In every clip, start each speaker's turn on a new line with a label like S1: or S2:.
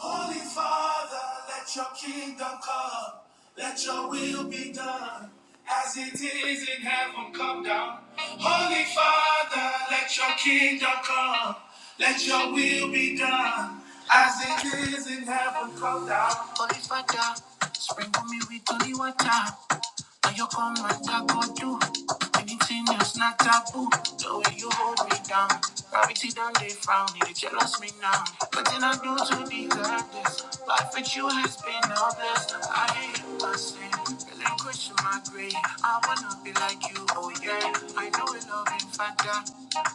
S1: Holy Father, let your kingdom come, let your will be done, as it is in heaven, come down. Holy Father, let your kingdom come, let your will be done, as it is in heaven, come down. Holy Father, sprinkle me with holy water. Now you come and I go do. Anything that's not taboo. The way you hold me down. Gravity done they found it. They jealous me now. What did I do to deserve this? Life with you has been a blessing. I hate you, I sin. Relinquish my grave. I wanna be like you, oh yeah. I know we love in factor.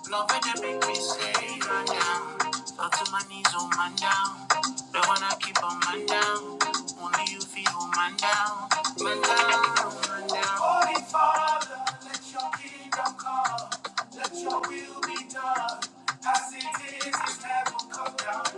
S1: Love it, they make me say, run down. Fall to my knees, oh man down. Don't wanna keep on man down. Only you feel who man down. Man down, man down. Holy Father, let your kingdom come. Let your will be done. As it is in heaven, come down.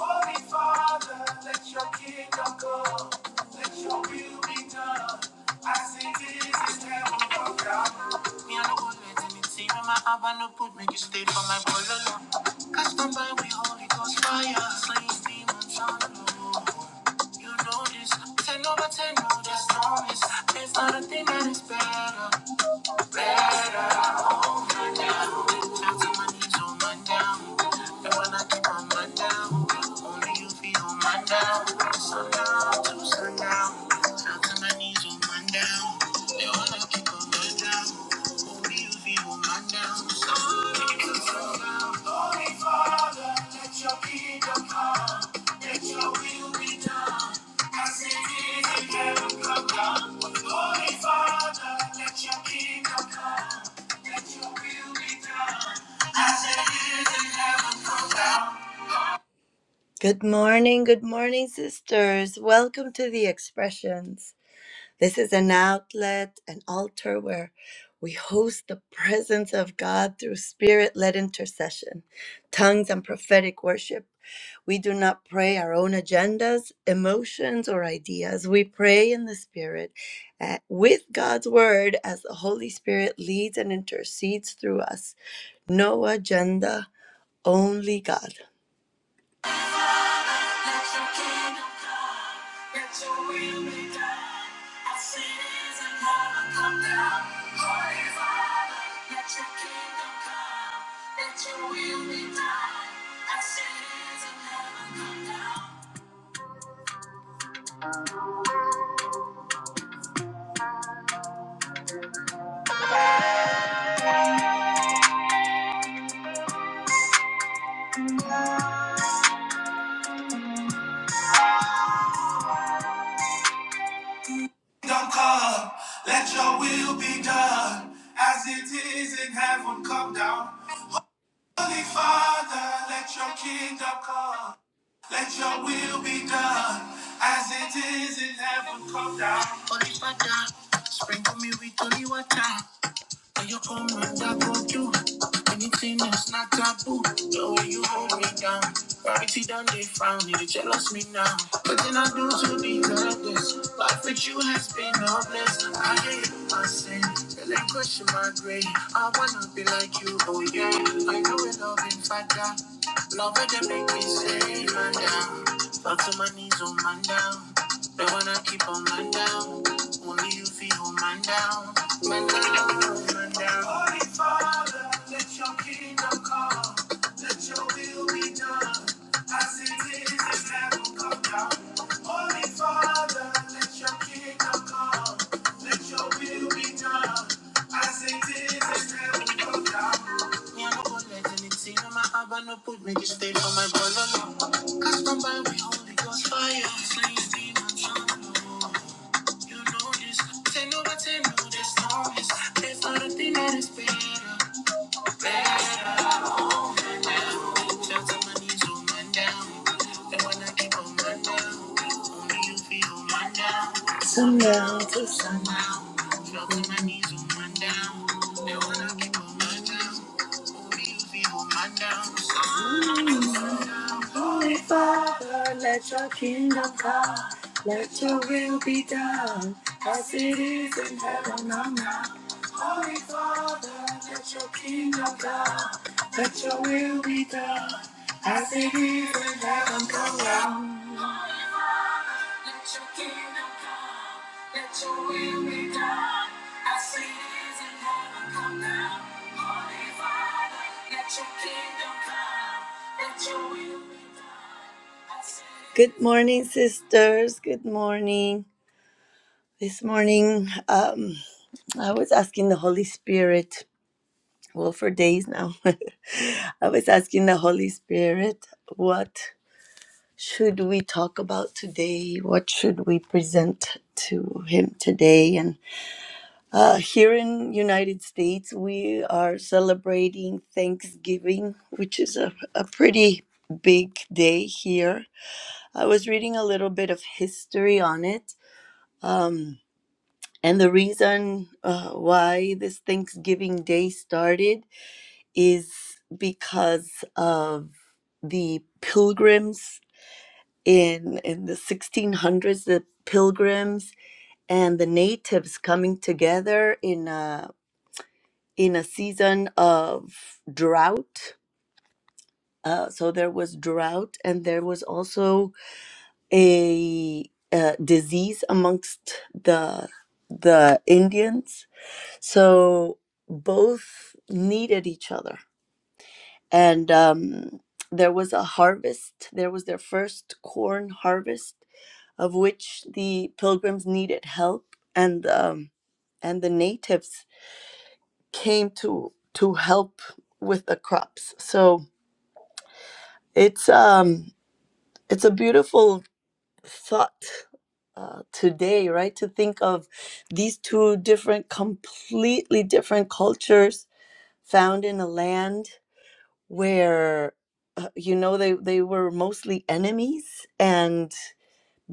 S1: Holy Father, let your kingdom come. Let your will be done. As it is in heaven, come down. Me and the one letting me see when my have no put make you stay for my boy alone. Cast them by we holy ghost fire, slaying demons on the low. You know this, ten over ten, no, there's no miss. There's not a thing that is better. Down to my knees, on my down. And when I keep on my down, only you feel on my down. Sundown to sundown, down to my knees, on my down. And when I keep on my down, only you feel on my down. Holy Father, let your kingdom come, let your will be done, as it is in heaven, come down. Holy Father, let your kingdom come, let your will be done, as it is in heaven. Good morning, good morning, sisters. Welcome to the expressions. This is an outlet, an altar where we host the presence of God through spirit led intercession, tongues, and prophetic worship. We do not pray our own agendas, emotions, or ideas. We pray in the Spirit uh, with God's Word as the Holy Spirit leads and intercedes through us. No agenda, only God. Kingdom come, let your will be done, as it is in heaven. Come down. Holy Father, let your kingdom come. Let your will be done as it is in heaven. Come down. Holy Father, sprinkle me with holy water. When you come and I go through. Anything that's not taboo. The way you hold me down. Gravity done, they found you. They jealous me now. But then I do to deserve this. Life with you has been hopeless. I hate my sin. Relinquish my grave. I wanna be like you, oh yeah. I know it love in father. Love it, they make me say, man down. Back to my knees, oh man down. They wanna keep on man down. Only you feel man down. Man down, man down. Holy Father, let your kingdom come. Let your will be done. As it is in heaven, come down. Holy Father, let your kingdom come. Let your will be done. As it is in heaven, come down. Me, I'm a ball like anything. I'm no put me this day for my ball alone. Cause from by we only goes fire. Flames beam and sun. You know this. Ten over ten, no, there's no miss. There's not a thing that is better. Better. Sundown to down. They wanna keep on my down. Only you feel on my down. Holy Father, let your kingdom come, let your will be done, as it is in heaven on earth. Holy Father, let your kingdom come, let your will be done, as it is in heaven on earth. Let your kingdom come, let your will be done, as it is in heaven come down. Holy Father, let your kingdom come, let your will be done. as it is- Good morning, sisters. Good morning. This morning, um, I was asking the Holy Spirit, well, for days now, I was asking the Holy Spirit what should we talk about today? What should we present to him today? And uh, here in United States, we are celebrating Thanksgiving, which is a, a pretty big day here. I was reading a little bit of history on it. Um, and the reason uh, why this Thanksgiving Day started is because of the pilgrims in in the 1600s the pilgrims and the natives coming together in a in a season of drought uh, so there was drought and there was also a, uh disease amongst the the indians so both needed each other and um, there was a harvest there was their first corn harvest of which the pilgrims needed help and um, and the natives came to to help with the crops so it's um it's a beautiful thought uh, today right to think of these two different completely different cultures found in a land where uh, you know they they were mostly enemies and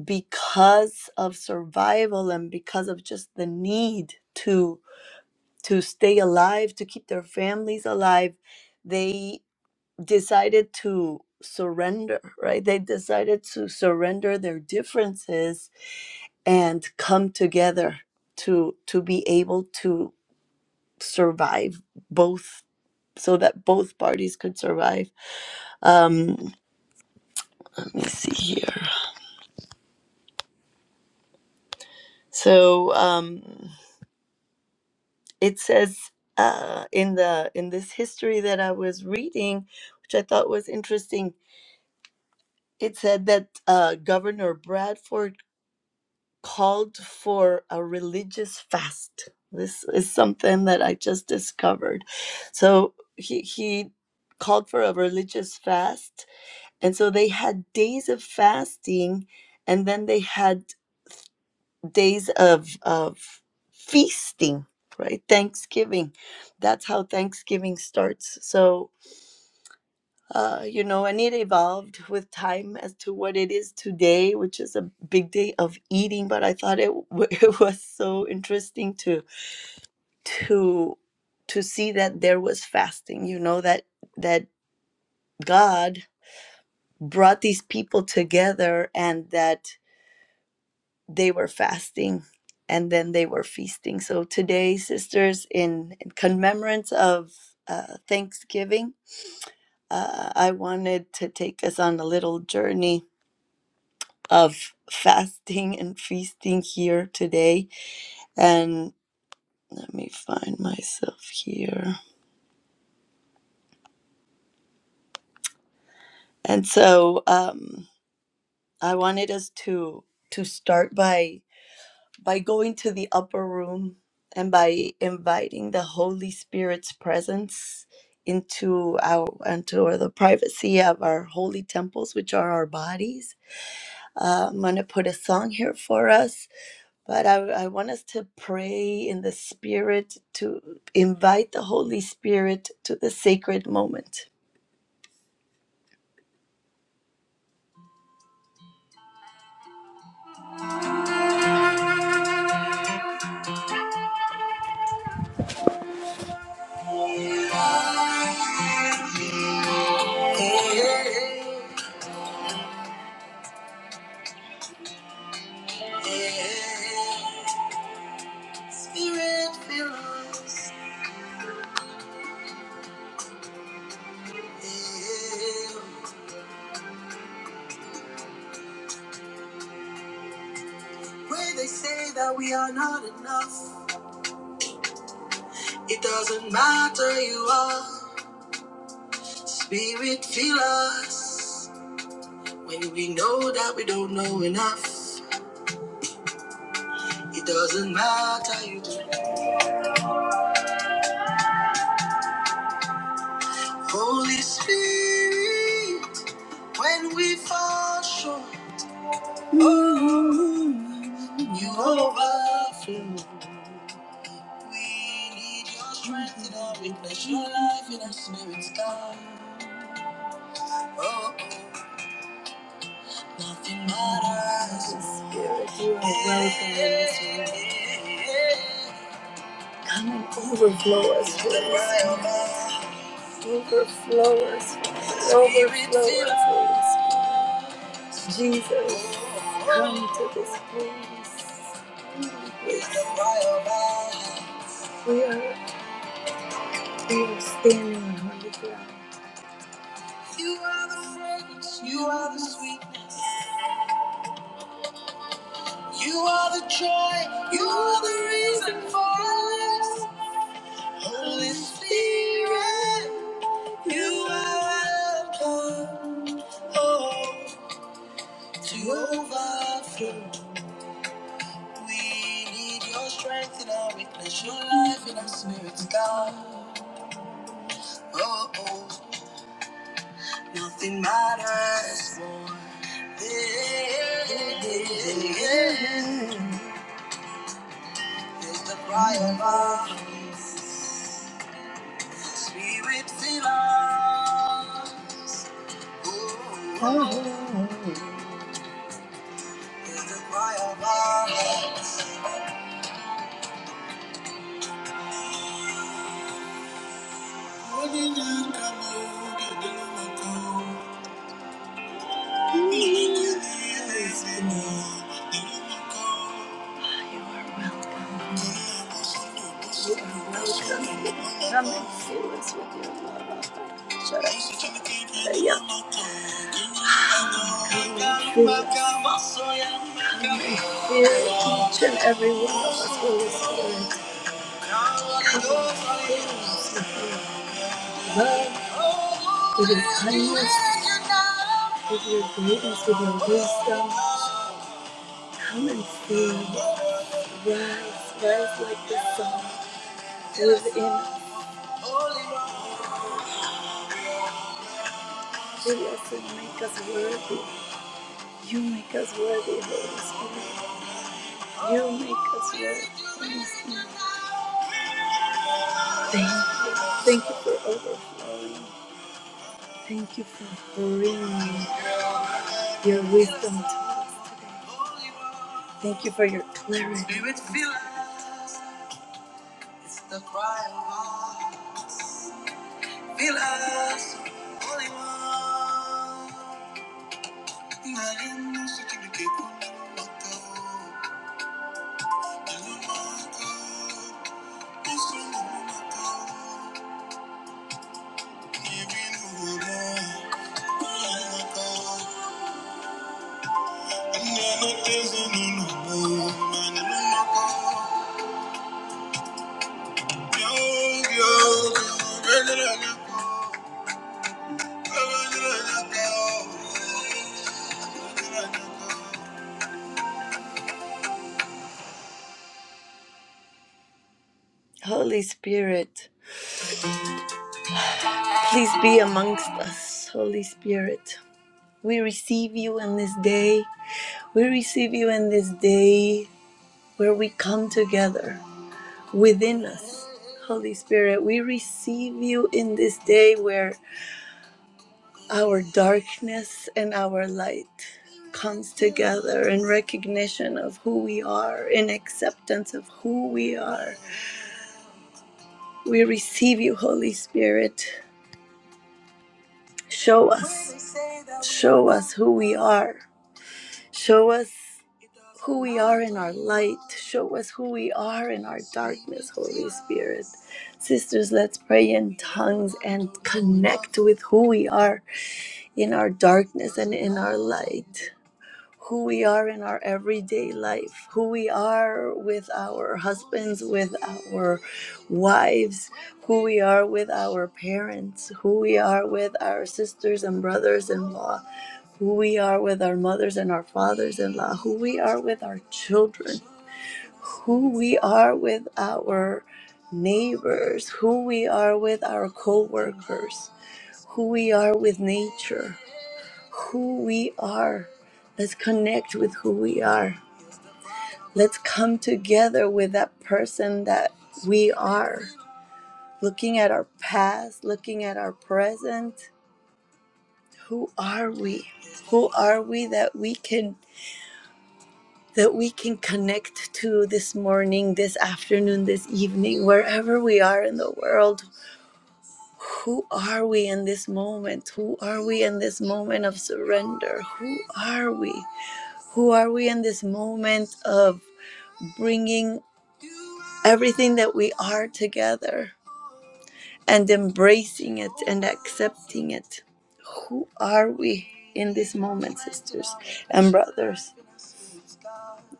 S1: because of survival and because of just the need to to stay alive to keep their families alive they decided to surrender right they decided to surrender their differences and come together to to be able to survive both so that both parties could survive um let me see here so um it says uh, in the in this history that I was reading, which I thought was interesting, it said that uh, Governor Bradford called for a religious fast. This is something that I just discovered. So he he called for a religious fast, and so they had days of fasting, and then they had days of of feasting right thanksgiving that's how thanksgiving starts so uh, you know and it evolved with time as to what it is today which is a big day of eating but i thought it, w- it was so interesting to to to see that there was fasting you know that that god brought these people together and that they were fasting and then they were feasting. So today, sisters, in, in commemorance of uh, Thanksgiving, uh, I wanted to take us on a little journey of fasting and feasting here today. And let me find myself here. And so um, I wanted us to to start by by going to the upper room and by inviting the Holy Spirit's presence into our into the privacy of our holy temples, which are our bodies. Uh, I'm gonna put a song here for us, but I, I want us to pray in the Spirit to invite the Holy Spirit to the sacred moment. Spirit fill us. Where they say that we are not enough, it doesn't matter you are. Spirit, feel us. When we know that we don't know enough, it doesn't matter you do. Holy Spirit, when we fall short, oh, you overflow. We need your strength in our weakness, your life in our spirit's God. Oh, Spirit, you are welcome in this room. Come and overflow us, Holy Spirit. Overflow us, Father. Overflow us, Holy Spirit. Jesus, come to this place. We are, we are standing on holy ground. You are the fragrance, you are the sweetness, you are the joy, you are the reason for this overflow. is the fire of our spirit fill us. Ooh, Oh. is the cry of our heart. Come and fill us with your love. Yeah, fill us. Fill each and every one of us, Holy Spirit. Come and fill us with your love, with your kindness, with your greatness, with your wisdom. Come and see. Rise, rise like the sun. Within, in free us and make us worthy. You make us worthy, Holy Spirit. You make us worthy, Holy Spirit. Thank you. Thank you for over. Thank you for bringing your wisdom to us today. Thank you for your clarity. Spirit, fill us. It's the cry of our hearts. Fill us, Holy One. Holy Spirit, please be amongst us. Holy Spirit, we receive you in this day. We receive you in this day where we come together within us. Holy Spirit, we receive you in this day where our darkness and our light comes together in recognition of who we are, in acceptance of who we are. We receive you, Holy Spirit. Show us, show us who we are. Show us who we are in our light. Show us who we are in our darkness, Holy Spirit. Sisters, let's pray in tongues and connect with who we are in our darkness and in our light, who we are in our everyday life, who we are with our husbands, with our wives, who we are with our parents, who we are with our sisters and brothers in law, who we are with our mothers and our fathers in law, who we are with our children, who we are with our neighbors, who we are with our co workers, who we are with nature who we are. Let's connect with who we are. Let's come together with that person that we are. Looking at our past, looking at our present, who are we? Who are we that we can that we can connect to this morning, this afternoon, this evening, wherever we are in the world. Who are we in this moment? Who are we in this moment of surrender? Who are we? Who are we in this moment of bringing everything that we are together and embracing it and accepting it. Who are we in this moment, sisters and brothers?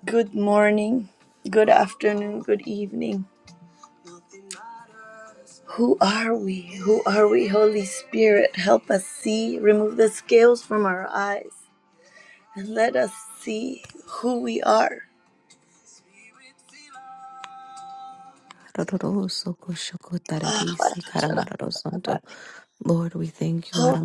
S1: Good morning, good afternoon, good evening. Who are we? Who are we, Holy Spirit? Help us see, remove the scales from our eyes, and let us see who we are. Ah,
S2: Lord, we thank you.
S1: Holy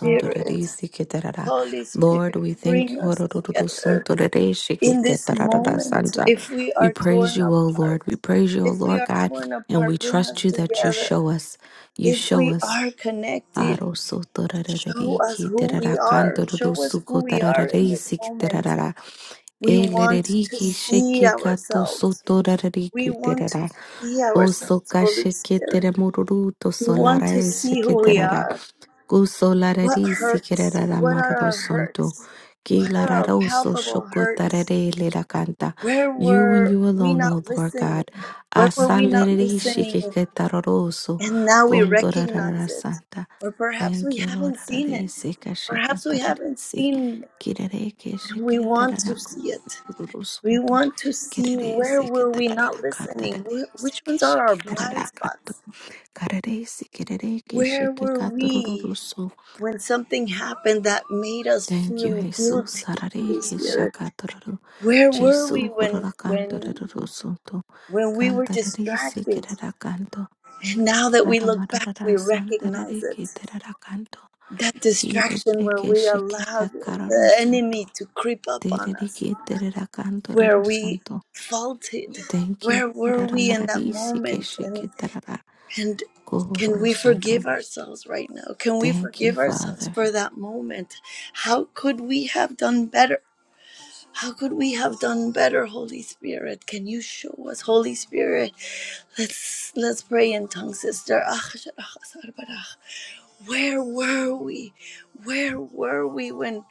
S1: Spirit.
S2: ketarara.
S1: Holy
S2: Lord, we
S1: Spirit,
S2: thank
S1: bring
S2: you.
S1: us together
S2: Arororodosuntorerisi
S1: in this moment. If we
S2: We
S1: are
S2: praise
S1: torn
S2: you, O
S1: apart,
S2: Lord. We praise you, O
S1: if we
S2: Lord
S1: are
S2: God,
S1: torn
S2: and we
S1: apart, bring us
S2: trust you that you
S1: together.
S2: show us. You
S1: If
S2: show
S1: we
S2: us.
S1: are connected,
S2: Aro soto
S1: show
S2: rararari
S1: us
S2: ki
S1: who we
S2: terara
S1: are. Show us who we are in this moment.
S2: terarara.
S1: We
S2: E
S1: want to see
S2: sheke kato
S1: ourselves.
S2: soto
S1: We want to
S2: terara.
S1: see
S2: O
S1: ourselves,
S2: soka
S1: Holy
S2: sheke
S1: Spirit.
S2: teremururu
S1: We want to
S2: e
S1: see
S2: sheke
S1: who we
S2: terara.
S1: are.
S2: Ku
S1: What
S2: solarari siki
S1: hurts?
S2: rarara
S1: What are our hurts? What are our
S2: so
S1: palpable
S2: shoko
S1: hurts?
S2: tarare lera
S1: Where
S2: You and
S1: were
S2: you
S1: we
S2: alone,
S1: not
S2: O Lord
S1: listening?
S2: God.
S1: Where were
S2: Asa
S1: we not
S2: lereri
S1: listening?
S2: sheke ke tararo so.
S1: And now we recognize
S2: Kondorara
S1: it.
S2: santa.
S1: Or perhaps we
S2: Thank you, Lord.
S1: haven't seen it.
S2: Ararese kashaka
S1: Perhaps we haven't
S2: tararese.
S1: seen
S2: Kirere keshe
S1: and we
S2: ke
S1: want to
S2: tararako
S1: see it. We
S2: tururusunto.
S1: want to see where
S2: Kirerese ke
S1: were we not
S2: tararaka
S1: listening? Wh-
S2: tararese
S1: Which ones are
S2: keshe
S1: our
S2: ke
S1: blind
S2: tararakanto.
S1: spots?
S2: Kararese kirere keshe
S1: Where
S2: ke
S1: were we
S2: katurururusu.
S1: when something happened that made us
S2: Thank you,
S1: feel
S2: Jesus.
S1: guilty,
S2: Sarare
S1: Holy
S2: ke
S1: Spirit?
S2: shaka tururu.
S1: Where were we
S2: Jesu
S1: when
S2: hururakanto
S1: when
S2: rurusunto.
S1: when we were
S2: Kantararese
S1: distracted?
S2: kirarakanto.
S1: And now that we look back, we
S2: Aramararara
S1: recognize
S2: santarare
S1: it.
S2: ke tararakanto.
S1: That distraction where
S2: Kirepeke
S1: we
S2: sheke
S1: allowed
S2: kakaroro
S1: the
S2: soto.
S1: enemy to creep up on us,
S2: Terereke terera
S1: where
S2: kantororo
S1: we
S2: soto.
S1: faulted,
S2: Thank you,
S1: where
S2: Lord.
S1: were we in that
S2: Aramarari sike
S1: moment? And,
S2: sheke tarara
S1: and can
S2: kohororo
S1: we forgive
S2: soto.
S1: ourselves right now? Can we
S2: Thank you,
S1: forgive ourselves
S2: Father.
S1: for that moment? How could we have done better? How could we have done better, Holy Spirit? Can you show us, Holy Spirit? Let's let's pray in tongues, sister. where were we where were we when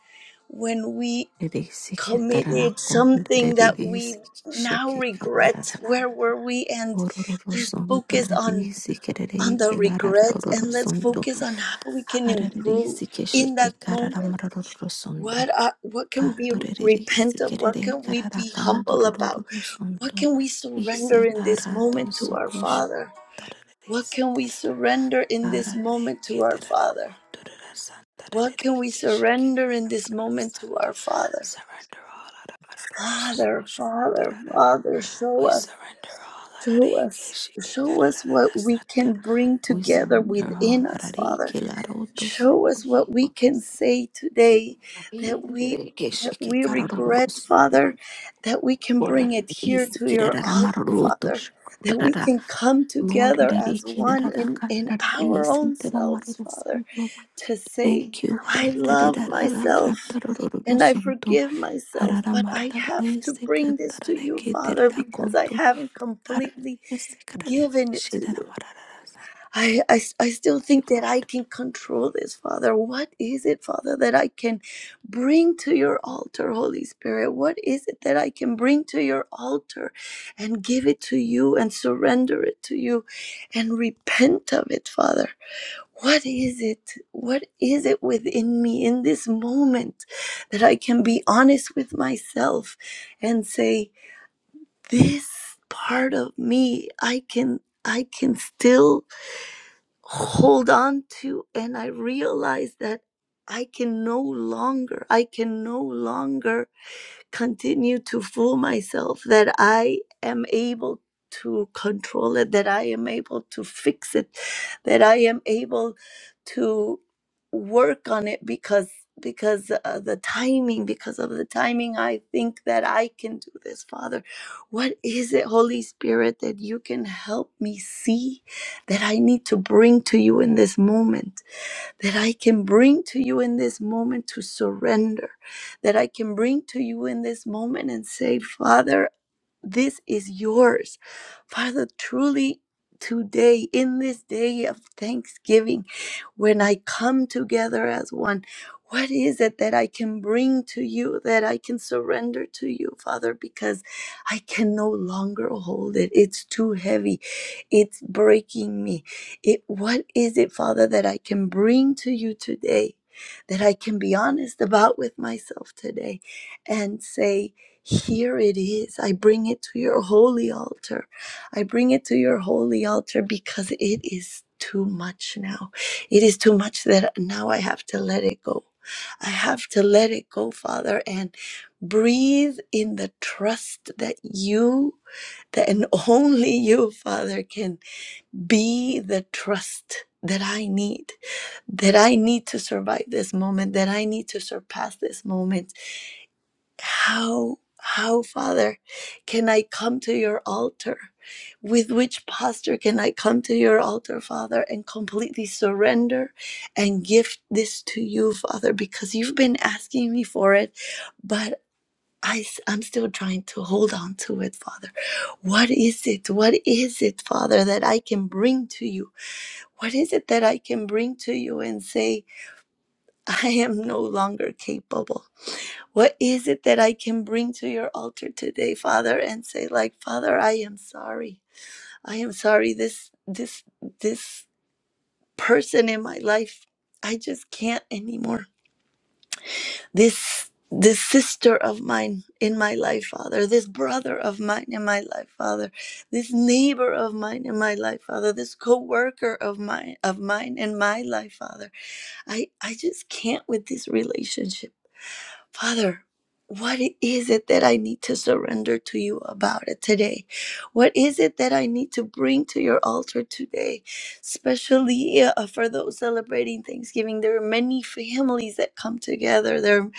S1: when we
S2: Rere sike tarara
S1: committed something that
S2: kondorere
S1: we
S2: sike
S1: now
S2: sheke
S1: regret
S2: katarara.
S1: where were we and
S2: Kororo
S1: let's
S2: soto.
S1: focus on
S2: Rere sike
S1: on
S2: rere
S1: the regret
S2: kelararoro
S1: and let's
S2: soto.
S1: focus on how we can
S2: Harare
S1: improve
S2: sike
S1: in that
S2: sheke
S1: moment
S2: kararamaroro soto.
S1: what are what can we
S2: Cantoreriri
S1: repent of what
S2: sikerere
S1: can we
S2: karara
S1: be humble about
S2: canturururu
S1: what
S2: sunto
S1: can we surrender in this
S2: iselara
S1: moment to our
S2: tosokosh
S1: father
S2: tararere
S1: what can we
S2: siterara
S1: surrender in this
S2: ararere
S1: moment to our
S2: ketarara
S1: father
S2: canturara
S1: What
S2: santararere
S1: can we
S2: keshike
S1: surrender in this
S2: tamarara
S1: moment to
S2: santa
S1: our Father?
S2: surrender all arararo
S1: Father,
S2: sokosh
S1: Father,
S2: tararara
S1: Father, show
S2: we
S1: us,
S2: surrender all ararere
S1: show us,
S2: keshike
S1: show us
S2: kararara
S1: what we
S2: santa
S1: can bring
S2: we
S1: together
S2: surrender all
S1: within us,
S2: ararere
S1: Father.
S2: kelaro
S1: Show us
S2: tosokosh
S1: what we can say today that
S2: tararara
S1: we that
S2: keshike
S1: we
S2: kararoro
S1: regret, Father, that we can
S2: Lord,
S1: bring it
S2: it
S1: here
S2: is
S1: to your altar,
S2: Kiraramaruto
S1: Father. That we
S2: Shukara,
S1: can come
S2: Lord,
S1: together as one in,
S2: Erikiraka,
S1: in our
S2: is
S1: own selves, Father
S2: Interamaruto.
S1: to say,
S2: Thank you,
S1: I love
S2: Harakaraka,
S1: myself and I
S2: Tarorosunto,
S1: forgive myself, but I have to
S2: Hararamaradarese,
S1: bring this to you,
S2: Katarake,
S1: Father, because I
S2: Terraconto,
S1: haven't completely
S2: Hararese,
S1: given it to you.
S2: Shidamaras. Thank
S1: I, I, I still
S2: you,
S1: think that I
S2: Lord.
S1: can control this, Father. What is it, Father, that I can bring to your altar, Holy Spirit? What is it that I can bring to your altar and give it to you and surrender it to you and repent of it, Father? What is it? What is it within me in this moment that I can be honest with myself and say, this part of me, I can, I can still hold on to. And I realize that I can no longer, I can no longer continue to fool myself that I am able to control it, that I am able to fix it, that I am able to work on it because because uh, the timing because of the timing i think that i can do this father what is it holy spirit that you can help me see that i need to bring to you in this moment that I can bring to you in this moment to surrender, that I can bring to you in this moment and say, Father, this is yours. Father, truly today, in this day of thanksgiving, when I come together as one, what is it that I can bring to you, that I can surrender to you, Father, because I can no longer hold it. It's too heavy. It's breaking me. It, what is it, Father, that I can bring to you today? That I can be honest about with myself today and say, here it is. I bring it to your holy altar. I bring it to your holy altar because it is too much now. It is too much that now I have to let it go. I have to let it go, Father, and breathe in the trust that you, that and only you, Father, can be the trust that I need, that I need to survive this moment, that I need to surpass this moment how, how, Father, can I come to your altar? With which posture can I come to your altar, Father, and completely surrender and give this to you, Father, because you've been asking me for it, but I, am still trying to hold on to it, Father. What is it? What is it, Father, that I can bring to you? What is it that I can bring to you and say, I am no longer capable? What is it that I can bring to your altar today, Father, and say like, Father, I am sorry. I am sorry this this this person in my life. I just can't anymore. This this sister of mine in my life, Father, this brother of mine in my life, Father, this neighbor of mine in my life, Father, this co-worker of mine of mine in my life, Father. I I just can't with this relationship. Father, what is it that I need to surrender to you about it today? What is it that I need to bring to your altar today? Especially uh, uh, for those celebrating Thanksgiving, there are many families that come together. There,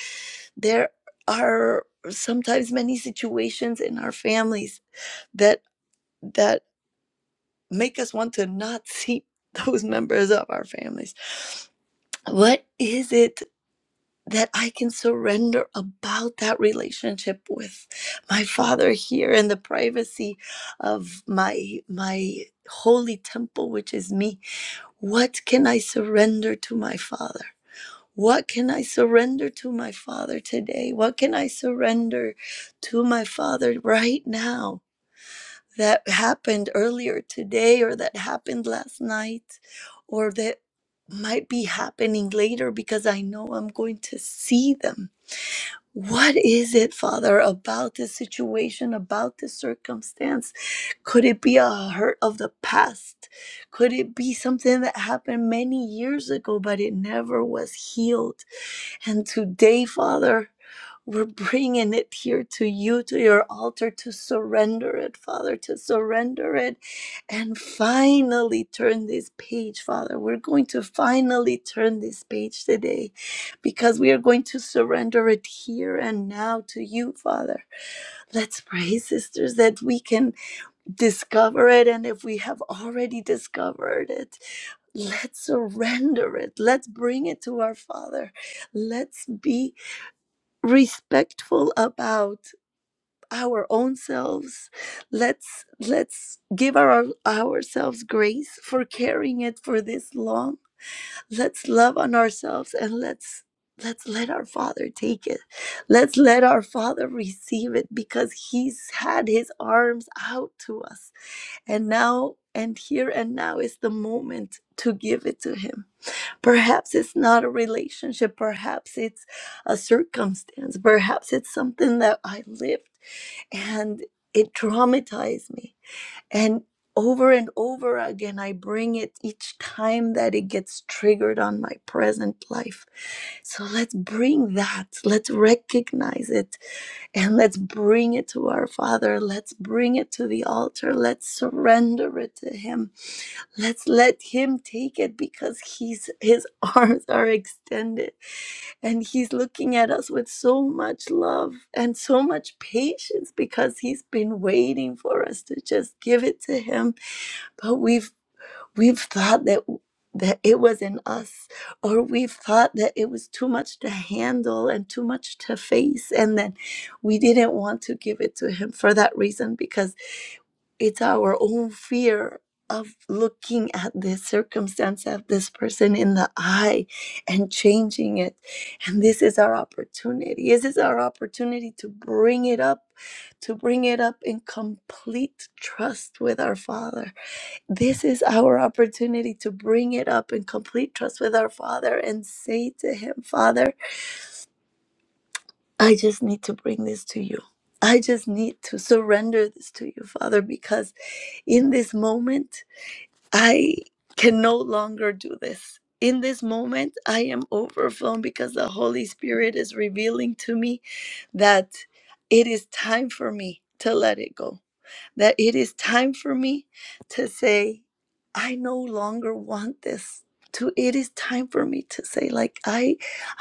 S1: there are sometimes many situations in our families that that make us want to not see those members of our families. What is it? that I can surrender about that relationship with my father here in the privacy of my my holy temple which is me what can I surrender to my father what can I surrender to my father today what can I surrender to my father right now that happened earlier today or that happened last night or that might be happening later because I know I'm going to see them what is it, Father, about this situation, about this circumstance? Could it be a hurt of the past? Could it be something that happened many years ago, but it never was healed? And today, Father, we're bringing it here to you, to your altar, to surrender it, Father, to surrender it and finally turn this page, Father. We're going to finally turn this page today because we are going to surrender it here and now to you, Father. Let's pray, sisters, that we can discover it. And if we have already discovered it, let's surrender it. Let's bring it to our Father. Let's be respectful about our own selves let's let's give our ourselves grace for carrying it for this long let's love on ourselves and let's let's let our father take it let's let our father receive it because he's had his arms out to us and now and here and now is the moment to give it to him Perhaps it's not a relationship. Perhaps it's a circumstance. Perhaps it's something that I lived and it traumatized me. And over and over again, I bring it each time that it gets triggered on my present life. So let's bring that. Let's recognize it and let's bring it to our Father. Let's bring it to the altar. Let's surrender it to Him Let's let him take it because he's his arms are extended and he's looking at us with so much love and so much patience because he's been waiting for us to just give it to him but we've we've thought that that it was in us or we've thought that it was too much to handle and too much to face and then we didn't want to give it to him for that reason because it's our own fear of looking at the circumstance of this person in the eye and changing it. And this is our opportunity. This is our opportunity to bring it up, to bring it up in complete trust with our Father. This is our opportunity to bring it up in complete trust with our Father and say to Him, Father, I just need to bring this to you. I just need to surrender this to you, Father, because in this moment, I can no longer do this. In this moment, I am overflowing because the Holy Spirit is revealing to me that it is time for me to let it go that it is time for me to say, I no longer want this. To it is time for me to say, like I,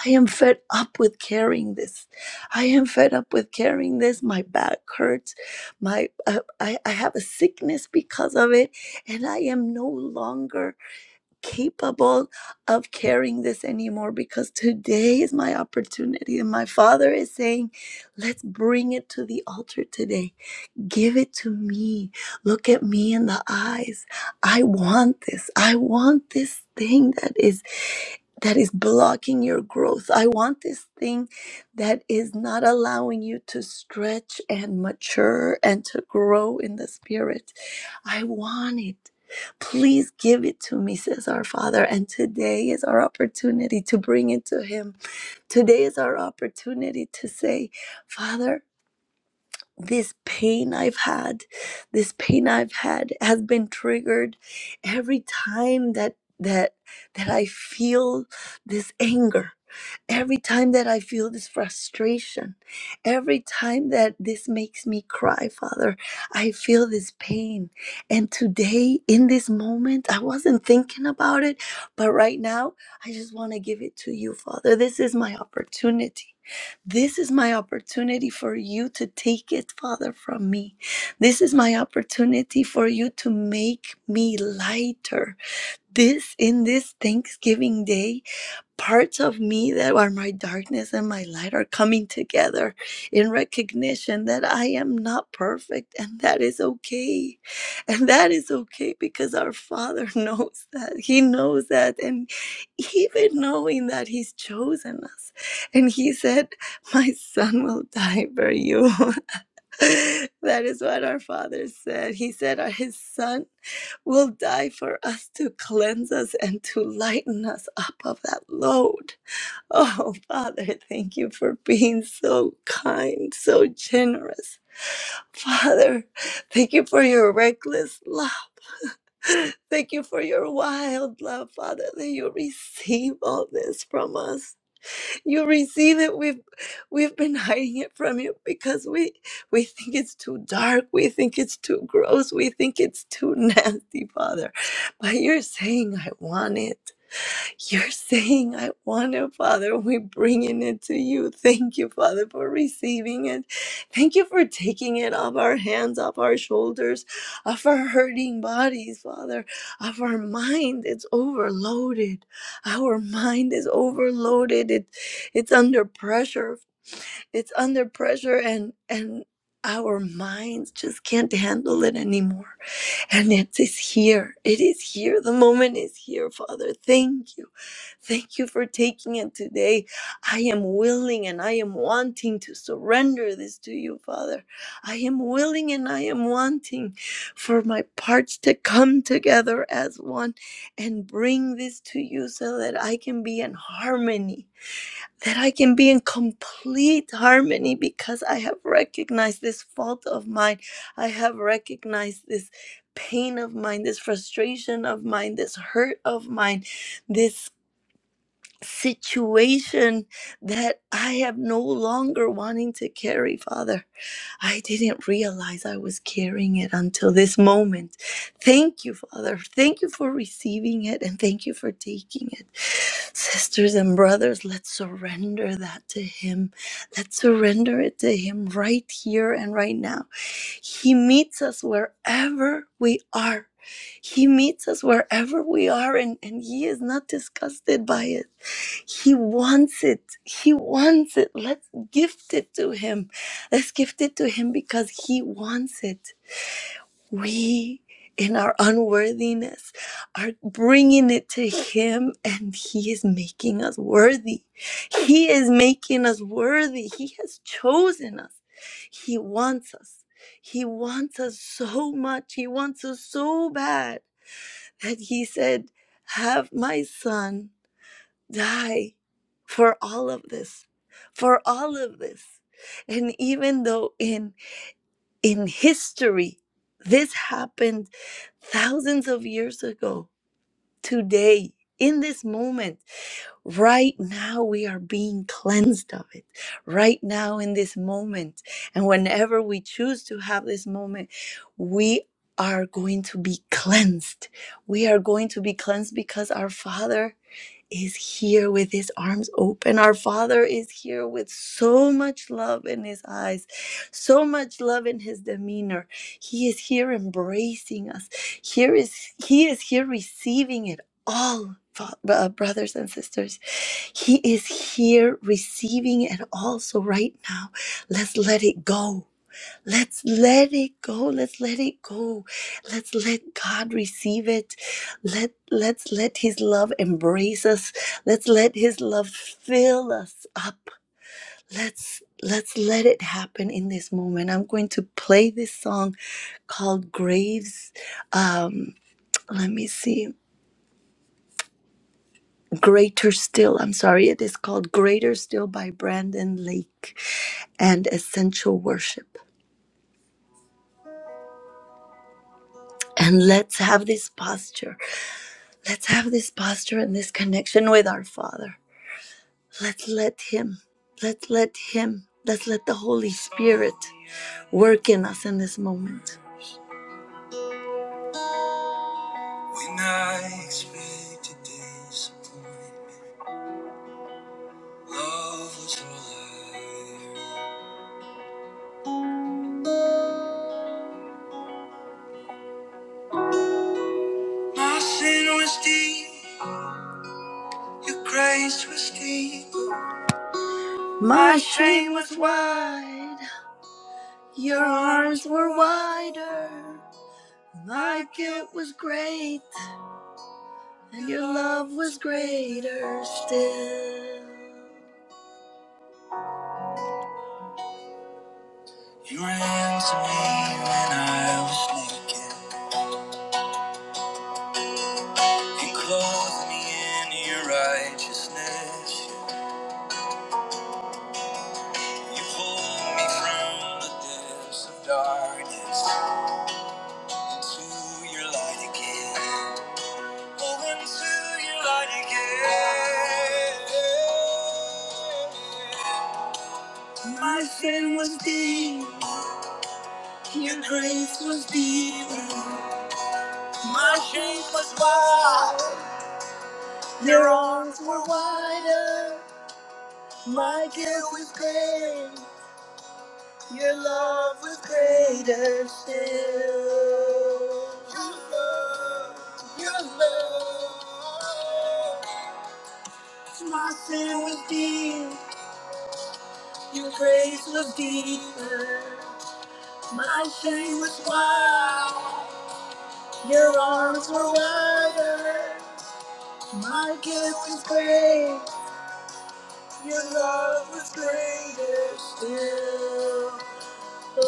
S1: I am fed up with carrying this. I am fed up with carrying this. My back hurts. My uh, I, I have a sickness because of it, and I am no longer capable of carrying this anymore because today is my opportunity. And my father is saying, let's bring it to the altar today Give it to me. Look at me in the eyes. I want this. I want this thing that is that is blocking your growth. I want this thing that is not allowing you to stretch and mature and to grow in the spirit. I want it. Please give it to me, says our Father. And today is our opportunity to bring it to Him. Today is our opportunity to say, Father, this pain I've had, this pain I've had has been triggered every time that that that I feel this anger. Every time that I feel this frustration, every time that this makes me cry, Father, I feel this pain. And today, in this moment, I wasn't thinking about it, but right now, I just want to give it to you, Father. This is my opportunity. This is my opportunity for you to take it, Father, from me. This is my opportunity for you to make me lighter. This, in this Thanksgiving day, parts of me that are my darkness and my light are coming together in recognition that I am not perfect and that is okay. And that is okay because our Father knows that. He knows that. And even knowing that He's chosen us, and He said, My son will die for you. that is what our father said. He said, "Our- His son will die for us to cleanse us and to lighten us up of that load. Oh, Father, thank you for being so kind, so generous. Father, thank you for your reckless love. Thank you for your wild love, Father, that you receive all this from us you receive it we've we've been hiding it from you because we we think it's too dark we think it's too gross we think it's too nasty father but you're saying i want it you're saying, I want it, Father. We're bringing it to you. Thank you, Father, for receiving it. Thank you for taking it off our hands, off our shoulders, off our hurting bodies, Father, off our mind. It's overloaded. Our mind is overloaded. It, it's under pressure. It's under pressure, and, and our minds just can't handle it anymore. And it is here. It is here. The moment is here, Father. Thank you. Thank you for taking it today. I am willing and I am wanting to surrender this to you, Father. I am willing and I am wanting for my parts to come together as one and bring this to you so that I can be in harmony that I can be in complete harmony because I have recognized this fault of mine. I have recognized this pain of mine, this frustration of mine, this hurt of mine, this situation that I am no longer wanting to carry, Father. I didn't realize I was carrying it until this moment. Thank you, Father. Thank you for receiving it and thank you for taking it. Sisters and brothers, let's surrender that to Him. Let's surrender it to Him right here and right now. He meets us wherever we are. He meets us wherever we are, and, and He is not disgusted by it. He wants it. He wants it. Let's gift it to Him. Let's gift it to Him because He wants it. We, in our unworthiness, are bringing it to Him and He is making us worthy. He is making us worthy. He has chosen us. He wants us. He wants us so much. He wants us so bad that He said, Have my son die for all of this, for all of this. And even though in in history. This happened thousands of years ago, today, in this moment. Right now, we are being cleansed of it, right now, in this moment. And whenever we choose to have this moment, we are going to be cleansed. We are going to be cleansed because our Father is here with his arms open. Our Father is here with so much love in his eyes, so much love in his demeanor. He is here embracing us. Here is he is here receiving it all. fa- uh, Brothers and sisters, He is here receiving it all. So, right now, let's let it go. Let's let it go. Let's let it go. Let's let God receive it. Let let's let his love embrace us. Let's let his love fill us up. Let's let's let it happen in this moment. I'm going to play this song called Graves. Um, let me see. Greater Still. I'm sorry. It is called Greater Still by Brandon Lake and Essential Worship. And let's have this posture. Let's have this posture and this connection with our Father. Let's let Him, let's let Him, let's let the Holy Spirit work in us in this moment. When I expected disappointment, love was all I- My shame was wide, your arms were wider. My guilt was great, and your love was greater still. You clothe me in your righteousness. You pull me from the depths of darkness into your light again. Oh, into your light again. My sin was deep, your grace was deep. My shame was wide, your arms were wider. My guilt was great. Your love was greater still. Your love, your love. My sin was deep, your grace was deeper. My shame was wild, your arms were wider. My guilt was great, your love was greater still. Oh,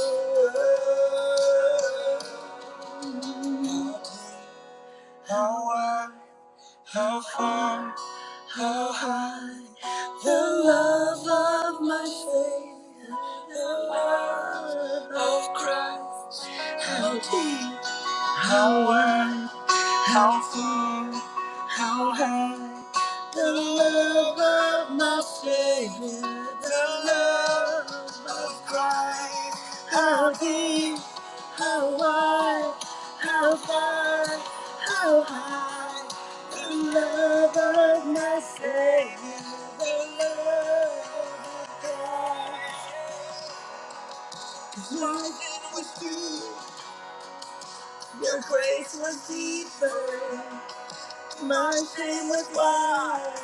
S1: oh, oh. How how far, how how how far, how high. The love of my Savior, the love of God. Life was deep, your grace was deeper. My sin was wide,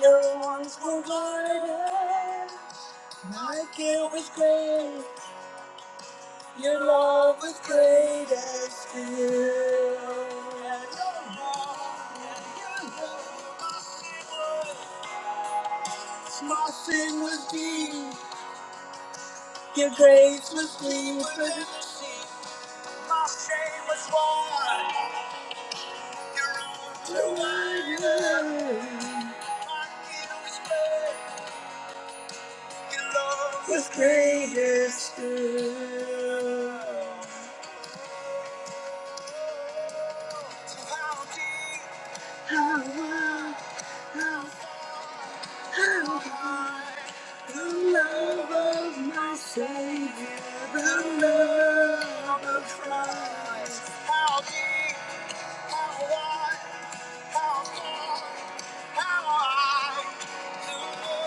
S1: your arms were wider. My guilt was great. Your love was great and still. My sin was deep, your grace was deep. My shame was wide, too wide. My guilt Was greatest good. How deep, how deep, how wide, how far, how high. too high.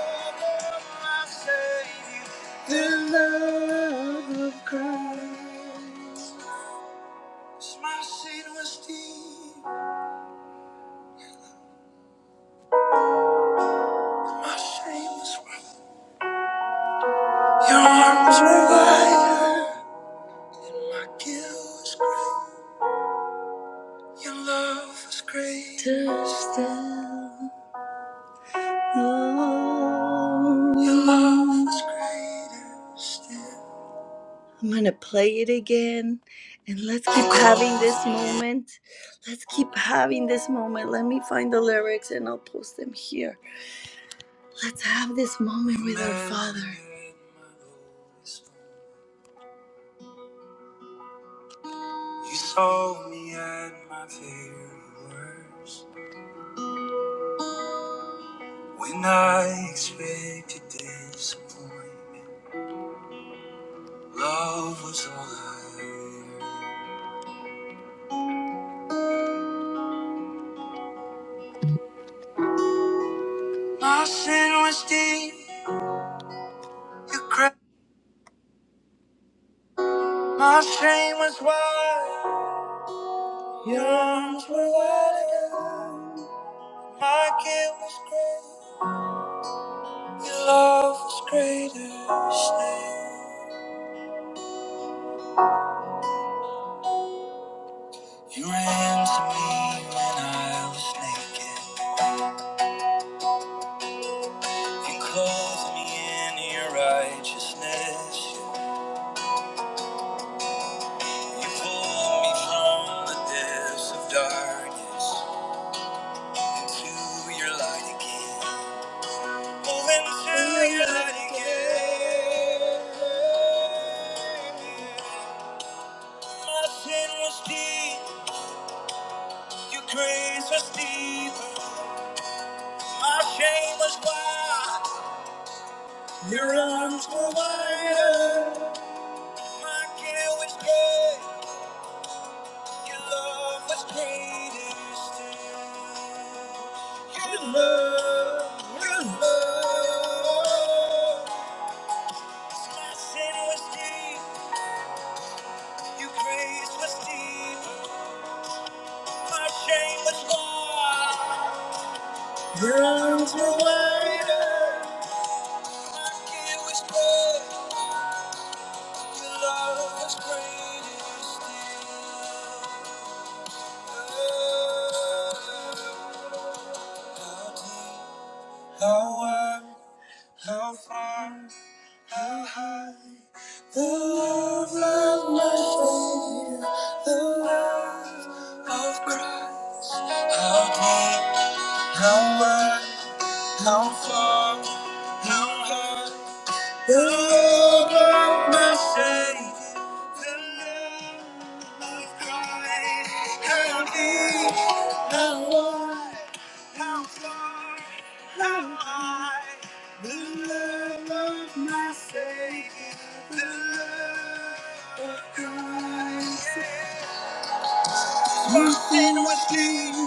S1: I'm gonna play it again and let's keep having this moment. Let's keep having this moment. Let me find the lyrics and I'll post them here. Let's have this moment with our Father. You saw me at my very worst when I expected disappointment. Love was all I had. My sin was deep, your cra- my shame was wide. Your arms were wide open. My guilt was great. Your love was greater still. You ran to me when I was naked. You clothed me in your righteousness. You pulled me from the depths of darkness into your light again. Oh, into your light again. My sin was deep, your grace was deep. My shame was wide, your arms were wider. My guilt was great, your love was greatest. Your love, your love. My sin was deep, your grace was deep. My shame was wide, your arms were wider. How deep, how wide, how far, how high. The love of my Savior, the love of Christ. How deep, how wide, how far, how high. The love of my Savior. My sin was deep.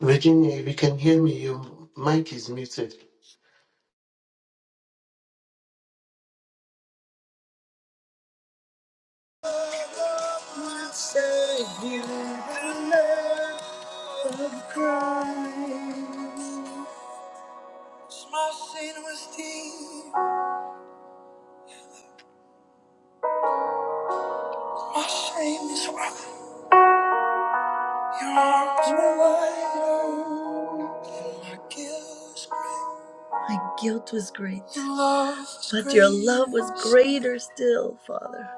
S3: Virginia, if you can hear me, your mic is muted.
S1: My sin was deep. My shame is wide. Your arms were wide. open. My guilt is great. My guilt was great. Your love was But your love was greater still, Father.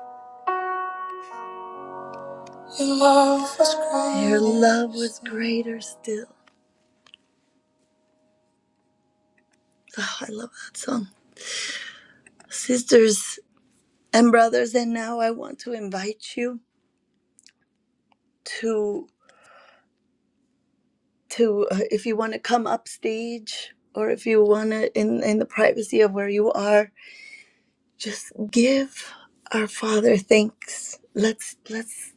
S1: Your love was greater. Your love was greater still. Oh, I love that song. Sisters and brothers, and now I want to invite you to to uh, if you want to come upstage or if you want to in in the privacy of where you are, just give our Father thanks. Let's let's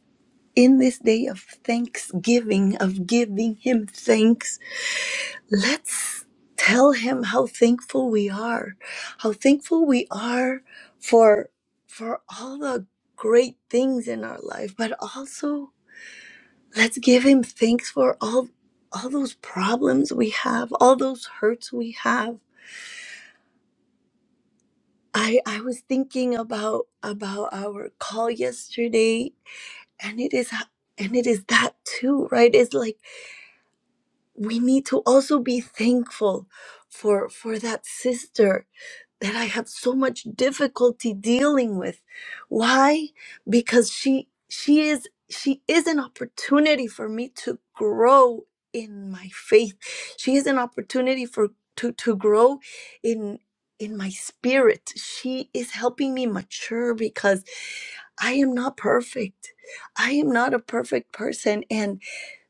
S1: in this day of thanksgiving of giving him thanks let's tell him how thankful we are how thankful we are for for all the great things in our life but also let's give him thanks for all all those problems we have all those hurts we have i i was thinking about about our call yesterday and it is h- and it is that too right it's like we need to also be thankful for for that sister that I have so much difficulty dealing with. Why? Because she she is she is an opportunity for me to grow in my faith. She is an opportunity for to to grow in in my spirit. She is helping me mature because I am not perfect. I am not a perfect person. And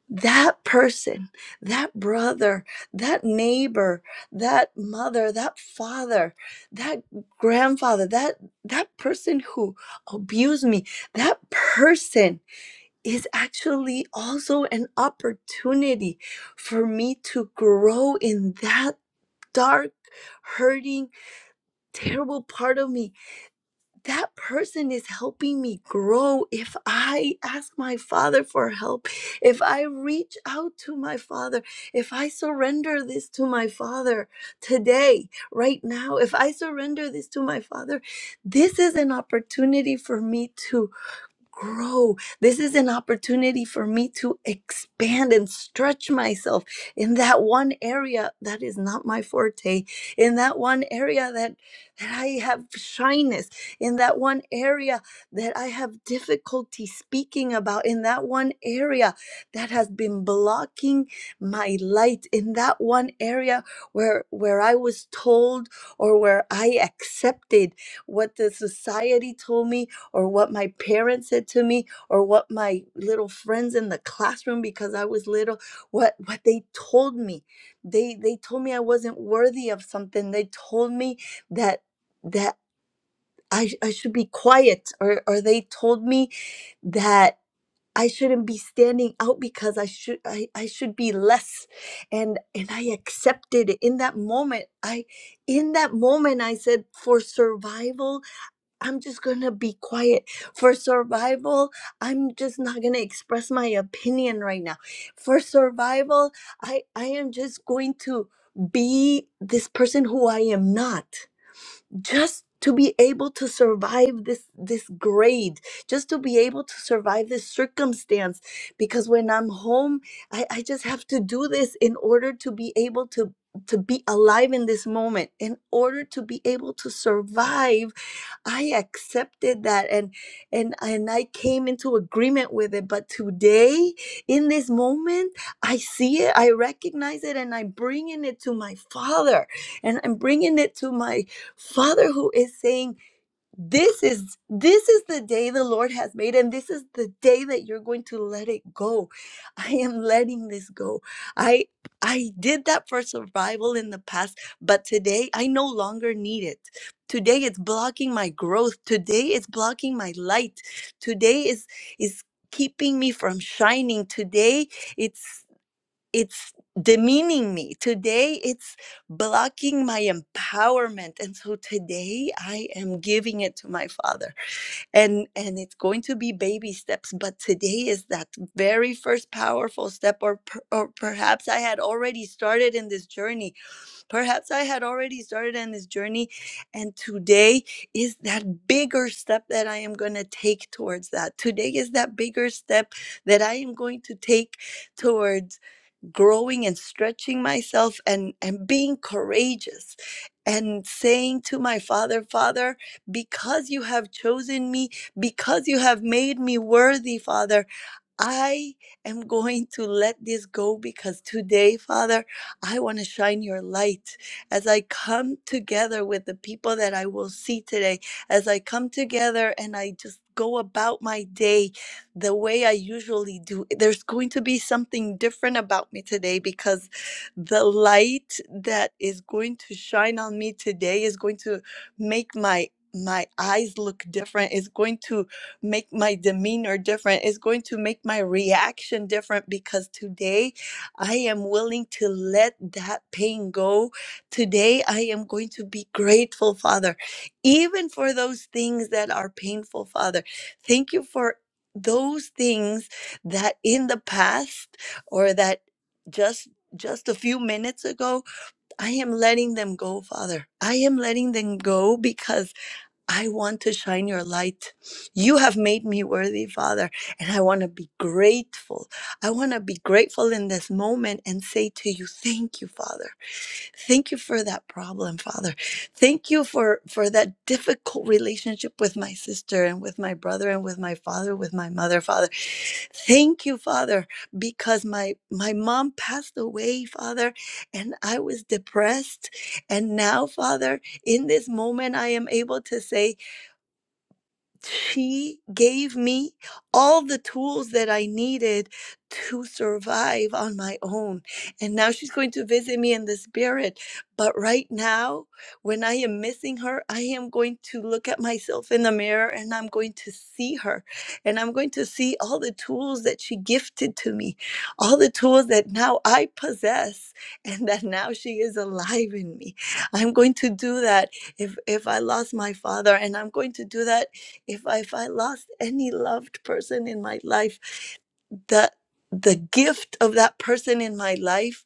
S1: that person, that brother, that neighbor, that mother, that father, that grandfather, that that person who abused me, that person is actually also an opportunity for me to grow in that dark, hurting, terrible part of me that person is helping me grow. If I ask my father for help, if I reach out to my father, if I surrender this to my father today, right now, if I surrender this to my father, this is an opportunity for me to grow. This is an opportunity for me to expand and stretch myself in that one area that is not my forte, in that one area that, that I have shyness, in that one area that I have difficulty speaking about, in that one area that has been blocking my light, in that one area where where I was told or where I accepted what the society told me or what my parents said to me or what my little friends in the classroom because I was little what what they told me they they told me I wasn't worthy of something they told me that that I, I should be quiet or or they told me that I shouldn't be standing out because I should I, I should be less and and I accepted it in that moment I in that moment I said for survival I'm just gonna be quiet. For survival, I'm just not gonna express my opinion right now. For survival, I I am just going to be this person who I am not just to be able to survive this this grade just to be able to survive this circumstance because when i'm home i, I just have to do this in order to be able to to be alive in this moment in order to be able to survive i accepted that and and and i came into agreement with it but today in this moment i see it i recognize it and i'm bringing it to my father and i'm bringing it to my Father who is saying, This is this is the day the Lord has made, and this is the day that you're going to let it go. I am letting this go. I I did that for survival in the past, but today I no longer need it. Today it's blocking my growth. Today it's blocking my light. Today is is keeping me from shining. Today it's it's demeaning me. Today, it's blocking my empowerment. And so today, I am giving it to my father. And, and it's going to be baby steps. But today is that very first powerful step, or, per, or perhaps I had already started in this journey. Perhaps I had already started in this journey. And today is that bigger step that I am going to take towards that. Today is that bigger step that I am going to take towards growing and stretching myself and and being courageous and saying to my father father because you have chosen me because you have made me worthy father I am going to let this go because today, Father, I want to shine your light. As I come together with the people that I will see today, as I come together and I just go about my day the way I usually do, there's going to be something different about me today because the light that is going to shine on me today is going to make my my eyes look different is going to make my demeanor different. It's going to make my reaction different because today I am willing to let that pain go. Today I am going to be grateful, Father, even for those things that are painful, Father. Thank you for those things that in the past or that just just a few minutes ago i am letting them go father i am letting them go because I want to shine your light. You have made me worthy, Father, and I want to be grateful. I want to be grateful in this moment and say to you, thank you, Father. Thank you for that problem, Father. Thank you for for that difficult relationship with my sister and with my brother and with my father, with my mother, Father. Thank you, Father, because my my mom passed away, Father, and I was depressed, and now, Father, in this moment I am able to say she gave me all the tools that I needed to survive on my own. And now she's going to visit me in the spirit. But right now, when I am missing her, I am going to look at myself in the mirror and I'm going to see her. And I'm going to see all the tools that she gifted to me, all the tools that now I possess and that now she is alive in me. I'm going to do that if if I lost my father and I'm going to do that if I, if I lost any loved person in my life, the the gift of that person in my life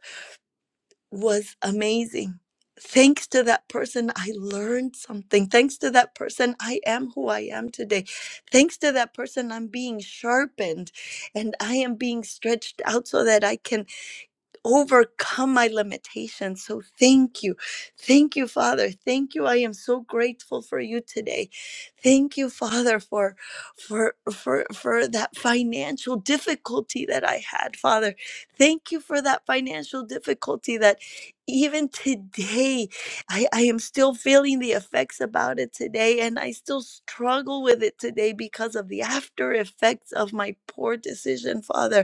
S1: was amazing. Thanks to that person, I learned something. Thanks to that person, I am who I am today. Thanks to that person, I'm being sharpened and I am being stretched out so that I can overcome my limitations. So thank you. Thank you, Father. Thank you. I am so grateful for you today. Thank you, Father, for for for for that financial difficulty that I had, Father. Thank you for that financial difficulty that even today I, I am still feeling the effects about it today and I still struggle with it today because of the after effects of my poor decision, Father.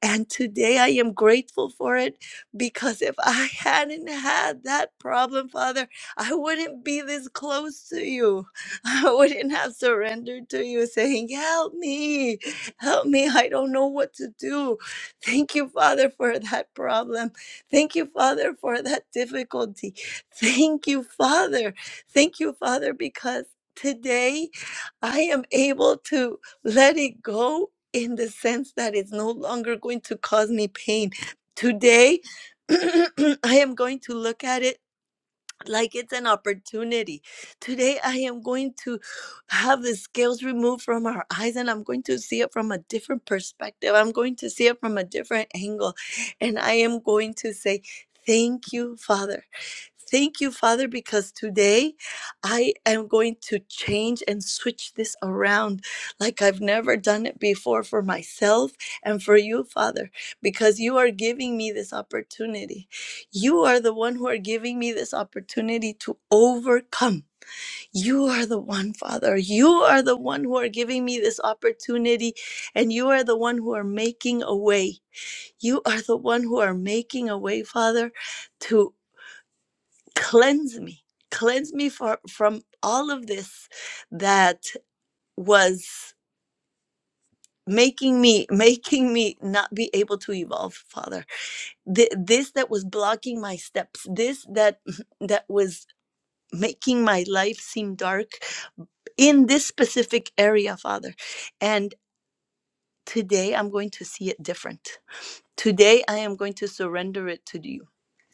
S1: And today I am grateful for it because if I hadn't had that problem, Father, I wouldn't be this close to you. I wouldn't have surrendered to you saying, Help me, help me. I don't know what to do. Thank you, Father, for that problem. Thank you, Father, for that difficulty. Thank you, Father. Thank you, Father, because today I am able to let it go in the sense that it's no longer going to cause me pain. Today, I am going to look at it like it's an opportunity. Today, I am going to have the scales removed from our eyes and I'm going to see it from a different perspective. I'm going to see it from a different angle. And I am going to say, Thank you, Father. Thank you, Father, because today I am going to change and switch this around like I've never done it before for myself and for you, Father, because you are giving me this opportunity. You are the one who are giving me this opportunity to overcome. You are the one, Father. You are the one who are giving me this opportunity, and you are the one who are making a way. You are the one who are making a way, Father, to cleanse me. Cleanse me for, from all of this that was making me making me not be able to evolve father Th- this that was blocking my steps this that that was making my life seem dark in this specific area, Father. And today I'm going to see it different. Today I am going to surrender it to you.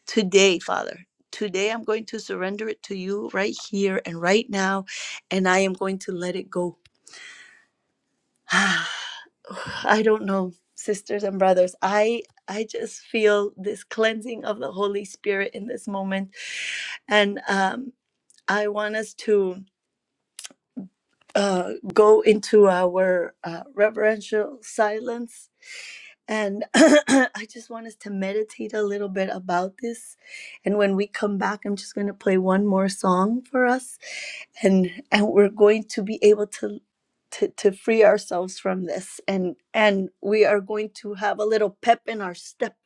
S1: Today, Father. Today I'm going to surrender it to you right here and right now. And I am going to let it go. I don't know, sisters and brothers. I I just feel this cleansing of the Holy Spirit in this moment. And um I want us to uh, go into our uh, reverential silence and I just want us to meditate a little bit about this. And when we come back, I'm just going to play one more song for us and and we're going to be able to to, to free ourselves from this and and we are going to have a little pep in our step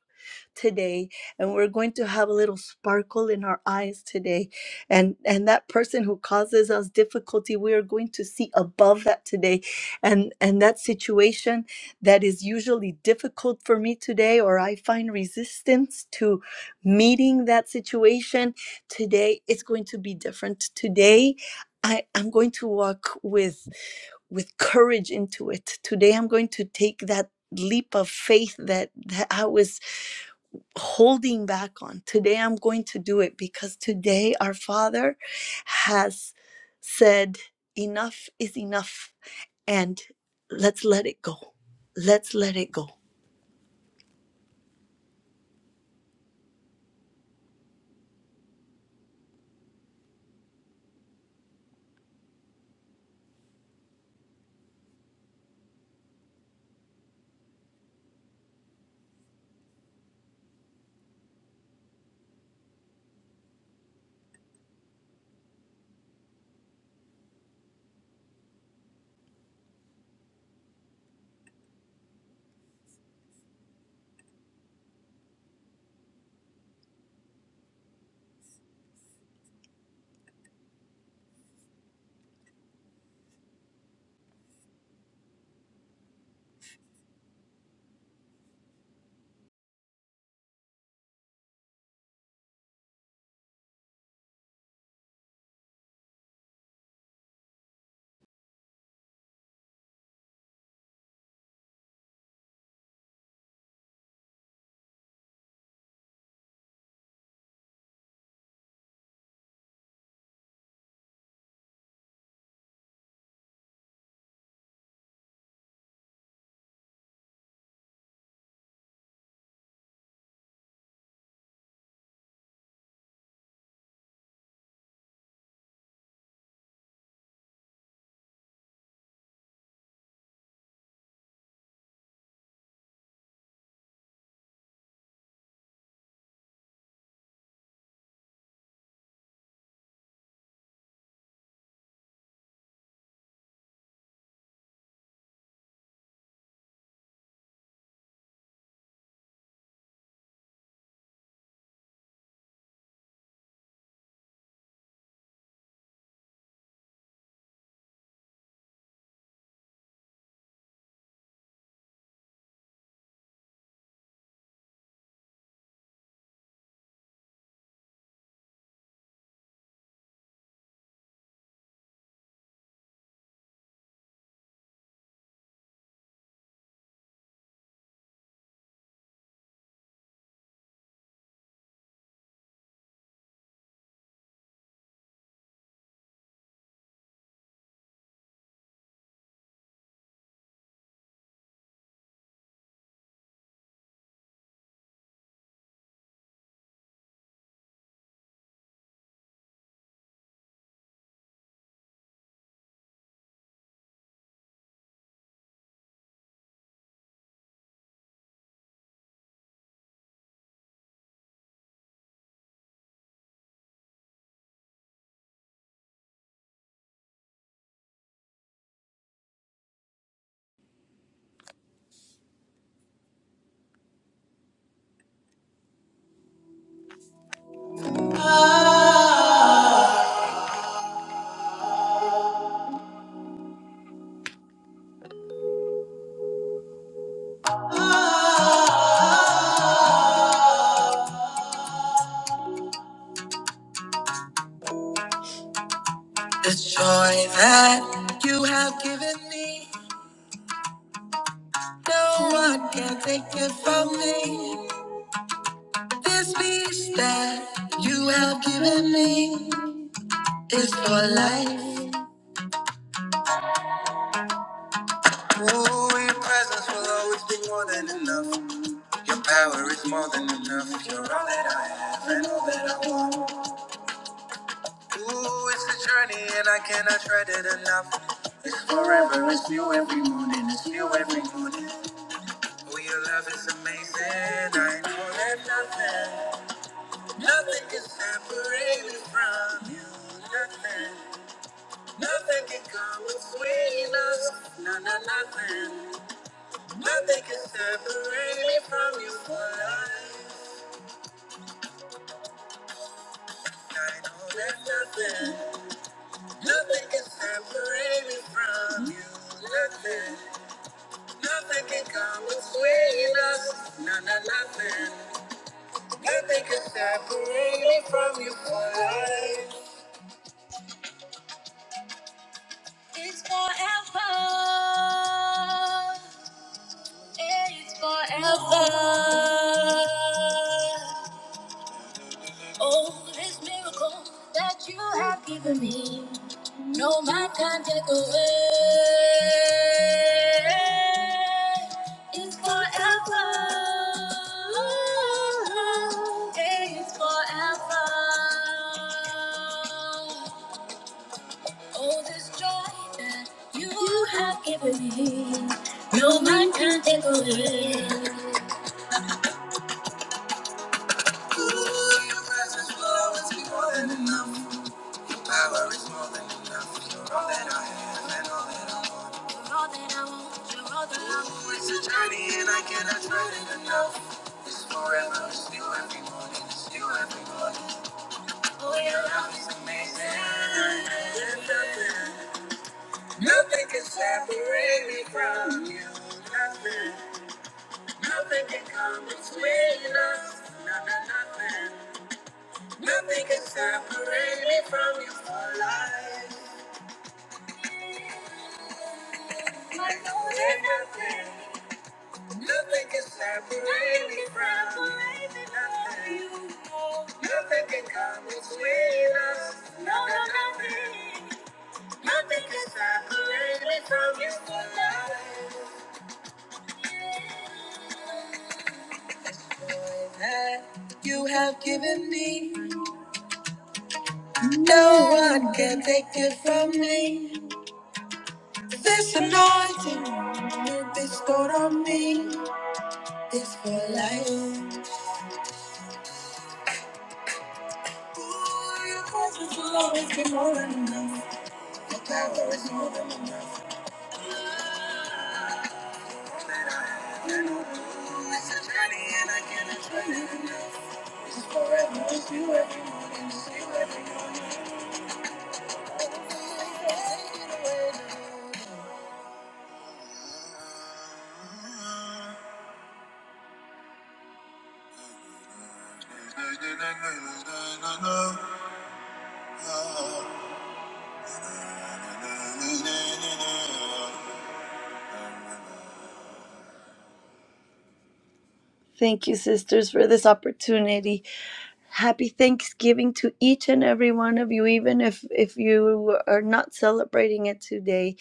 S1: today and we're going to have a little sparkle in our eyes today and and that person who causes us difficulty we are going to see above that today and and that situation that is usually difficult for me today, or I find resistance to meeting that situation, today it's going to be different. Today, I, I'm going to walk with with courage into it. Today, I'm going to take that leap of faith that, that I was holding back on. Today, I'm going to do it because today, our Father has said, Enough is enough and let's let it go. Let's let it go. The joy that you have given me, no one can take it from me. This peace that you have given me is oh, your presence will always be more than enough. Your power is more than enough. You're all that I have and all that I want. Ooh, it's a journey and I cannot tread it enough. It's forever, it's new every morning, it's new every morning. Oh, your love is amazing. I know that nothing, nothing can separate me from you. Nothing, nothing can come between us. No, no, nothing, nothing can separate me from you for life. I know that nothing, nothing can separate me from you. Nothing, nothing can come between us. No, no, nothing, nothing can separate me from you for life. It's forever. It's forever. Oh, this miracle that you have given me, no man can take away. It's forever. It's forever. Oh, this joy that you have given me, no man can take away. Ooh, your presence will always more than enough. Your Power is more than enough. You're all that I have and all that I want. You're all that I want. You're all that I want. Oh, your love is amazing. Nothing nothing can separate me from you. Nothing, nothing can come between us. No, no, nothing. Nothing can separate me from you for life. I know that Nothing can separate me from you. Nothing. Nothing can come between us. No, no, nothing. Nothing can separate me from you for life. That you have given me. No one can take it from me. This anointing this bestowed on me. It's for life. Ooh, your presence will always be more than enough. Your power is more than enough. Ooh, it's a journey and I can't explain it enough. Thank you, sisters, for this opportunity. Happy Thanksgiving to each and every one of you, even if, if you are not celebrating it today.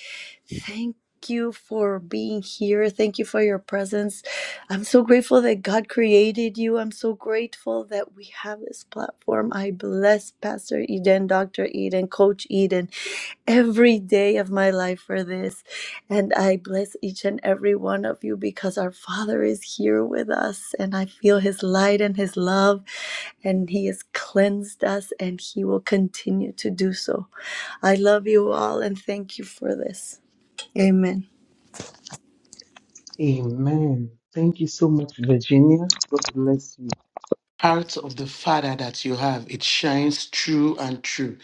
S1: Thank you for being here. Thank you for your presence. I'm so grateful that God created you. I'm so grateful that we have this platform. I bless Pastor Eden, Dr. Eden, Coach Eden, every day of my life for this. And I bless each and every one of you because our Father is here with us and I feel His light and His love and he has cleansed us and he will continue to do so. I love you all and thank you for this. Amen.
S3: Amen. Thank you so much, Virginia. God bless you. Heart of the Father that you have, it shines true and true.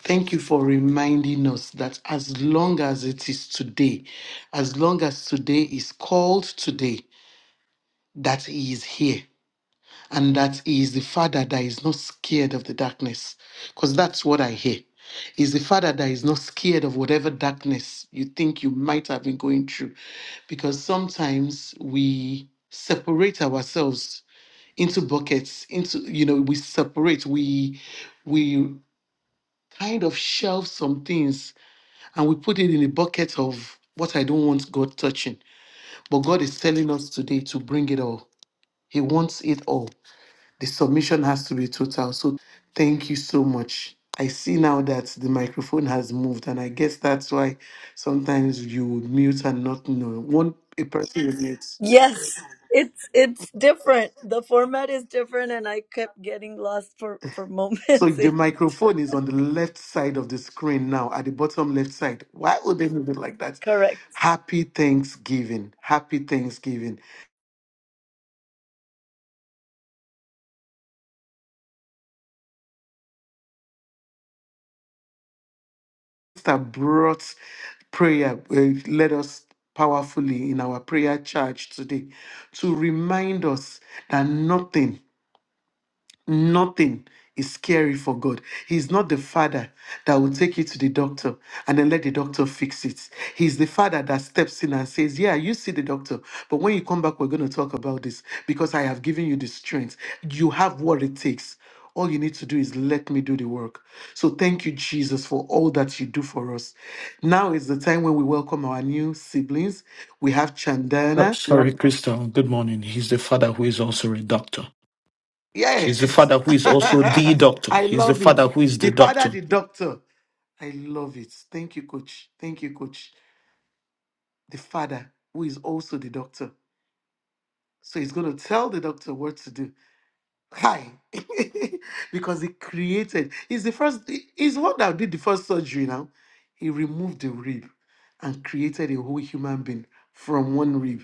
S3: Thank you for reminding us that as long as it is today, as long as today is called today, that He is here. and that he is the father that is not scared of the darkness because that's what i hear is the father that is not scared of whatever darkness you think you might have been going through because sometimes we separate ourselves into buckets into you know we separate we we kind of shelve some things and we put it in a bucket of what i don't want god touching but god is telling us today to bring it all he wants it all the submission has to be total. So thank you so much. I see now that the microphone has moved, and I guess that's why sometimes you would mute and not know. One a person will mute.
S1: Yes, it's it's different. The format is different, and I kept getting lost for for
S3: So
S1: moments. In
S3: the
S1: it.
S3: microphone is on the left side of the screen now, at the bottom left side. Why would they move it like that?
S1: Correct.
S3: Happy Thanksgiving. Happy Thanksgiving. That brought prayer, uh, led us powerfully in our prayer charge today to remind us that nothing Nothing is scary for God. He's not the father that will take you to the doctor and then let the doctor fix it. He's the father that steps in and says, Yeah, you see the doctor, but when you come back, we're going to talk about this because I have given you the strength. You have what it takes. All you need to do is let me do the work. So thank you, Jesus, for all that you do for us. Now is the time when we welcome our new siblings. We have
S4: Uh,
S3: Chandana.
S4: Sorry, Crystal. Good morning. He's the father who is also a doctor. He's the
S3: Yes.
S4: father who is also the doctor.
S3: I
S4: He's the
S3: love it.
S4: father who is
S3: The
S4: the
S3: father,
S4: doctor.
S3: the doctor. I love it. Thank you, coach. Thank you, coach. The father, who is also the doctor. So he's going to tell the doctor what to do. Hi. because he created, he's the first, he- he's the one that did the first surgery now. He removed the rib. and created a whole human being from one rib.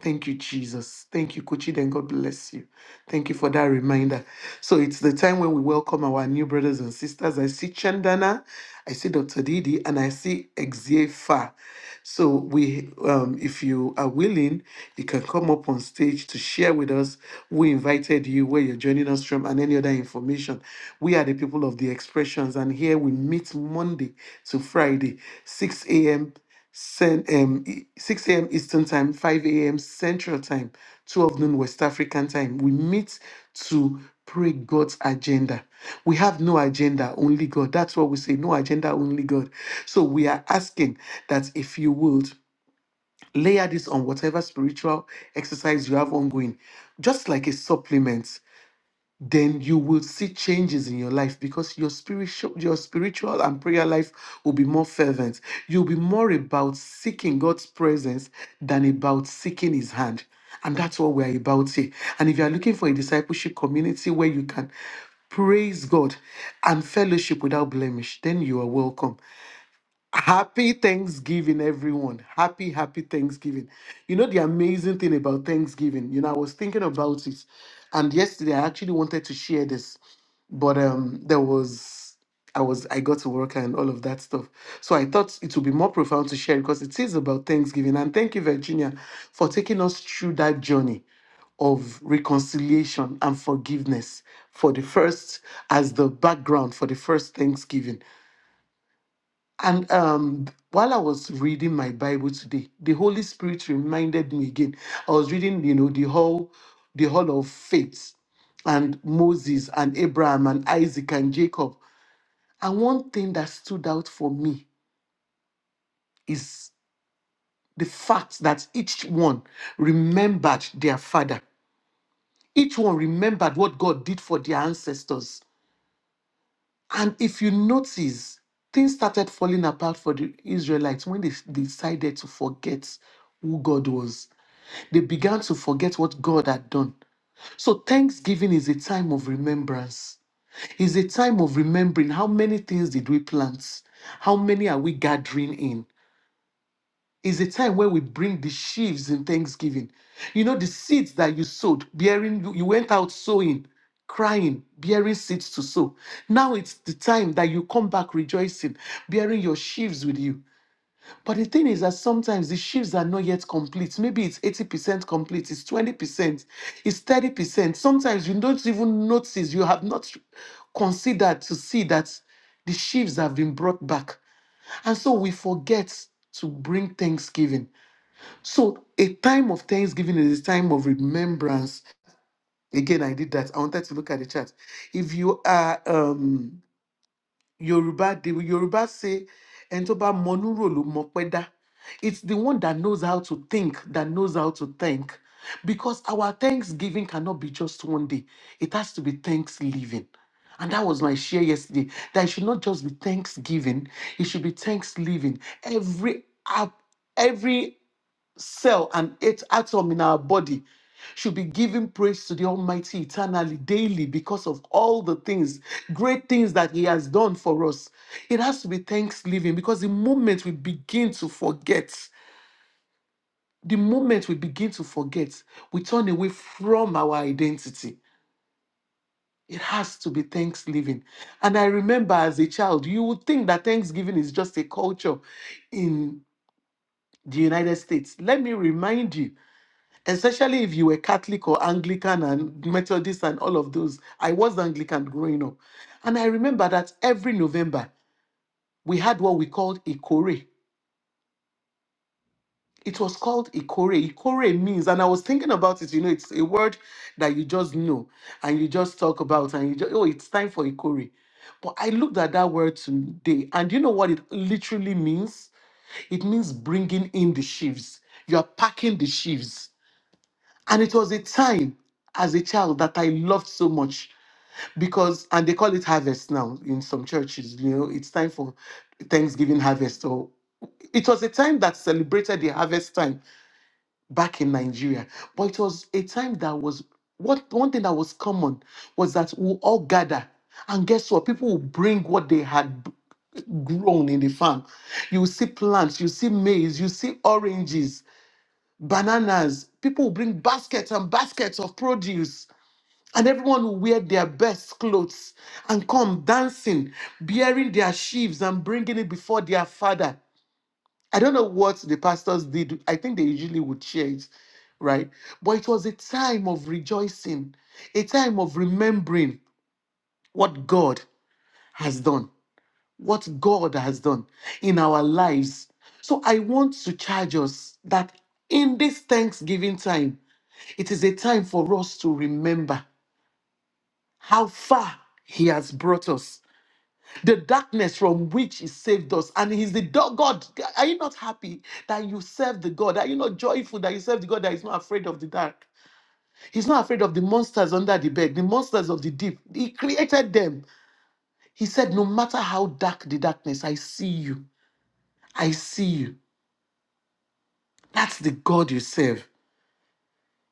S3: Thank you, Jesus. Thank you, Kochi. Then God bless you. Thank you for that reminder. So it's the time when we welcome our new brothers and sisters. I see Chandana, I see Dr. Didi, and I see Exiefa. So we, um, if you are willing, you can come up on stage to share with us who invited you, where you're joining us from, and any other information. We are the people of the expressions, and here we meet Monday to Friday, 6 a.m. Cen- um, e- 6 a.m. Eastern Time, 5 a.m. Central Time, 12 noon West African Time. We meet to pray God's agenda. We have no agenda, only God. That's what we say no agenda, only God. So we are asking that if you would layer this on whatever spiritual exercise you have ongoing, just like a supplement then you will see changes in your life because your spiritual your spiritual and prayer life will be more fervent you'll be more about seeking god's presence than about seeking his hand and that's what we're about here and if you're looking for a discipleship community where you can praise god and fellowship without blemish then you are welcome Happy Thanksgiving, everyone. Happy, happy Thanksgiving. You know, the amazing thing about Thanksgiving, you know, I was thinking about it. And yesterday, I actually wanted to share this, but um, there was, I was, I got to work and all of that stuff. So I thought it would be more profound to share because it is about Thanksgiving. And thank you, Virginia, for taking us through that journey of reconciliation and forgiveness for the first, as the background for the first Thanksgiving. And um, while I was reading my Bible today, the Holy Spirit reminded me again. I was reading, you know, the whole, the whole of faith, and Moses and Abraham and Isaac and Jacob. And one thing that stood out for me is the fact that each one remembered their father. Each one remembered what God did for their ancestors And if you notice, things started falling apart for the Israelites when they decided to forget who God was. They began to forget what God had done. So, Thanksgiving is a time of remembrance. It's a time of remembering how many things did we plant? How many are we gathering in? is a time where we bring the sheaves in thanksgiving. You know, the seeds that you sowed, bearing, you you went out sowing, crying, bearing seeds to sow. Now it's the time that you come back rejoicing, bearing your sheaves with you. But the thing is that sometimes the sheaves are not yet complete. Maybe it's 80% complete, it's 20%, it's 30%. Sometimes you don't even notice, you have not considered to see that the sheaves have been brought back. And so we forget to bring thanksgiving. So a time of thanksgiving is a time of remembrance. Again, I did that. I wanted to look at the chart. If you are um Yoruba, the Yoruba say Entoba monuro Monurolu Mopeda. It's the one that knows how to think, that knows how to thank. Because our thanksgiving cannot be just one day. It has to be thanksgiving. And that was my share yesterday. That it should not just be thanksgiving, it should be thanksgiving. Every app, every cell and each atom in our body should be giving praise to the Almighty eternally, daily, because of all the things, great things that He has done for us. It has to be thanksgiving because the moment we begin to forget, the moment we begin to forget, we turn away from our identity. It has to be thanksgiving. And I remember as a child, you would think that thanksgiving is just a culture in the United States. Let me remind you especially if you were Catholic or Anglican and Methodist and all of those. I was Anglican growing up. And I remember that every November we had what we called Ikore. It was called Ikore. Ikore means, and I was thinking about it, you know, it's a word that you just know and you just talk about and you just, oh, it's time for Ikore. But I looked at that word today and you know what it literally means? It means bringing in the sheaves. You are packing the sheaves And it was a time as a child that I loved so much because, and they call it harvest now in some churches, you know, it's time for Thanksgiving harvest. So it was a time that celebrated the harvest time back in Nigeria. But it was a time that was, what one thing that was common was that we all gather. And guess what? People will bring what they had b- grown in the farm. You will see plants, you see maize, you see oranges bananas. People will bring baskets and baskets of produce, and everyone will wear their best clothes and come dancing, bearing their sheaves and bringing it before their father. I don't know what the pastors did. I think they usually would share it, right? But it was a time of rejoicing, a time of remembering what God has done, what God has done in our lives. So I want to charge us that in this Thanksgiving time, it is a time for us to remember how far He has brought us, the darkness from which He saved us. And He's the do- God. Are you not happy that you serve the God? Are you not joyful that you serve the God that is not afraid of the dark? He's not afraid of the monsters under the bed, the monsters of the deep. He created them. He said, No matter how dark the darkness, I see you. I see you. That's the God you serve.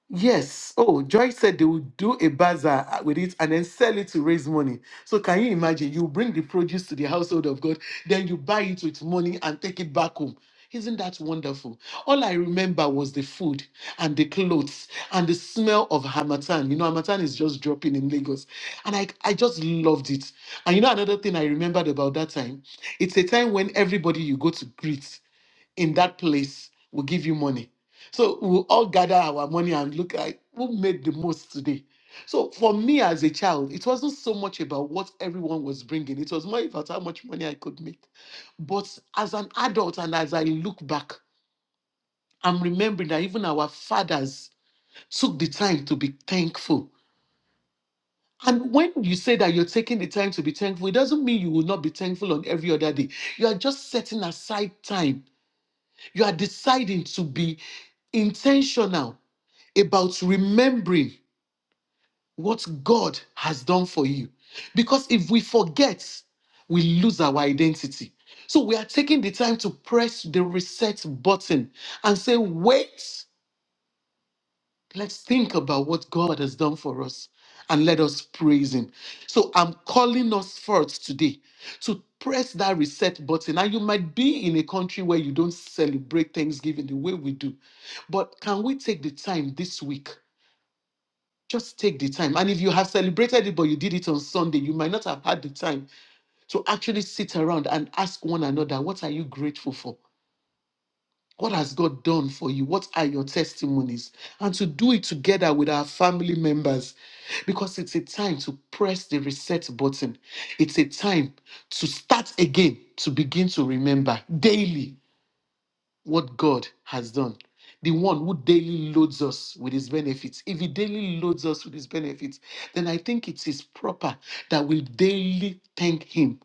S3: Yes. Oh, Joy said they would do a bazaar uh, with it and then sell it to raise money. So can you imagine? You bring the produce to the household of God, then you buy it with money and take it back home. Isn't that wonderful? All I remember was the food and the clothes and the smell of Hamatan. You know, Hamatan is just dropping in Lagos. And I, I just loved it. And you know, another thing I remembered about that time, it's a time when everybody you go to greet in that place will give you money. So we'll all gather our money and look at who made the most today. So for me as a child, it wasn't so much about what everyone was bringing, it was more about how much money I could make. But as an adult and as I look back, I'm remembering that even our fathers took the time to be thankful. And when you say that you're taking the time to be thankful, it doesn't mean you will not be thankful on every other day. You are just setting aside time. You are deciding to be intentional about remembering what God has done for you. Because if we forget, we lose our identity. So we are taking the time to press the reset button and say, wait, let's think about what God has done for us and let us praise Him. So I'm calling us forth today to press that reset button. And you might be in a country where you don't celebrate Thanksgiving the way we do, but can we take the time this week? Just take the time. And if you have celebrated it, but you did it on Sunday, you might not have had the time to actually sit around and ask one another, what are you grateful for? What has God done for you? What are your testimonies? And to do it together with our family members because it's a time to press the reset button. It's a time to start again, to begin to remember daily what God has done. The one who daily loads us with his benefits. If he daily loads us with his benefits, then I think it is proper that we daily thank him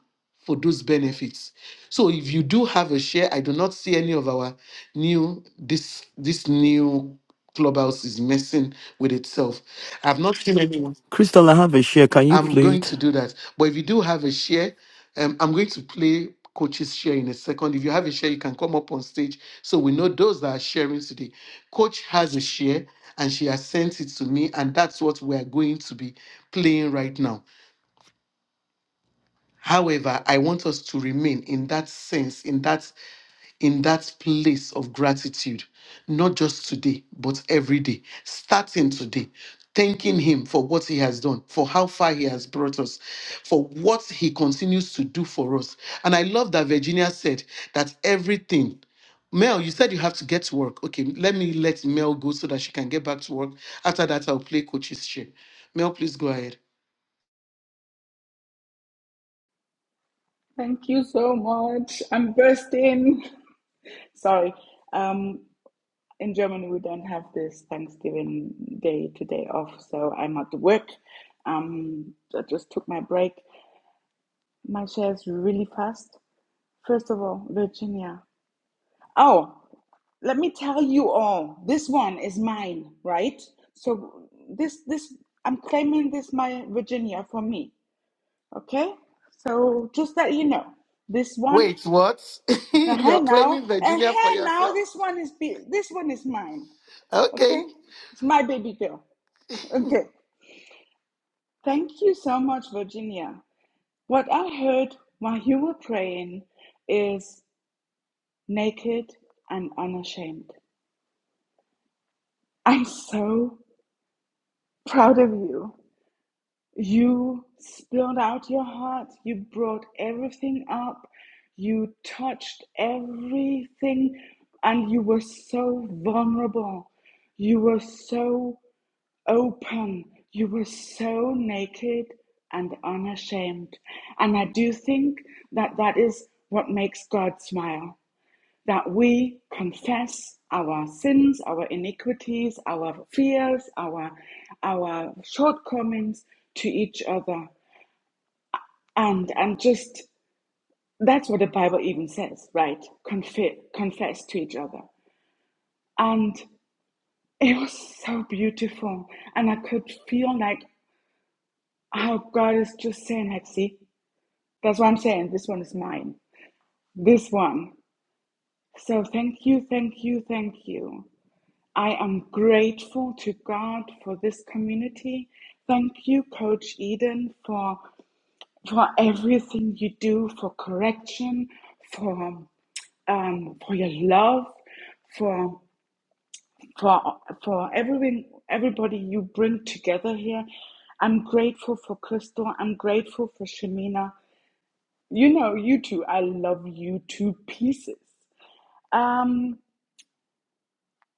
S3: for those benefits. So if you do have a share, I do not see any of our new this this new clubhouse is messing with itself. I've not seen anyone.
S4: Crystal, I have a share. Can you
S3: I'm
S4: play
S3: going
S4: it?
S3: to do that. But if you do have a share, um, I'm going to play coach's share in a second. If you have a share, you can come up on stage so we know those that are sharing today. Coach has a share and she has sent it to me, and that's what we are going to be playing right now. However, I want us to remain in that sense, in that in that place of gratitude, not just today, but every day, starting today, thanking Him for what He has done, for how far He has brought us, for what He continues to do for us. And I love that Virginia said that everything. Mel, you said you have to get to work. Okay, let me let Mel go so that she can get back to work. After that, I'll play coach's chair. Mel, please go ahead.
S5: Thank you so much. I'm bursting. Sorry. Um, in Germany, we don't have this Thanksgiving Day today off, so I'm at work. Um, I just took my break. My share is really fast. First of all, Virginia. Oh, let me tell you all. This one is mine, right? So this this I'm claiming this my Virginia for me. Okay? So just that you know, this one.
S3: Wait, what? You're
S5: Uh-huh, now,
S3: claiming
S5: and
S3: Virginia for
S5: here now,
S3: yourself?
S5: this one is be- this one is mine.
S3: Okay.
S5: Okay, it's my baby girl. Okay, thank you so much, Virginia. What I heard while you were praying is naked and unashamed. I'm so proud of you. You spilled out your heart. You brought everything up. You touched everything, and you were so vulnerable. You were so open. You were so naked and unashamed. And I do think that that is what makes God smile that we confess our sins, our iniquities, our fears, our, our shortcomings to each other. And, and just that's what the Bible even says, right? Confe- confess to each other. And it was so beautiful. And I could feel like Oh, God is just saying, Hexie. That's what I'm saying. This one is mine. This one. So thank you, thank you, thank you. I am grateful to God for this community. Thank you, Coach Eden, for for everything you do, for correction, for um, for your love, for for for everything, everybody you bring together here. I'm grateful for Crystal. I'm grateful for Shemina. You know, you two, I love you two pieces. Um,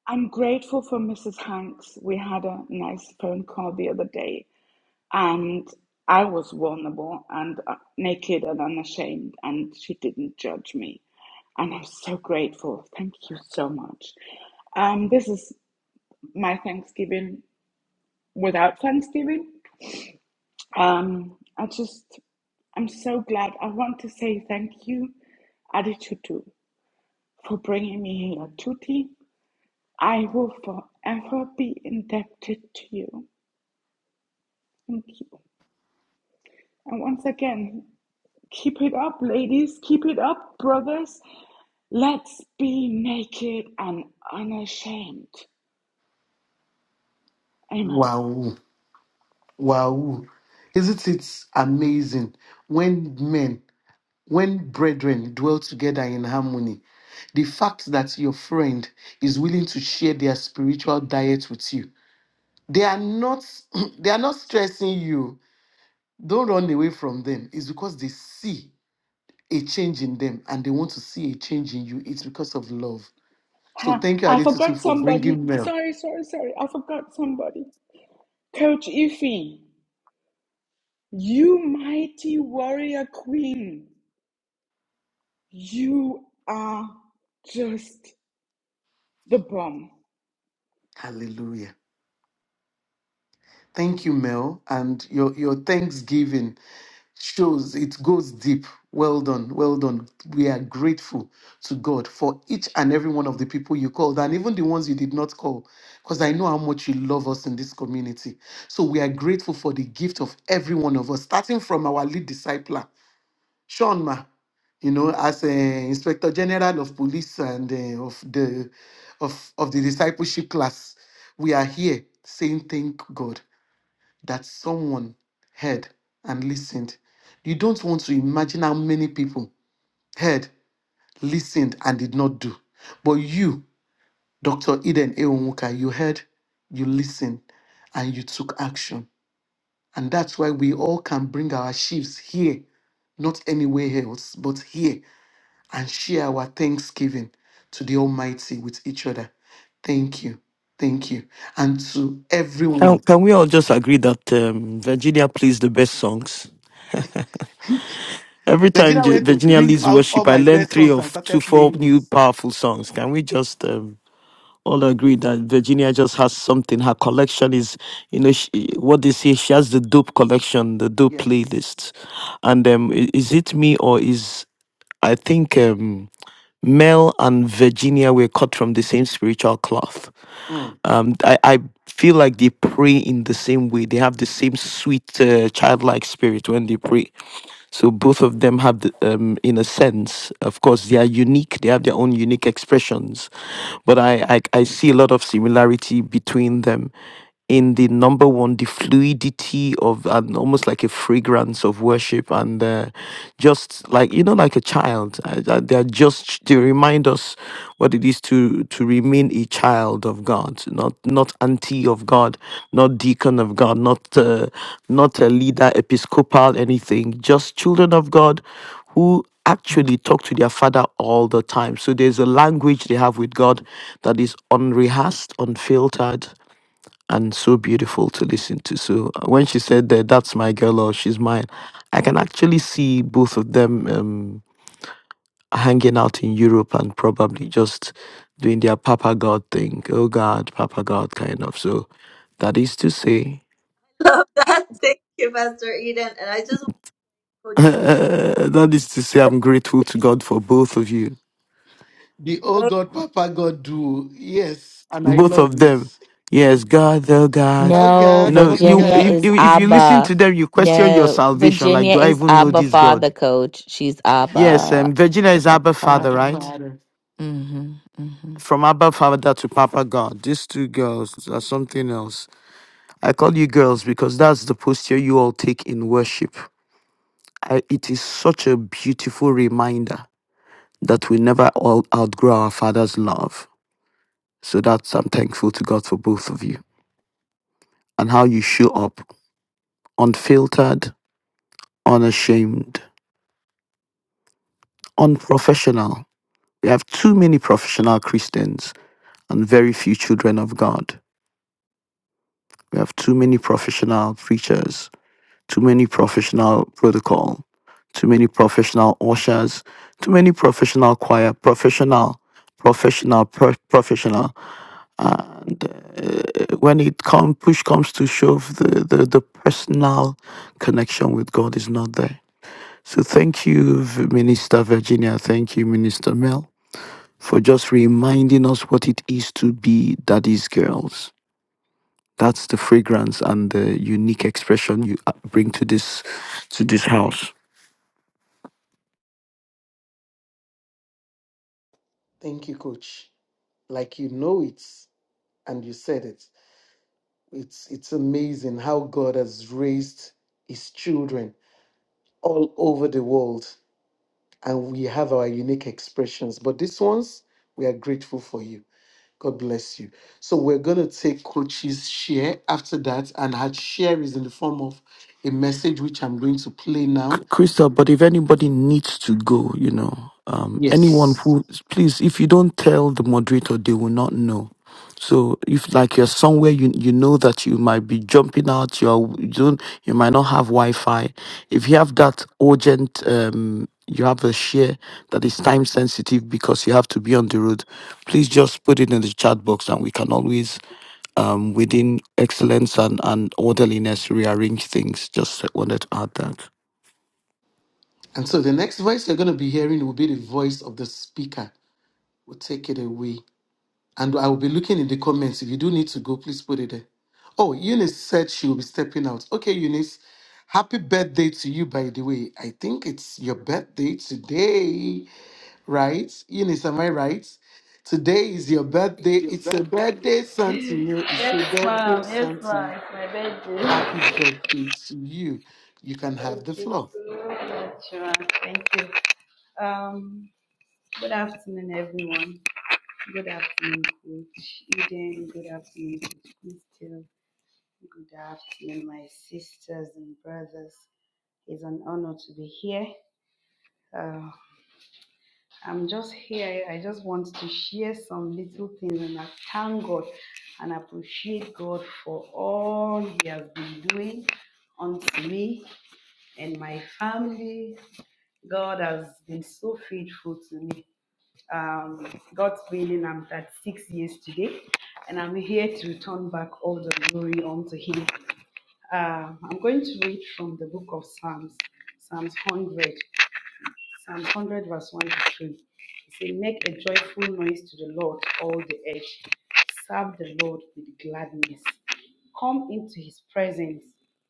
S5: I'm grateful for Mrs. Hanks. We had a nice phone call the other day, and I was vulnerable and uh, naked and unashamed, and she didn't judge me. And I'm so grateful. Thank you so much. Um, this is my Thanksgiving without Thanksgiving. Um, I just, I'm so glad. I want to say thank you, Adichutu. for bringing me here. Tuti, I will forever be indebted to you. Thank you. And once again, keep it up, ladies. Keep it up, brothers. Let's be naked and unashamed. Amen.
S3: Wow. Wow. Isn't it amazing when men, when brethren dwell together in harmony? The fact that your friend is willing to share their spiritual diet with you, they are not they are not stressing you. Don't run away from them. It's because they see a change in them and they want to see a change in you. It's because of love. So
S5: Ha,
S3: thank you,
S5: I
S3: Adetutu,
S5: forgot
S3: for
S5: somebody.
S3: bringing Mel.
S5: Sorry, sorry, sorry. I forgot somebody. Coach Ify, you mighty warrior queen. You are just the bomb.
S3: Hallelujah. Thank you, Mel, and your your thanksgiving. shows it goes deep. Well done, well done. We are grateful to God for each and every one of the people you called, and even the ones you did not call, because I know how much you love us in this community. So we are grateful for the gift of every one of us, starting from our lead discipler, Sean Ma, you know, as uh, Inspector General of Police and uh, of the of of the discipleship class. We are here saying thank God that someone heard and listened. You don't want to imagine how many people heard, listened, and did not do. But you, Dr. Eden Ewuka, you heard, you listened, and you took action. And that's why we all can bring our sheaves here, not anywhere else, but here, and share our thanksgiving to the Almighty with each other. Thank you. Thank you. And to
S4: Can,
S3: everyone.
S4: can we all just agree that um, Virginia plays the best songs? Every time
S3: Nigeria
S4: J-
S3: went to
S4: Virginia
S3: bring
S4: leads
S3: out all
S4: worship, I
S3: my
S4: learn
S3: best
S4: three
S3: songs and
S4: of two,
S3: started
S4: four
S3: playing it.
S4: new powerful songs. Can we just um, all agree that Virginia just has something? Her collection is, you know, she, what they say, she has the dope collection, the dope
S3: Yes.
S4: playlist. And um, i- is it me or is I think um, Mel and Virginia were cut from the same spiritual cloth
S3: Mm.
S4: um, I, I feel like they pray in the same way. They have the same sweet uh, childlike spirit when they pray. So both of them have, the, um, in a sense, of course, they are unique. They have their own unique expressions, but I, I I see a lot of similarity between them. In the number one, the fluidity of and almost like a fragrance of worship, and uh, just like you know, like a child, I, I, they are just they remind us what it is to to remain a child of God, not not auntie of God, not deacon of God, not uh, not a leader, episcopal, anything. Just children of God who actually talk to their father all the time. So there's a language they have with God that is unrehearsed, unfiltered, and so beautiful to listen to. So uh, when she said that that's my girl or she's mine, I can actually see both of them. Um, hanging out in Europe and probably just doing their Papa God thing. Oh God, Papa God kind of. So that is to say,
S1: Love that. Thank you, Pastor Eden. And I just want to
S4: that is to say, I'm grateful to God for both of you,
S3: The Oh God, Papa God do. Yes. And I
S4: both
S3: love
S4: of them.
S3: this.
S4: Yes, God, oh God.
S3: Oh
S2: No,
S4: You
S3: God,
S4: know,
S3: Papa
S4: you
S2: Virginia
S3: God.
S4: if,
S2: is
S4: if if you listen
S2: Abba.
S4: to them, you question your
S2: No,
S4: salvation. Like,
S2: Virginia
S4: do I
S2: is
S4: even know
S2: Abba
S4: this
S2: Father
S4: God?
S2: Coach. She's
S4: Yes,
S2: Abba.
S4: um, Virginia
S2: It's
S4: is
S2: Abba
S4: Abba
S3: I'm
S4: Father,
S3: your
S2: Father.
S4: right?
S3: father.
S2: Mm-hmm. Mm-hmm.
S4: From Abba Father to Papa God. These two girls are something else. I call you girls because that's the posture you all take in worship. I, it is such a beautiful reminder that we never all outgrow our Father's love. So that's, I'm thankful to God for both of you and how you show up unfiltered, unashamed, unprofessional. We have too many professional Christians and very few children of God. We have too many professional preachers too many professional protocol, too many professional ushers, too many professional choir, professional, professional, pro- professional. And uh, when it comes, push comes to shove, the, the, the personal connection with God is not there. So thank you, V- Minister Virginia. Thank you, Minister Mel, for just reminding us what it is to be daddy's girls. That's the fragrance and the unique expression you uh, bring to this to this house.
S3: Thank you, coach. Like you know it and you said it. It's it's amazing how God has raised his children all over the world. And we have our unique expressions. But these ones, we are grateful for you. God bless you. So we're going to take Coach's share after that, and her share is in the form of a message which I'm going to play now.
S4: Crystal, but if anybody needs to go, you know, um, anyone
S3: Yes.
S4: who, please, if you don't tell the moderator, they will not know. So if like you're somewhere you you know that you might be jumping out, you're you don't you might not have Wi-Fi. If you have that urgent, um, you have a share that is time sensitive because you have to be on the road. Please just put it in the chat box, and we can always, um, within excellence and and orderliness, rearrange things. Just wanted to add that.
S3: And so the next voice you're going to be hearing will be the voice of the speaker. We'll take it away. And I will be looking in the comments. If you do need to go, please put it there. Oh, Eunice said she will be stepping out. Okay, Eunice. Happy birthday to you, by the way. I think it's your birthday today. right? Eunice, am I right? Today is your birthday.
S6: It's your
S3: It's a
S6: birthday.
S3: birthday, Santino. It's a
S6: Yes,
S3: birthday,
S6: ma'am. Yes, ma'am.
S3: Santino.
S6: It's my birthday.
S3: Happy birthday to you. You can have
S6: Thank
S3: the
S6: you
S3: floor.
S6: so much, ma'am. Thank you. Um, good afternoon, everyone. Good afternoon, Coach Eden. Good afternoon, Coach Christian. Good afternoon, my sisters and brothers. It's an honor to be here. Uh, I'm just here. I just want to share some little things and I thank God and appreciate God for all He has been doing unto me and my family. God has been so faithful to me. Um, God's willing, I'm 36 years today and I'm here to return back all the glory unto Him. Uh, I'm going to read from the book of Psalms, Psalms 100. Psalm 100, verse 1 to 3. It says, Make a joyful noise to the Lord, all the earth. Serve the Lord with gladness. Come into his presence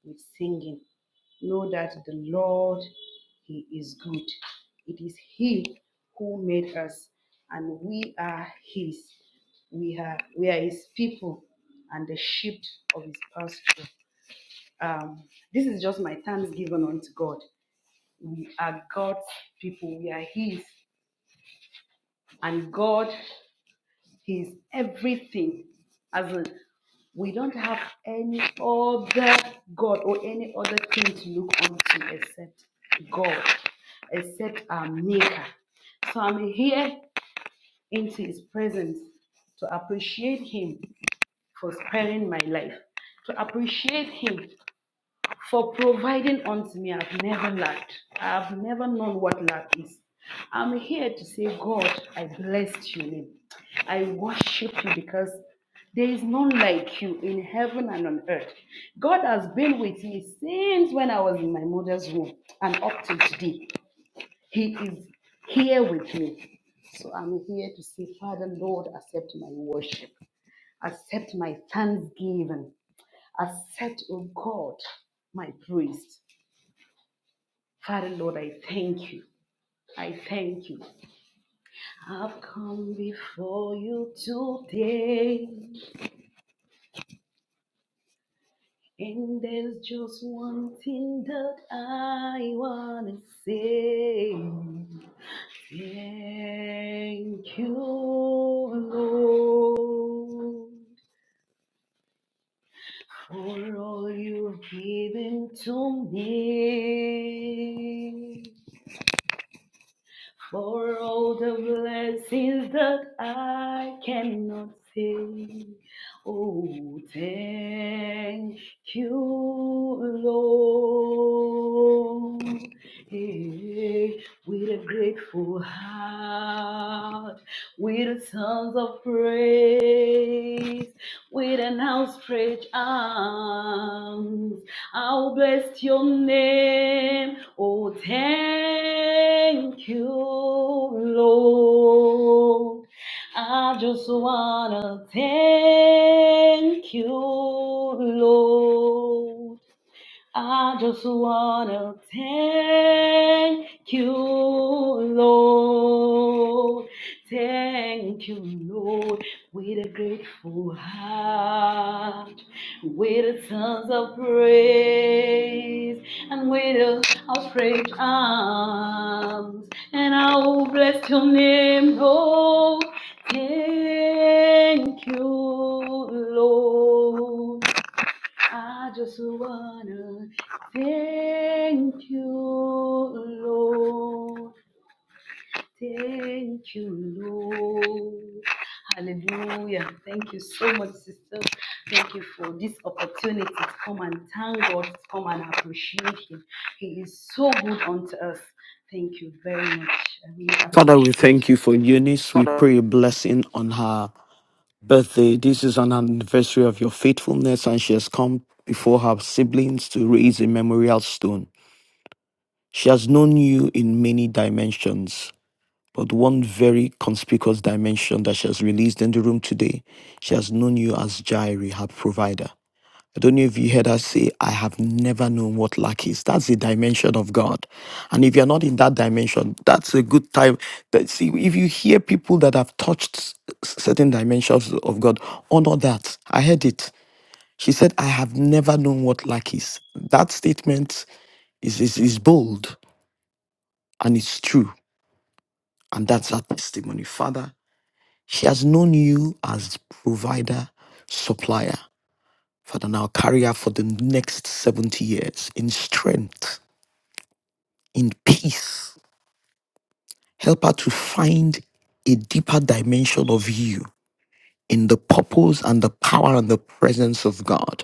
S6: with singing. Know that the Lord, he is good. It is he who made us, and we are his. We are, we are his people and the sheep of his pasture. Um, this is just my thanks given unto God. We are God's people. We are His. And God is everything. As in, we don't have any other God or any other thing to look unto except God, except our Maker. So I'm here into His presence to appreciate Him for sparing my life, to appreciate Him for providing unto me. I've never lacked. I've never known what lack is. I'm here to say, God, I bless your name. I worship you because there is none like you in heaven and on earth. God has been with me since when I was in my mother's womb and up to today. He is here with me. So I'm here to say, Father, Lord, accept my worship, accept my thanksgiving, accept, oh God, my praise. Father, Lord, I thank you. I thank you. I've come before you today, and there's just one thing that I want to say. Thank you, Lord, for all you've given to me. For all the blessings that I cannot say, oh, thank you, Lord. Hey, with a grateful heart, with songs of praise, with an outstretched arms. I'll bless your name. Oh, thank you, Lord. I just wanna thank you, Lord. I just wanna thank you, Lord. Thank you, Lord, with a grateful heart, with a sons of praise, and with a outstretched arms, and I will bless your name, Lord. Thank you, Lord. I just wanna thank you, Lord. Thank you, Lord. Hallelujah. Thank you so much, sister. Thank you for this opportunity to come and thank God, to come and appreciate Him. He is so good unto us. Thank you very much. I really
S4: Father, we
S6: appreciate. it.
S4: thank you for Eunice. We
S6: Father,
S4: pray a blessing on her birthday. This is an anniversary of your faithfulness, and she has come before her siblings to raise a memorial stone. She has known you in many dimensions, but one very conspicuous dimension that she has released in the room today, she has known you as Jireh, her provider. I don't know if you heard us say, I have never known what lack is. That's the dimension of God. And if you're not in that dimension, that's a good time. That, see, if you hear people that have touched s- certain dimensions of God, honor that. I heard it. She said, I have never known what lack is. That statement is, is, is bold and it's true. And that's her testimony. Father, she has known you as provider, supplier. Father, now carry her for the next 70 years in strength in peace. Help her to find a deeper dimension of you in the purpose and the power and the presence of God.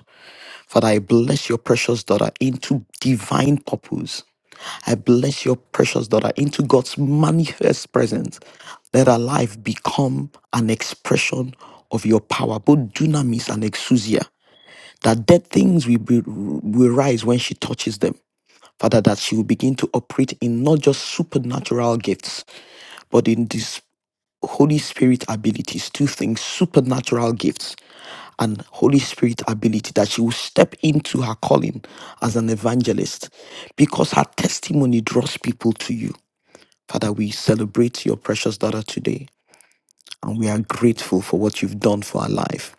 S4: Father, I bless your precious daughter into divine purpose. I bless your precious daughter into God's manifest presence. Let her life become an expression of your power, both dunamis and exousia, that dead things will, be, will rise when she touches them. Father, that she will begin to operate in not just supernatural gifts, but in this Holy Spirit abilities, two things supernatural gifts and Holy Spirit ability that she will step into her calling as an evangelist because her testimony draws people to you. Father, we celebrate your precious daughter today and we are grateful for what you've done for her life.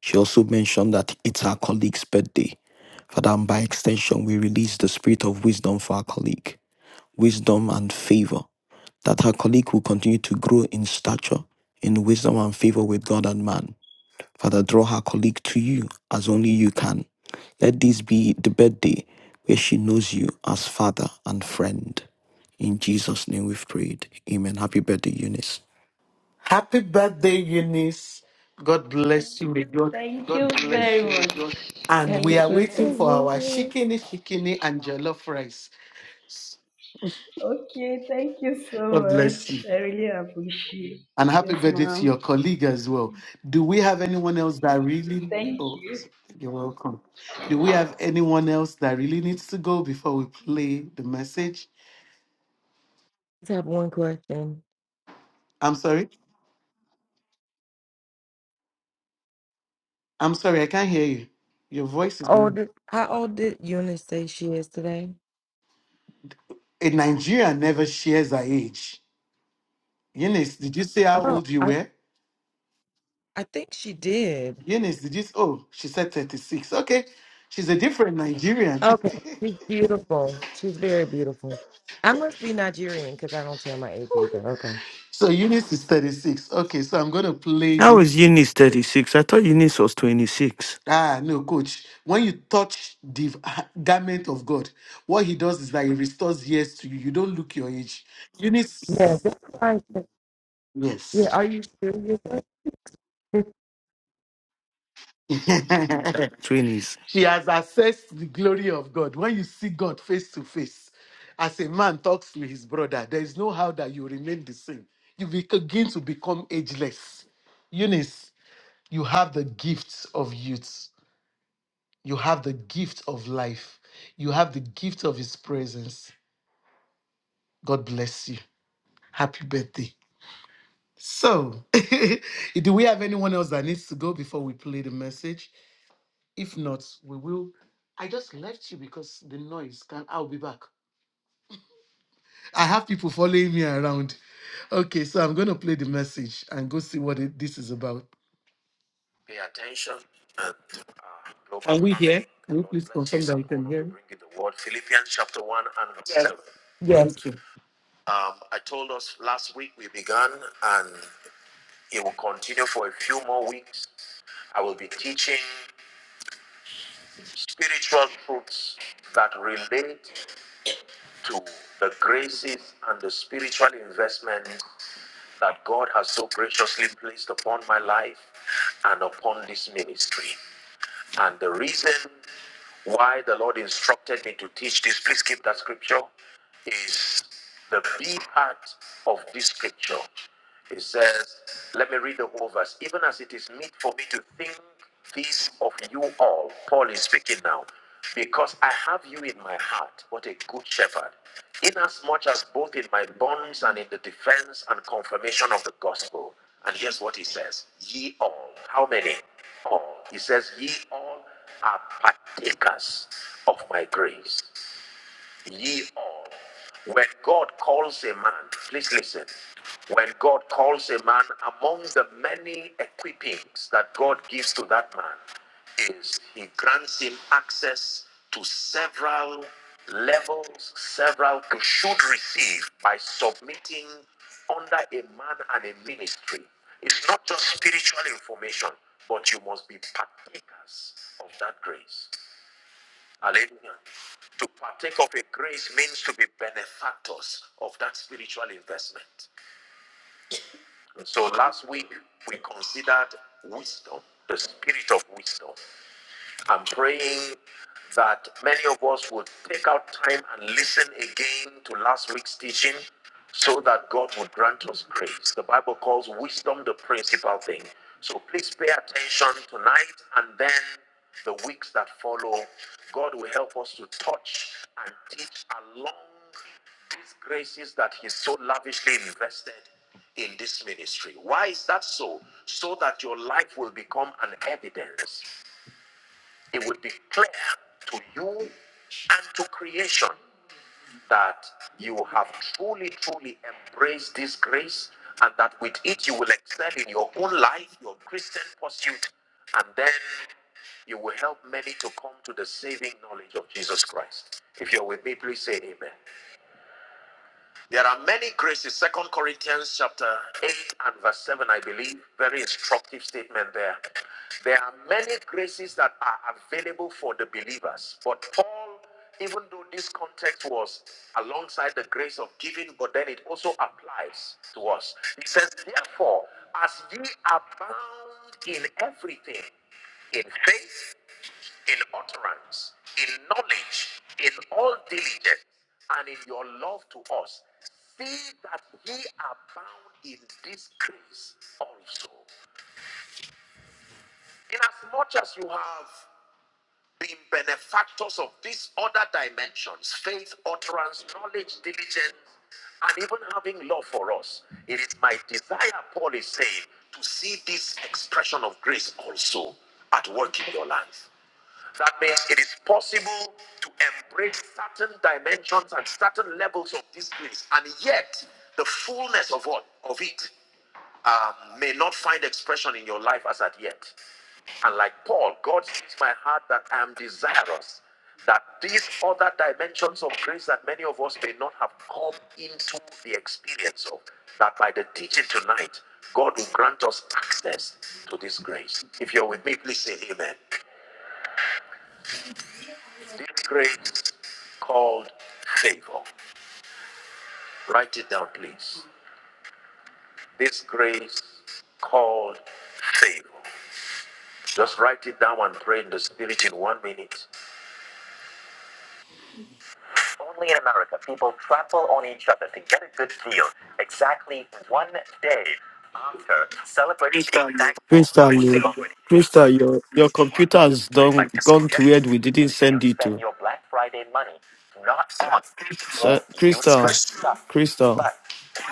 S4: She also mentioned that it's her colleague's birthday. Father, and by extension, we release the spirit of wisdom for our colleague, wisdom and favor that her colleague will continue to grow in stature, in wisdom and favor with God and man. Father, draw her colleague to you as only you can. Let this be the birthday where she knows you as father and friend. In Jesus' name we've prayed. Amen. Happy birthday, Eunice.
S3: Happy birthday, Eunice. God bless you. May God.
S6: Thank God you very much. God
S3: And
S7: Happy
S3: we are
S6: Thank you.
S7: birthday,
S3: waiting
S6: Thank
S3: for
S6: you.
S3: our
S6: God bless.
S7: Eunice.
S3: shikini, shikini, and jollof rice.
S6: Okay, thank you so
S3: God bless you.
S6: much. I really appreciate
S3: And
S6: it.
S3: happy
S6: Yes,
S3: birthday to
S6: ma'am.
S3: your colleague as well. Do we have anyone else that really?
S6: Thank
S3: Oh,
S6: you.
S3: s- you're welcome. Do we have anyone else that really needs to go before we play the message?
S7: just have one question.
S3: I'm sorry. I'm sorry. I can't hear you. Your voice is.
S7: Old, how old did Eunice say she is today?
S3: A Nigerian never shares her age. Eunice, did you say how
S7: Oh,
S3: old you
S7: I,
S3: were?
S7: I think she did.
S3: Eunice, did you? Oh, she said 36. Okay. She's a different Nigerian.
S7: Okay, she's beautiful. She's very beautiful. I must be Nigerian because I don't tell my age either. Okay.
S3: so Eunice is 36. Okay. So I'm going to play
S4: How is
S3: this.
S4: Eunice 36? I thought Eunice was 26.
S3: Ah, no, coach. When you touch the garment of God, what he does is that he restores years to you. You don't look your age. You need.
S7: Yeah, that's right. Yeah,
S3: Yes.
S7: are you serious?
S4: 20s.
S3: she has assessed the glory of God. When you see God face to face, as a man talks to his brother, there is no how that you remain the same. You begin to become ageless. Eunice, you have the gift of youth. You have the gift of life. You have the gift of his presence. God bless you. Happy birthday. So, do we have anyone else that needs to go before we play the message? If not, we will. I just left you because the noise can I'll be back. I have people following me around. Okay, so I'm going to play the message and go see what it, this is about. Pay attention. and look Can we hear? Can you please confirm that you can hear? me? Bring in the word Philippians chapter 1 and verse 7.
S7: yes.
S3: Thank you. Um, I told us last week we began, and. It will continue for a few more weeks. I will be teaching spiritual truths that relate to the graces and the spiritual investment that God has so graciously placed upon my life and upon this ministry. And the reason why the Lord instructed me to teach this, please keep that scripture, is the B part of this scripture. It says, let me read the whole verse. Even as it is meet for me to think this of you all, Paul is speaking now, because I have you in my heart, what a good shepherd, inasmuch as both in my bonds and in the defense and confirmation of the gospel. And here's what he says Ye all, how many? all. He says, Ye all are partakers of my grace. Ye all. When God calls a man, please listen. When God calls a man, among the many equippings that God gives to that man, is He grants him access to several levels, several you should receive by submitting under a man and a ministry. It's not just spiritual information, but you must be partakers of that grace. Hallelujah. To partake of a grace means to be benefactors of that spiritual investment. So last week we considered wisdom, the spirit of wisdom. I'm praying that many of us would take out time and listen again to last week's teaching so that God would grant us grace. The Bible calls wisdom the principal thing. So please pay attention tonight and then the weeks that follow. God will help us to touch and teach along these graces that He so lavishly invested in this ministry. Why is that so? So that your life will become an evidence it will be clear to you and to creation that you have truly, truly embraced this grace and that with it you will excel in your own life, your Christian pursuit, and then you will help many to come to the saving knowledge of Jesus Christ. If you're with me, please say amen. There are many graces. Second Corinthians chapter 8 and verse 7, I believe. Very instructive statement there. There are many graces that are available for the believers. But Paul, even though this context was alongside the grace of giving, but then it also applies to us. He says, Therefore, as ye abound in everything, in faith, in utterance, in knowledge, in all diligence, and in your love to us. See that ye abound in this grace also. Inasmuch as you have being benefactors of these other dimensions faith, utterance, knowledge, diligence, and even having love for us. It is my desire, Paul is saying, to see this expression of grace also at work in your life. That means it is possible to embrace certain dimensions and certain levels of this grace, and yet the fullness of what of it um, may not find expression in your life as at yet. And like Paul, God sees my heart that I am desirous that these other dimensions of grace that many of us may not have come into the experience of, that by the teaching tonight, God will grant us access to this grace. If you're with me, please say amen. This grace called favor. Write it down, please. This grace called favor. Just write it down and pray in the spirit in one minute. Only in America, people trample on each other to get a good deal exactly one day after celebrating Keep being going. thankful
S4: Crystal, you- Crystal, your, your computer has
S3: I'd
S4: done,
S3: like to
S4: gone to
S3: suggest
S4: where we didn't
S3: that you
S4: send it
S3: spend
S4: to.
S3: your Black Friday money not on more
S4: So, Crystal,
S3: useless stuff,
S4: Crystal,
S3: but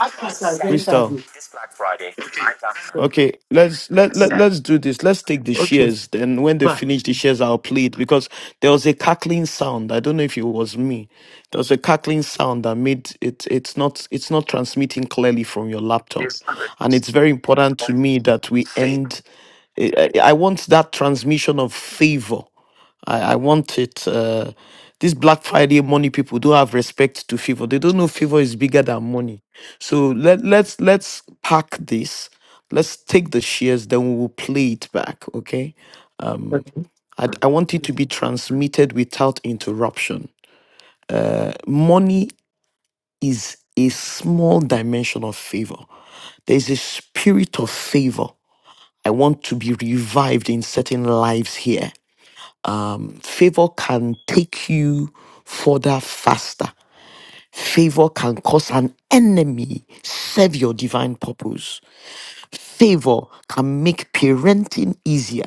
S3: I guess I
S4: Crystal.
S3: this Black Friday, I got
S4: Okay, let's let, let let's do this. Let's take the shares. Then when they finish the shares, I'll play it because there was a cackling sound. I don't know if it was me. There was a cackling sound that made it. It's not. It's not transmitting clearly from your laptop,
S3: this
S4: and it's
S3: Christmas
S4: very important to me that we
S3: thing.
S4: end. I I- I want that transmission of favor I, I want it. Uh, these Black Friday money people don't have respect to favor. They don't know favor is bigger than money. So let let's let's pack this. Let's take the shares, then we will play it back. Okay. I, I want it to be transmitted without interruption. Money is a small dimension of favor. There is a spirit of favor. I want to be revived in certain lives here. Favor can take you further faster. Favor can cause an enemy serve your divine purpose. Favor can make parenting easier.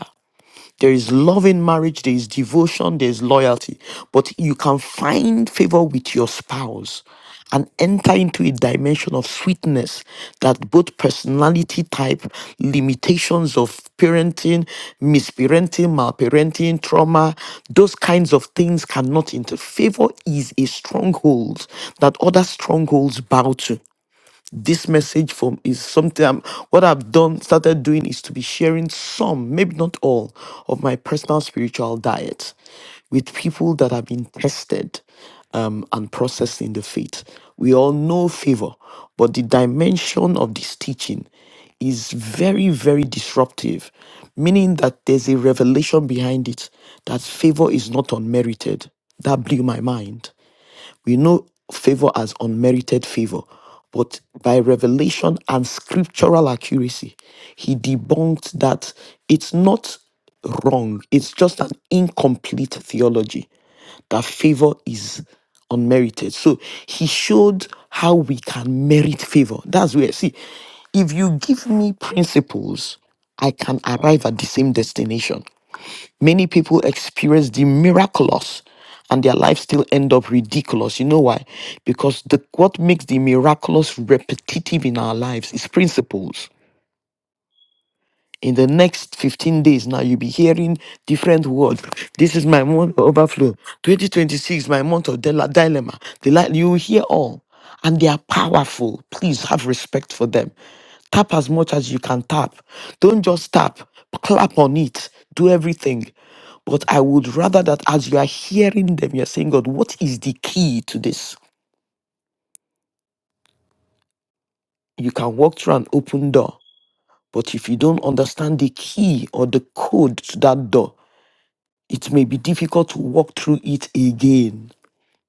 S4: There is love in marriage, there is devotion, there is loyalty. But you can find favor with your spouse and enter into a dimension of sweetness that both personality type, limitations of parenting, misparenting, malparenting, trauma, those kinds of things cannot interfere. Favor is a stronghold that other strongholds bow to this message from is something I'm, what I've done started doing is to be sharing some, maybe not all, of my personal spiritual diet with people that have been tested um, and processed in the faith. We all know favor, but the dimension of this teaching is very, very disruptive, meaning that there's a revelation behind it that favor is not unmerited. That blew my mind. We know favor as unmerited favor, but by revelation and scriptural accuracy, he debunked that it's not wrong, it's just an incomplete theology that favor is unmerited. So he showed how we can merit favor. That's where, see, if you give me principles, I can arrive at the same destination. Many people experience the miraculous and their life still end up ridiculous. You know why? Because the what makes the miraculous repetitive in our lives is principles in the next 15 days now you'll be hearing different words this is my month of overflow 2026 my month of dile- dilemma the li- you will hear all and they are powerful please have respect for them tap as much as you can tap don't just tap clap on it do everything but i would rather that as you are hearing them you're saying god what is the key to this you can walk through an open door but if you don't understand the key or the code to that door It may be difficult to walk through it again.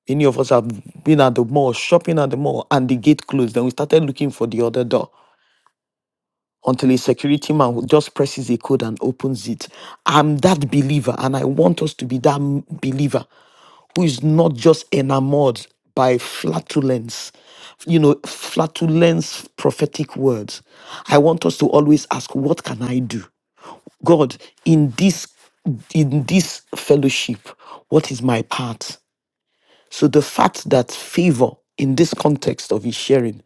S4: Many of us have been at the mall, shopping at the mall, and the gate closed. Then we started looking for the other door until a security man just presses a code and opens it. I'm that believer, and I want us to be that m- believer who is not just enamored by flatulence, you know, flatulence prophetic words. I want us to always ask, What can I do? God, in this in this fellowship, what is my part? So the fact that favor in this context of his sharing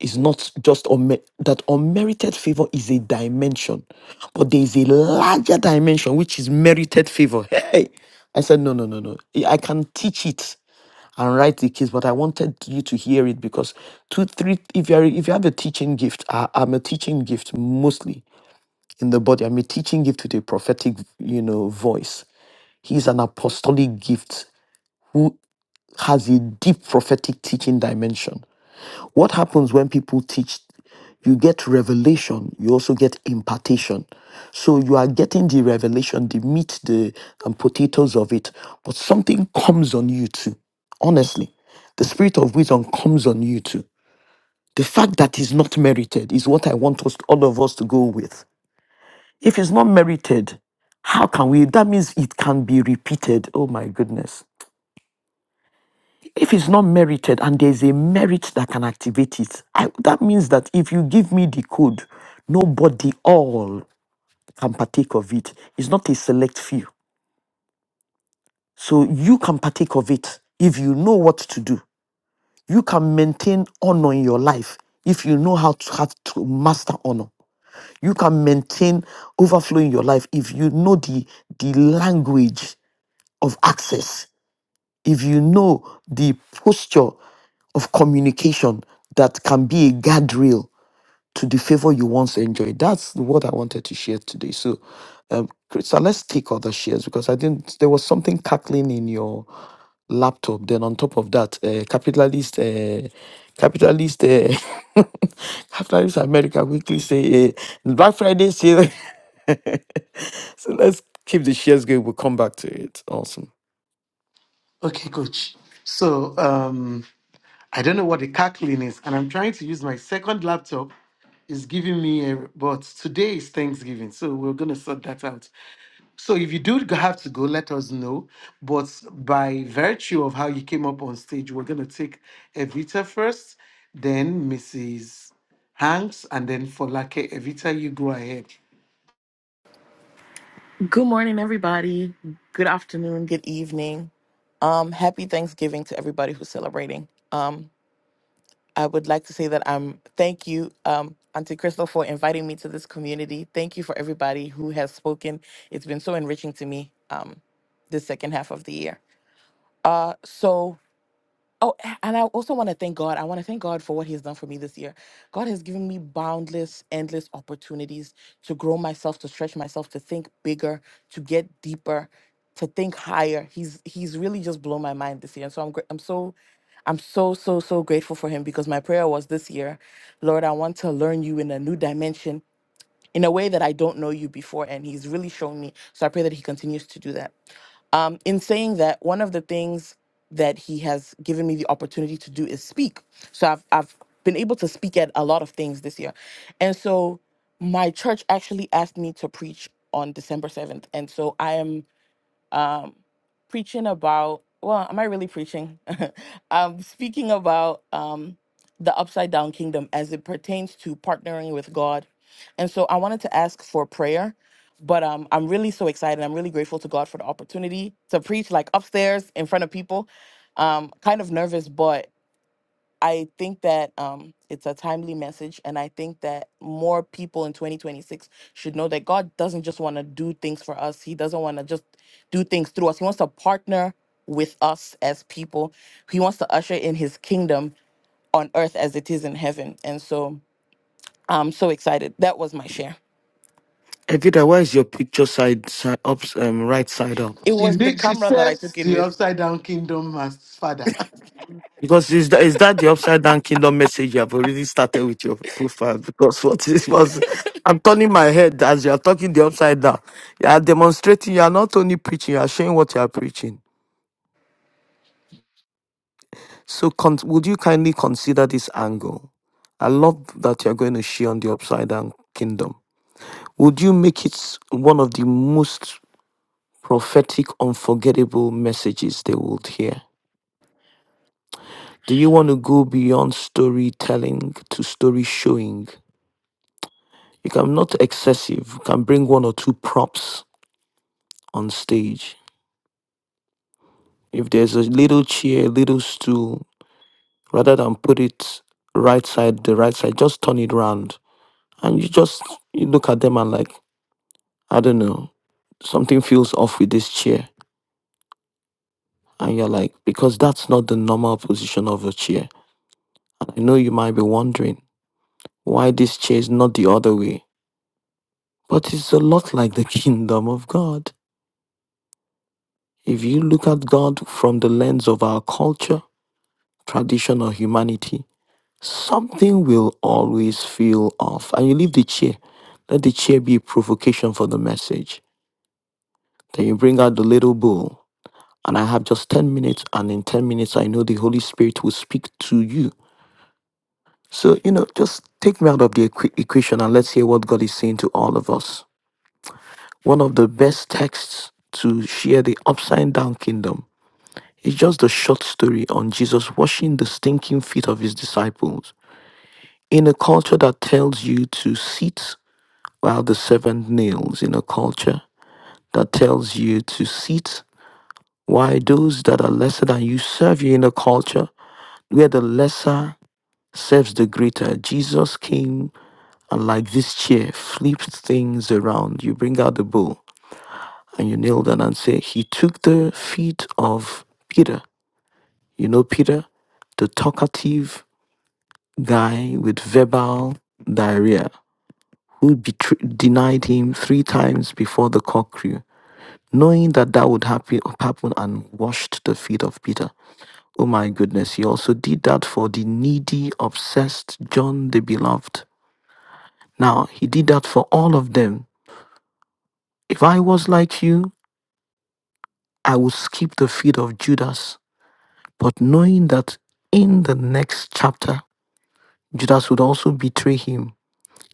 S4: is not just unme- that unmerited favor is a dimension, but there is a larger dimension which is merited favor. Hey, I said no, no, no, no. I can teach it and write the case, but I wanted you to hear it because two, three. If you are, if you have a teaching gift, I, I'm a teaching gift mostly in the body. I'm a teaching gift with a prophetic, you know, voice. He's an apostolic gift who has a deep prophetic teaching dimension. What happens when people teach? You get revelation, you also get impartation. So you are getting the revelation, the meat, the and potatoes of it, but something comes on you too. Honestly, the spirit of wisdom comes on you too. The fact that is not merited is what I want us all of us to go with. If it's not merited, how can we? That means it can be repeated. Oh my goodness. If it's not merited and there's a merit that can activate it, I, that means that if you give me the code, nobody all can partake of it. It's not a select few. So you can partake of it if you know what to do. You can maintain honor in your life if you know how to have to master honor. You can maintain overflow in your life if you know the the language of access if you know the posture of communication that can be a guardrail to the favor you once enjoyed. That's what I wanted to share today. So, um, Krista, let's take other shares because I didn't. There was something cackling in your laptop. Then on top of that, uh, capitalist, uh, capitalist, uh, capitalist America weekly say uh, Black Friday sale. so let's keep the shares going. We'll come back to it. Awesome.
S3: Okay, coach. So, um, I don't know what the cackling is, and I'm trying to use my second laptop. It's giving me a but today is Thanksgiving, so we're gonna sort that out. So if you do have to go, let us know. But by virtue of how you came up on stage, we're gonna take Evita first, then Mrs. Hanks, and then Folake. Evita, you go ahead.
S8: Good morning, everybody. Good afternoon. Good evening. Um, happy Thanksgiving to everybody who's celebrating. Um, I would like to say that I'm thank you, um, Auntie Crystal, for inviting me to this community. Thank you for everybody who has spoken. It's been so enriching to me um, this second half of the year. Uh, so Oh, a- and I also want to thank God. I want to thank God for what He has done for me this year. God has given me boundless, endless opportunities to grow myself, to stretch myself, to think bigger, to get deeper, to think higher. He's He's really just blown my mind this year, and so I'm gr- I'm so I'm so, so, so grateful for him because my prayer was this year, Lord, I want to learn you in a new dimension in a way that I don't know you before. And he's really shown me. So I pray that he continues to do that. Um, in saying that, one of the things that he has given me the opportunity to do is speak. So I've I've been able to speak at a lot of things this year, and so my church actually asked me to preach on December seventh, and so I am um, preaching about, well, am I really preaching? um, speaking about um, the upside down kingdom as it pertains to partnering with God. And so I wanted to ask for prayer, but um, I'm really so excited. I'm really grateful to God for the opportunity to preach like upstairs in front of people. Um, kind of nervous, but I think that um, it's a timely message, and I think that more people in 2026 should know that God doesn't just want to do things for us. He doesn't want to just do things through us. He wants to partner with us as people. He wants to usher in His kingdom on earth as it is in heaven. And so I'm so excited. That was my share.
S4: Evita, why is your picture side, side ups, um, right side up?
S8: It
S3: She
S8: was the
S3: li- she
S8: camera that I
S3: serves
S8: took it
S3: the
S8: with.
S3: upside down kingdom as father.
S4: Because is that is that the upside down kingdom message you have already started with your profile? Because what this was, I'm turning my head as you are talking the upside down. You are demonstrating. You are not only preaching. You are showing what you are preaching. So, con- would you kindly consider this angle? I love that you are going to share on the upside down kingdom. Would you make it one of the most prophetic, unforgettable messages they would hear. Do you want to go beyond storytelling to story showing? You can not excessive, you can bring one or two props on stage. If there's a little chair, little stool, rather than put it right side, the right side, just turn it round. And you just you look at them and like, I don't know, something feels off with this chair. And you're like, because that's not the normal position of a chair. And I know you might be wondering. Why this chase, not the other way? But it's a lot like the kingdom of God. If you look at God from the lens of our culture, tradition, or humanity, something will always feel off. And you leave the chair. Let the chair be a provocation for the message. Then you bring out the little bowl. And I have just 10 minutes, and in 10 minutes, I know the Holy Spirit will speak to you. So, you know, just take me out of the equ- equation and let's hear what God is saying to all of us. One of the best texts to share the upside down kingdom is just the short story on Jesus washing the stinking feet of his disciples. In a culture that tells you to sit while the servant kneels, in a culture that tells you to sit while those that are lesser than you serve you, in a culture where the lesser serves the greater, Jesus came and like this chair flipped things around. You bring out the bowl and you kneel down and say, He took the feet of Peter. You know, Peter, the talkative guy with verbal diarrhea who betray- denied him three times before the cock crew, knowing that that would happen, happen and washed the feet of Peter. Oh my goodness, he also did that for the needy, obsessed John the Beloved. Now, he did that for all of them. If I was like you, I would skip the feet of Judas But knowing that in the next chapter, Judas would also betray him,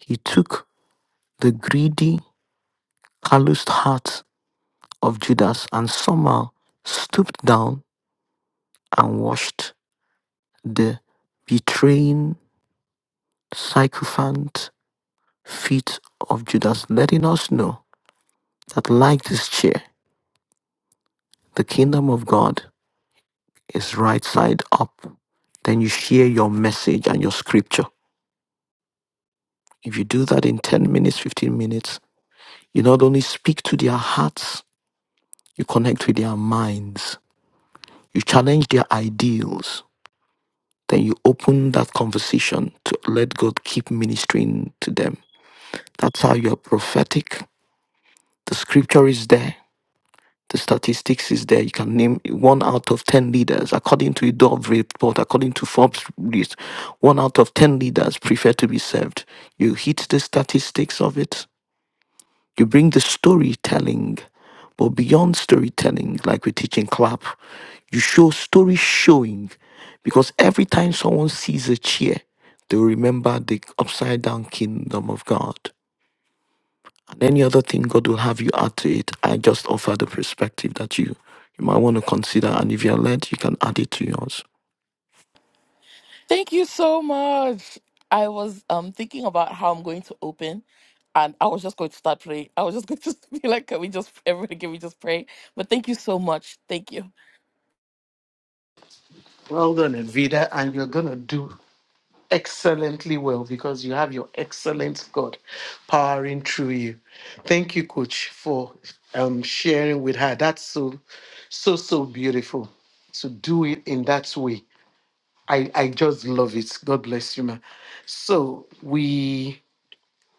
S4: he took the greedy, calloused heart of Judas and somehow stooped down and washed the betraying, sycophant feet of Judas, letting us know that, like this chair, the kingdom of God is right side up then you share your message and your scripture. If you do that in 10 minutes, 15 minutes, You not only speak to their hearts, you connect with their minds, you challenge their ideals, then you open that conversation to let God keep ministering to them. That's how you are prophetic. The scripture is there, the statistics is there. You can name one out of 10 leaders, according to a Dove report, according to Forbes list, one out of 10 leaders prefer to be served. You hit the statistics of it You bring the storytelling, but beyond storytelling, like we teach in clap, you show story showing because every time someone sees a chair, they'll remember the upside down kingdom of God. And any other thing God will have you add to it, I just offer the perspective that you you might want to consider. And if you're led, you can add it to yours.
S8: Thank you so much. I was um thinking about how I'm going to open, and I was just going to start praying. I was just going to be like, "Can we just everybody? Can we just pray?" But thank you so much. Thank you.
S3: Well done, Evita, and you're gonna do excellently well because you have your excellent God powering through you. Thank you, Coach, for um, sharing with her. That's so, so, so beautiful to do it in that way. I, I just love it. God bless you, ma. So we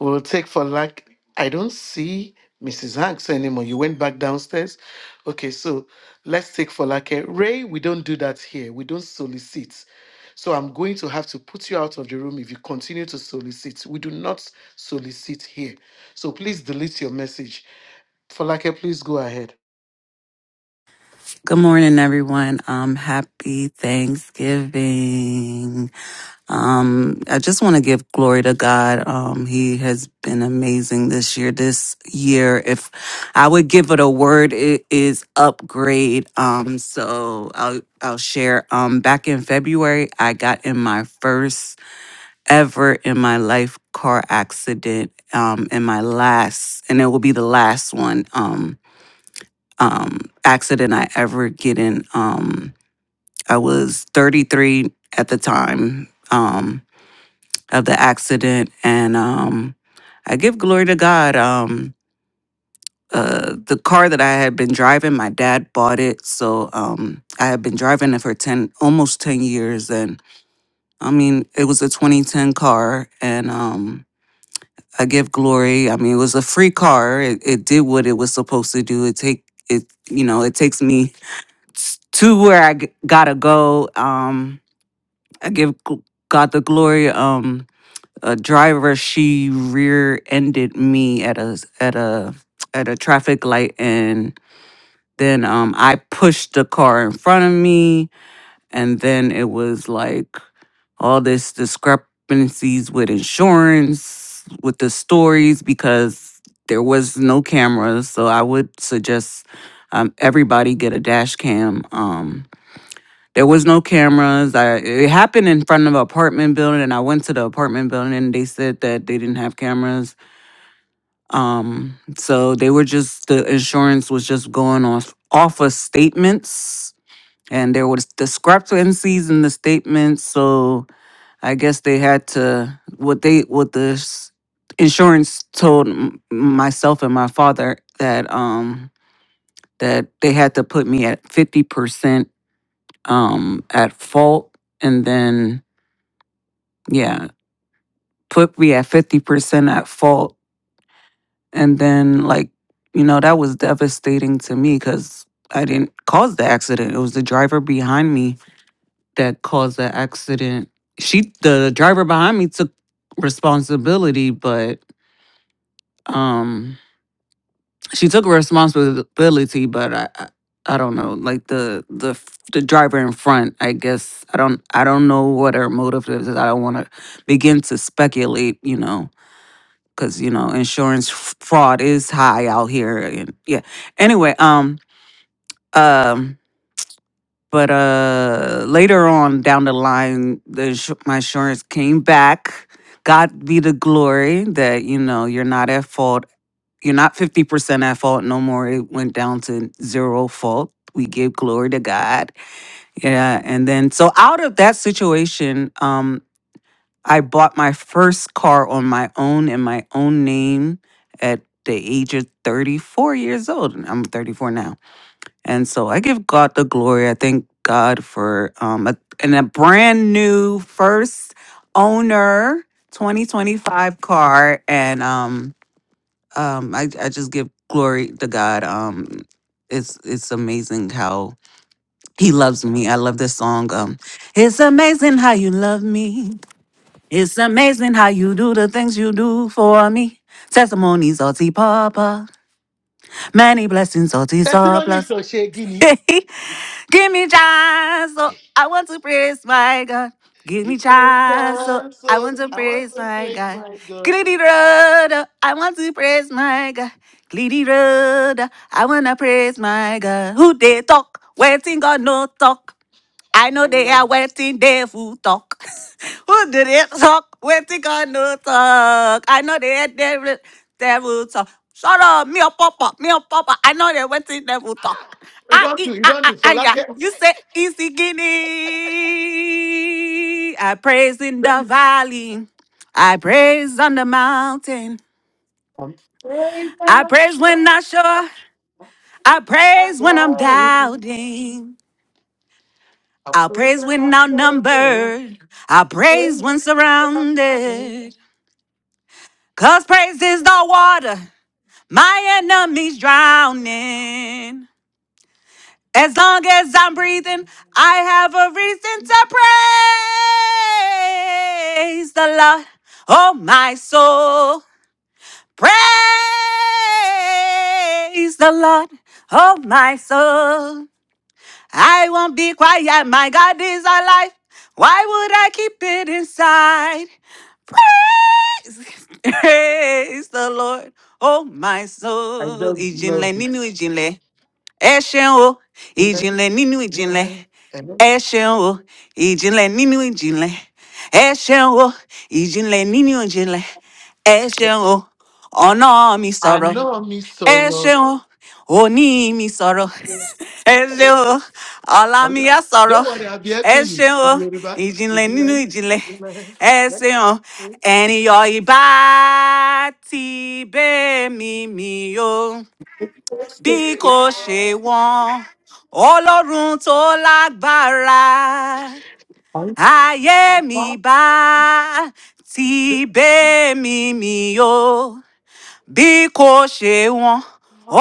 S3: We'll take for lack. I don't see Mrs. Hanks anymore. You went back downstairs. Okay, so let's take for lack. Ray, we don't do that here. We don't solicit. So I'm going to have to put you out of the room if you continue to solicit. We do not solicit here. So please delete your message. Falake, please go ahead.
S9: Good morning, everyone. Um, happy Thanksgiving. Um, I just want to give glory to God. Um, He has been amazing this year. This year, if I would give it a word, it is upgrade. Um, so I'll I'll share. Um, back in February, I got in my first ever in my life car accident. Um, and my last, and it will be the last one. Um, um accident I ever get in. Um I was 33 at the time um, of the accident, and um, I give glory to God. Um, uh, the car that I had been driving, my dad bought it, so um, I had been driving it for ten, almost 10 years, and I mean, it was a 2010 car, and um, I give glory. I mean, it was a free car. It, it did what it was supposed to do. It take it, you know, it takes me to where I g- gotta go. Um, I give gl- God the glory. Um, a driver she rear-ended me at a at a at a traffic light, and then um I pushed the car in front of me, and then it was like all this discrepancies with insurance, with the stories because there was no cameras. So I would suggest um, everybody get a dash cam. Um, there was no cameras. I, it happened in front of an apartment building, and I went to the apartment building, and they said that they didn't have cameras. Um, so they were just the insurance was just going off off of statements, and there was discrepancies in the statements. So I guess they had to what they what the s- insurance told m- myself and my father that um that they had to put me at fifty percent um at fault and then Yeah, put me at 50% at fault. And then, like, you know, that was devastating to me because I didn't cause the accident. It was the driver behind me that caused the accident. She, the driver behind me, took responsibility, but um, she took responsibility, but I, I I don't know, like the the f- the driver in front. I guess I don't I don't know what her motive is. I don't want to begin to speculate, you know because you know insurance f- fraud is high out here and yeah anyway um um but uh later on down the line the insu- my insurance came back god be the glory that you know you're not at fault you're not 50% at fault no more it went down to zero fault we give glory to god yeah and then so out of that situation um. I bought my first car on my own in my own name at the age of 34 years old. and I'm 34 now. And so I give God the glory. I thank God for um a, and a brand new first owner 2025 car and um um I I just give glory to God. Um it's it's amazing how he loves me. I love this song. Um it's amazing how you love me. It's amazing how you do the things you do for me. Testimonies of the Papa. Many blessings of the
S3: Testimony is
S9: surplus.
S3: Oshegini.
S9: Give me chance, so I want to praise my God. Give
S3: Give
S9: me
S3: me
S9: chance, so
S3: chance,
S9: I
S3: oh,
S9: want to
S3: I want
S9: praise
S3: to
S9: my
S3: praise
S9: God.
S3: my God.
S9: Glitty road, oh, I want to praise my God. Glitty road, oh, I want to praise my God. Who they talk? Waiting God no talk. I know
S3: I
S9: they
S3: love
S9: are
S3: it.
S9: waiting there for talk. Who did it talk? Waiting on no talk. I know they are there there will talk. Shut up, me or papa, me or papa. I know they waiting there for talk.
S3: You
S9: Ah,
S3: don't
S9: e-
S3: do, you
S9: ah,
S3: don't
S9: ah,
S3: do
S9: ah, yeah.
S3: Falake.
S9: You say easy guinea. I praise in the valley. I praise on the mountain.
S3: I'm praying for
S9: I
S3: my am
S9: praise when I sure. I
S3: I'm
S9: praise when I'm doubting. Our
S3: praying
S9: praise
S3: for my
S9: when
S3: am I'm praying for my am
S9: outnumbered, our
S3: i praying
S9: praise
S3: that
S9: when
S3: I'm
S9: surrounded. Cause praise is the water, my enemies drowning. As long as I'm breathing, I have a reason to praise the Lord. Oh, my soul, praise the Lord. Oh, my soul. I won't be quiet. My God is alive. Why would I keep it inside? Praise the Lord. Oh, my
S3: I
S9: soul.
S3: just
S9: Ijinle
S3: love
S9: ninu
S3: it.
S9: ijinle. Eshen o.
S3: Amen.
S9: Ijinle ninu ijinle.
S3: Amen. Amen.
S9: Eshen o. Ijinle ninu ijinle. Eshen o. Ijinle ninu ijinle. Eshen o. Ọ̀nà mi
S3: I
S9: sọ̀rọ̀.
S3: know I'm in
S9: Ẹ
S3: sorrow.
S9: ṣeun, o. òní mi sọ̀rọ̀
S3: Yes.
S9: ẹ ṣeun o ọ̀làmíyá
S3: Ọlá,
S9: sọ̀rọ̀
S3: Don't worry, I'll be
S9: ẹ
S3: helping you
S9: ṣeun o
S3: in Yoruba.
S9: ìjìnlẹ̀ nínú
S3: Ojúlẹ̀ ní
S9: ìjìnlẹ̀
S3: ojúlẹ̀.
S9: ẹ ṣeun o ẹ̀nìyọ̀ ìbá ti bẹ́ mi mi o bí kò ṣe wọ́n ọlọ́run tó lágbára
S3: I'm
S9: ayé mi bá ti bẹ́ mi mi o bí kò ṣe wọn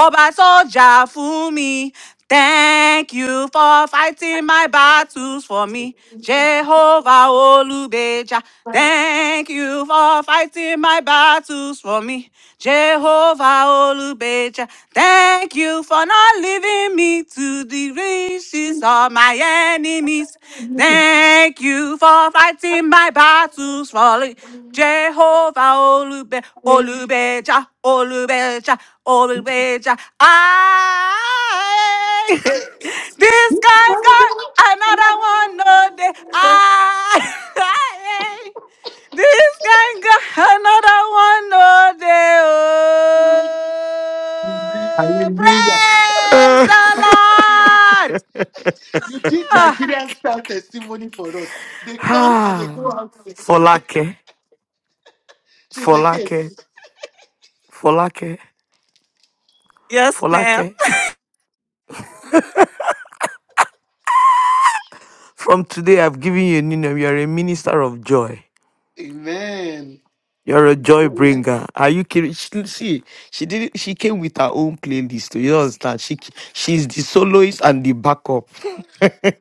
S9: ọba tó jà fún mi thank you for fighting my battles for me jehovah olùgbèjà thank you for fighting my battles for me jehovah olùgbèjà thank you for not leaving me to the riches
S3: watching
S9: of my enemies thank you for fighting my battles for me. Jehovah Olube,
S3: me.
S9: Olubeja, Olubeja, Olubeja. I, this guy got another one no day. I, I, this guy got another one no day. Oh,
S3: Hallelujah.
S9: praise the Lord.
S3: You did
S9: Ah,
S3: Nigerian style testimony for us. They
S4: Uh,
S3: come and they
S4: ah,
S3: go out singing.
S4: Folake,
S3: She's a
S4: Folake,
S3: case.
S4: Folake,
S9: yes, ma'am.
S4: Folake. From today, I've given you a new name. You're a minister of joy.
S3: Amen.
S4: You're a joy bringer. Are you kidding? She, see, she did. not She came with her own playlist. You don't understand? She she's the soloist and the backup.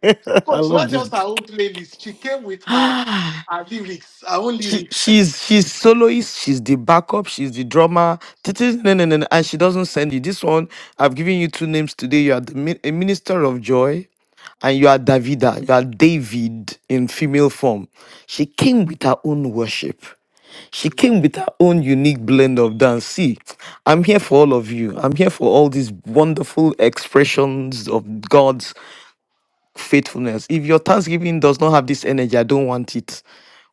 S4: I
S3: Coach,
S4: love
S3: not
S4: this.
S3: just her own playlist. She came with her, her lyrics, her own
S4: She
S3: lyrics.
S4: she's she's soloist. She's the backup. She's the drummer. This is- No, no, no, no. And she doesn't send you this one. I've given you two names today. You are the, mi- a minister of joy and you are Davida, you are David in female form. She came with her own worship. She came with her own unique blend of dance. See, I'm here for all of you. I'm here for all these wonderful expressions of God's faithfulness. If your Thanksgiving does not have this energy, I don't want it.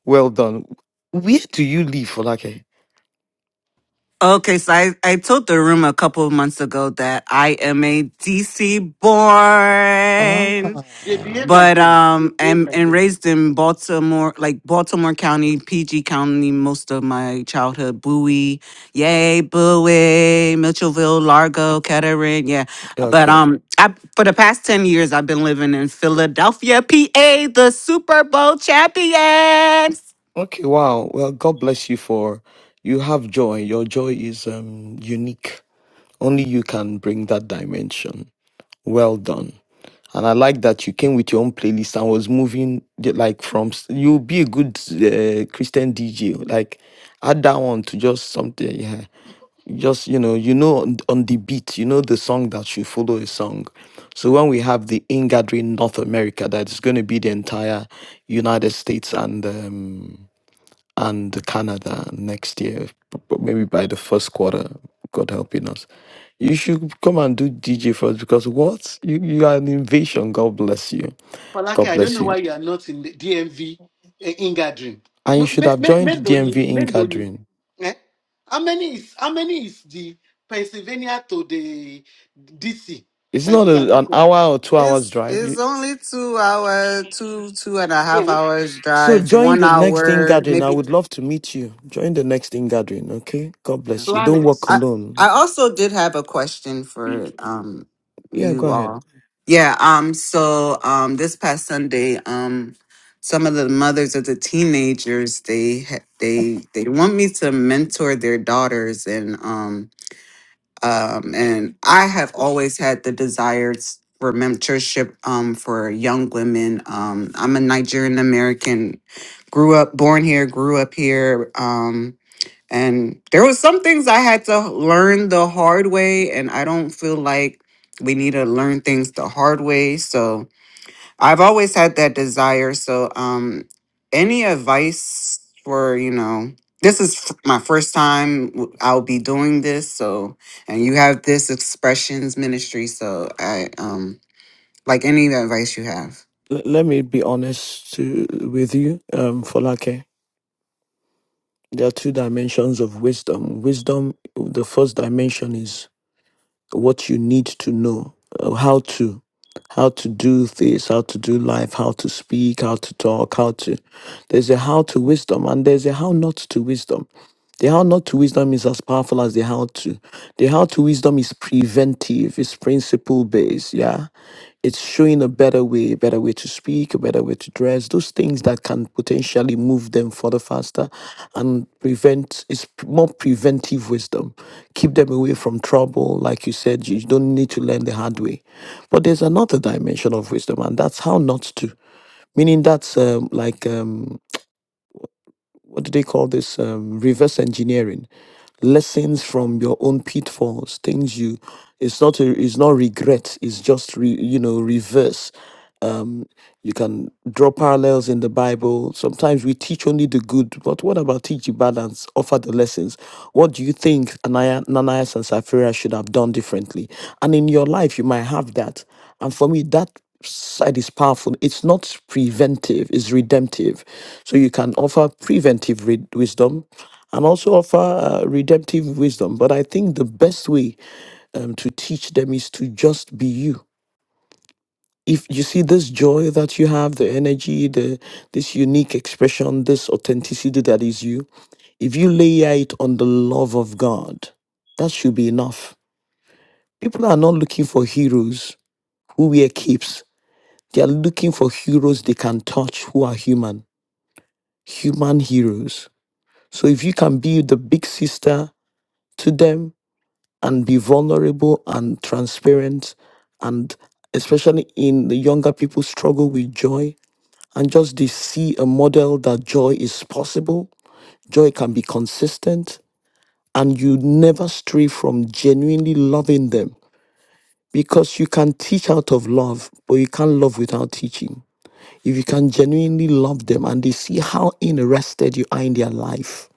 S4: Well done. Where do you live, Folake?
S9: Okay, so I, I told the room a couple of months ago that I am a DC born,
S3: They
S4: Ah,
S3: behave like
S9: but
S3: them. They
S9: um,
S3: behave
S9: and
S3: like
S9: and
S3: them.
S9: raised in Baltimore, like Baltimore County, PG County, most of my childhood. Bowie, yay, Bowie, Mitchellville, Largo, Kettering, yeah. But
S4: okay.
S9: um, I for the past ten years I've been living in Philadelphia, PA, the Super Bowl champions.
S4: Okay, wow. Well, God bless you for you have joy. Your joy is um unique. Only you can bring that dimension. Well done. And I like that you came with your own playlist and was moving the- like from s- you'll be a good uh, Christian DJ. Like add that one to just something. Yeah, just you know, you know on, on the beat, you know the song that should follow a song. So when we have the ingathering North America, that's going to be the entire United States and um, and Canada next year, p- p- maybe by the first quarter. God helping us. You should come and do DJ for us because what? You, you are an invasion. God bless you.
S3: Falake,
S4: God
S3: I don't
S4: bless
S3: know
S4: you.
S3: why you are not in the DMV eh, in gathering.
S4: And you should have joined the
S3: Meloni,
S4: DMV in
S3: Meloni.
S4: gathering.
S3: Eh? How many is how many is the Pennsylvania to the DC
S4: It's
S3: that
S4: not
S3: you
S4: a,
S3: cannot
S4: an
S3: come?
S4: hour or two hours
S9: It's
S4: drive.
S9: it's
S4: You,
S9: only two hour, two two and a half
S3: Yeah.
S9: hours
S4: so
S9: drive,
S4: join
S9: one
S4: the next in
S9: hour
S4: gathering. I
S9: maybe.
S4: would love to meet you. Join the next in gathering, okay? God bless you.
S9: Okay.
S4: Don't walk
S9: I
S3: Planets.
S9: I
S4: alone.
S9: also did have a question for um
S4: Yeah, go
S9: you
S4: ahead.
S9: all. Yeah. Um. So um, this past Sunday, um, some of the mothers of the teenagers they ha- they they want me to mentor their daughters and um um, and I have always had the desires for mentorship um, for young women. Um, I'm a Nigerian American, grew up, born here, grew up here, um, and there was some things I had to learn the hard way, and I don't feel like we need to learn things the hard way. So I've always had that desire. So, um, any advice for you know, this is f- my first time w- I'll be doing this. So, and you have this expressions ministry. So, I um, like any advice you have.
S4: L- let me be honest to, with you, um, Folake. There are two dimensions of wisdom. Wisdom, the first dimension is what you need to know uh, how to how to do things, how to do life how to speak how to talk how to there's a how to wisdom and there's a how not to wisdom the how not to wisdom is as powerful as the how to. The how to wisdom is preventive, it's principle based, yeah. It's showing a better way, a better way to speak, a better way to dress, those things that can potentially move them further faster and prevent, it's p- more preventive wisdom. Keep them away from trouble. Like you said, you don't need to learn the hard way. But there's another dimension of wisdom, and that's how not to. Meaning that's um, like, um, what do they call this? Um, reverse engineering. Lessons from your own pitfalls, things you. It's not a, it's not regret. It's just re, you know reverse. You can draw parallels in the Bible. Sometimes we teach only the good, but what about teach the balance, offer the lessons? What do you think Anaya, Ananias and Sapphira should have done differently? And in your life, you might have that. And for me, that side is powerful. It's not preventive, it's redemptive. So you can offer preventive re- wisdom and also offer uh, redemptive wisdom. But I think the best way um, to teach them is to just be you if you see this joy that you have the energy the this unique expression this authenticity that is you if you layer it on the love of god that should be enough people are not looking for heroes who wear capes they are looking for heroes they can touch who are human human heroes so if you can be the big sister to them and be vulnerable and transparent and especially in the younger people struggle with joy and just they see a model that joy is possible, joy can be consistent, and you never stray from genuinely loving them because you can teach out of love, but you can't love without teaching. If you can genuinely love them and they see how interested you are in their life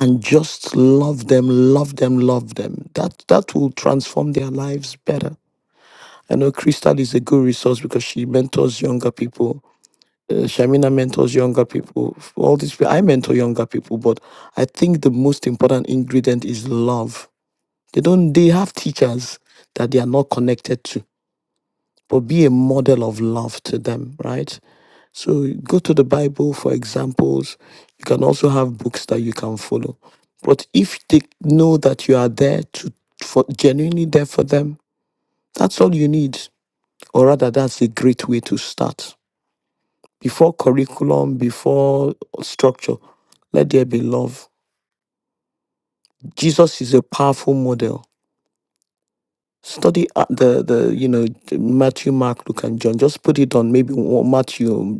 S4: and just love them, love them, love them, that, that will transform their lives better. I know Crystal is a good resource because she mentors younger people Uh, Shamina mentors younger people. f- All these people, I mentor younger people, but I think the most important ingredient is love. They don't. They have teachers that they are not connected to, but be a model of love to them, right? So go to the Bible for examples. You can also have books that you can follow, but if they know that you are there to for genuinely there for them, that's all you need. Or rather, that's a great way to start. before curriculum, before structure. Let there be love. Jesus is a powerful model. Study uh, the the you know Matthew, Mark, Luke, and John. Just put it on maybe one, Matthew um,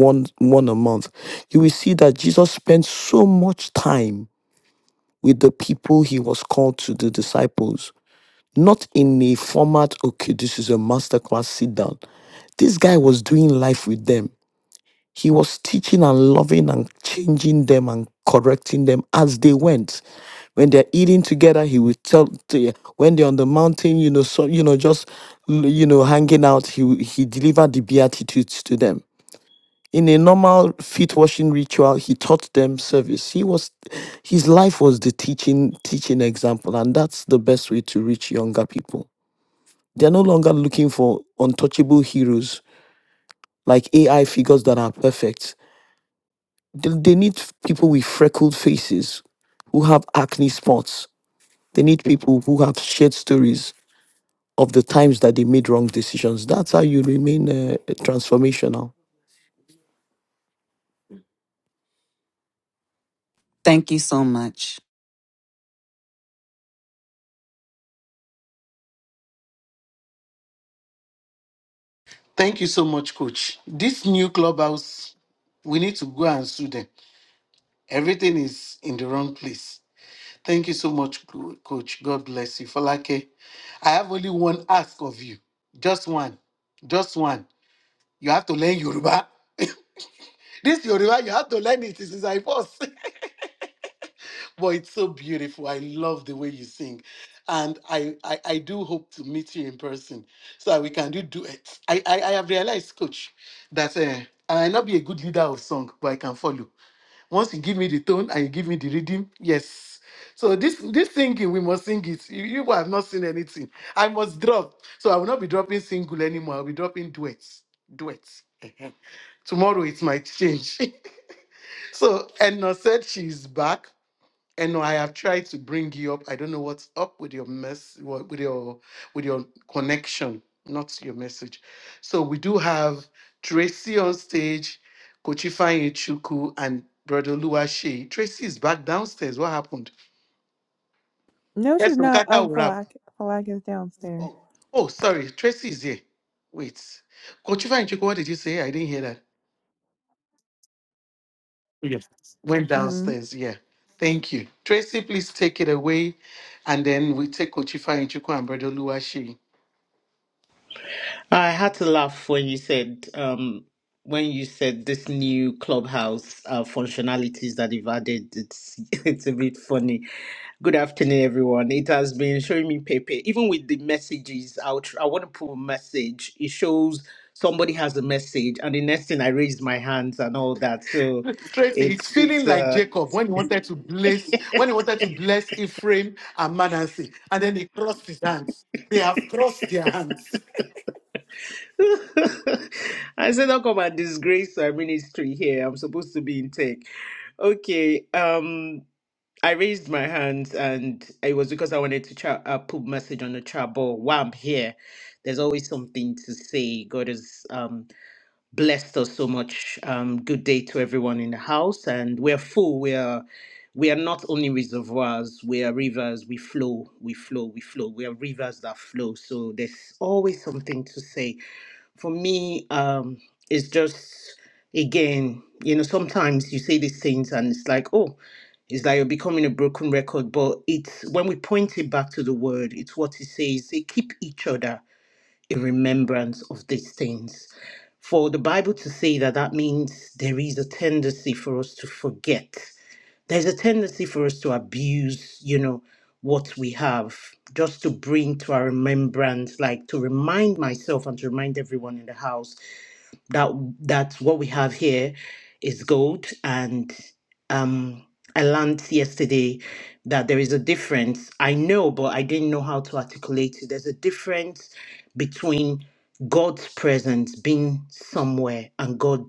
S4: one one a month. You will see that Jesus spent so much time with the people he was called to the disciples. Not in a format. Okay, this is a masterclass. Sit down. This guy was doing life with them He was teaching and loving and changing them and correcting them as they went. When they're eating together, he will tell. To, when they're on the mountain, you know, so you know, just you know, hanging out, he will- he delivered the beatitudes to them. In a normal feet washing ritual, he taught them service. He was, his life was the teaching teaching example, and that's the best way to reach younger people. They're no longer looking for untouchable heroes like AI figures that are perfect They, they need people with freckled faces who have acne spots. They need people who have shared stories of the times that they made wrong decisions. That's how you remain uh, transformational.
S9: Thank you so much.
S3: Thank you so much, Coach. This new clubhouse, we need to go and sue them. Everything is in the wrong place. Thank you so much, Co- Coach. God bless you. Falake, I have only one ask of you. Just one. Just one. You have to learn Yoruba. this Yoruba, you have to learn it. It's like boss. but it's so beautiful. I love the way you sing. And I, I, I do hope to meet you in person so that we can do duets. I, I, I have realized, coach, that uh, I might not be a good leader of song, but I can follow. Once you give me the tone and you give me the rhythm, yes. So this this singing, we must sing it. You you have not seen anything. I must drop. So I will not be dropping single anymore. I'll be dropping duets. Duets. Ehen. Tomorrow it might change. so Enna said she's back and no, I have tried to bring you up. I don't know what's up with your mess, wha- with your with your connection, not your message. So we do have Tracy on stage, Kochifanye Chuku, and Brother Luashe. Tracy is back downstairs. What happened?
S10: No, she's
S3: Yes,
S10: not.
S3: Nkata
S10: Um,
S3: will have.
S10: Falak, Falak is downstairs.
S3: Oh, oh, sorry. Tracy is here. Wait, Kochifanye Chuku, what did you say? I didn't hear that. Yes, went
S10: hmm
S3: downstairs. Yeah. Thank you. Tracy, please take it away. And then we take Kochifa Chuku and Brother Luashi.
S11: I had to laugh when you said um, when you said this new clubhouse uh, functionalities that they've added. It's it's a bit funny. Good afternoon, everyone. It has been showing me Pepe even with the messages. I'll tr- I want to put a message. It shows somebody has a message, and the next thing I raise my hands and all that. So
S3: Tracy, it's
S11: it's
S3: feeling
S11: it's.
S3: like
S11: Uh,
S3: Jacob when he wanted to bless, when he wanted to bless Ephraim and Manasseh, and then he crossed his hands. They have crossed their hands.
S11: I said, "How come I disgrace our ministry here? I'm supposed to be in tech." Okay. Um. I raised my hand, and it was because I wanted to chat, uh, put message on the chat board. While I'm here, there's always something to say. God has um, blessed us so much. Um, good day to everyone in the house, and we're full. We are, we are not only reservoirs. We are rivers. We flow. We flow. We flow. We are rivers that flow. So there's always something to say for me, um, it's just again, you know, sometimes you say these things and it's like, oh, it's like you're becoming a broken record. But it's when we point it back to the word, it's what it says. They keep each other in remembrance of these things. For the Bible to say that, that means there is a tendency for us to forget there's a tendency for us to abuse, you know, what we have just to bring to our remembrance, like to remind myself and to remind everyone in the house that that what we have here is gold. And um, I learned yesterday that there is a difference. I know, but I didn't know how to articulate it. There's a difference between God's presence being somewhere and God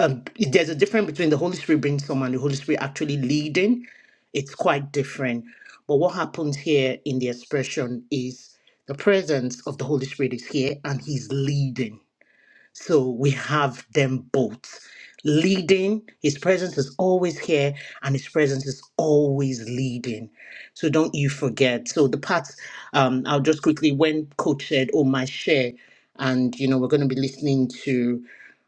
S11: um, there's a difference between the Holy Spirit being someone, the Holy Spirit actually leading. It's quite different. But what happens here in the expression is the presence of the Holy Spirit is here and He's leading. So we have them both. Leading, his presence is always here, and his presence is always leading. So don't you forget. So the part, um, I'll just quickly when coach said, "Oh my share," and you know we're going to be listening to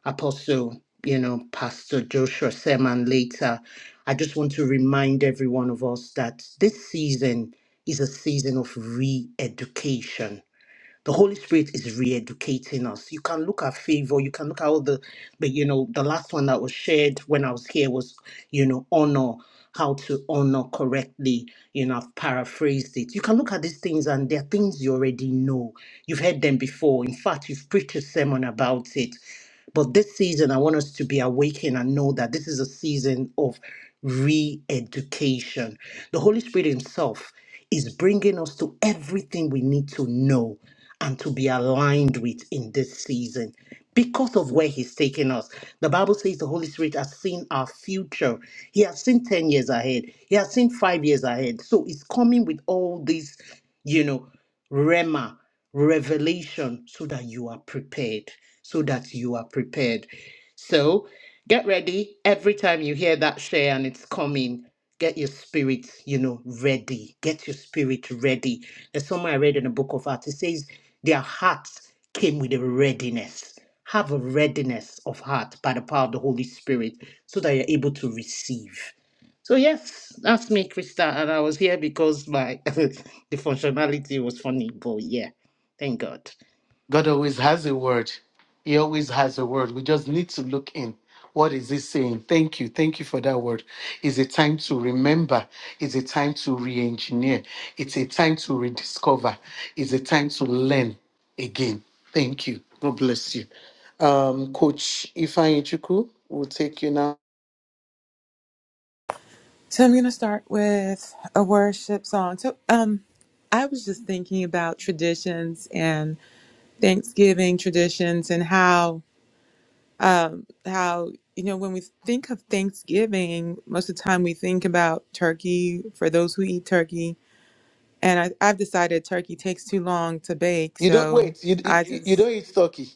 S11: Apostle, you know Pastor Joshua Seman later. I just want to remind every one of us that this season is a season of re-education the Holy Spirit is re-educating us. You can look at favor, you can look at all the, but you know, the last one that was shared when I was here was, you know, honor, how to honor correctly. You know, I've paraphrased it. You can look at these things and they're things you already know. You've heard them before. In fact, you've preached a sermon about it. But this season, I want us to be awakened and know that this is a season of re education. The Holy Spirit Himself is bringing us to everything we need to know and to be aligned with in this season because of where He's taking us. The Bible says the Holy Spirit has seen our future, He has seen 10 years ahead, He has seen five years ahead. So He's coming with all these, you know. Rema, revelation, so that you are prepared. So that you are prepared. So get ready. Every time you hear that share and it's coming, get your spirit, you know, ready. Get your spirit ready. There's somewhere I read in the book of Acts, it says their hearts came with a readiness. Have a readiness of heart by the power of the Holy Spirit so that you're able to receive. So yes, that's me, Krista, and I was here because my the functionality was funny, but yeah, thank God.
S3: God always has a word. He always has a word. We just need to look in. What is he saying? Thank you. Thank you for that word. It's a time to remember. It's a time to re engineer. It's a time to rediscover. It's a time to learn again. Thank you. God bless you. Um, Coach Ifan Ichuku, we'll take you now.
S10: So I'm gonna start with a worship song. So um I was just thinking about traditions and Thanksgiving traditions and how um how you know when we think of Thanksgiving, most of the time we think about turkey for those who eat turkey. And I, I've decided turkey takes too long to bake,
S3: You don't
S10: so
S3: wait. You you,
S10: I
S3: you don't
S10: just
S3: eat turkey.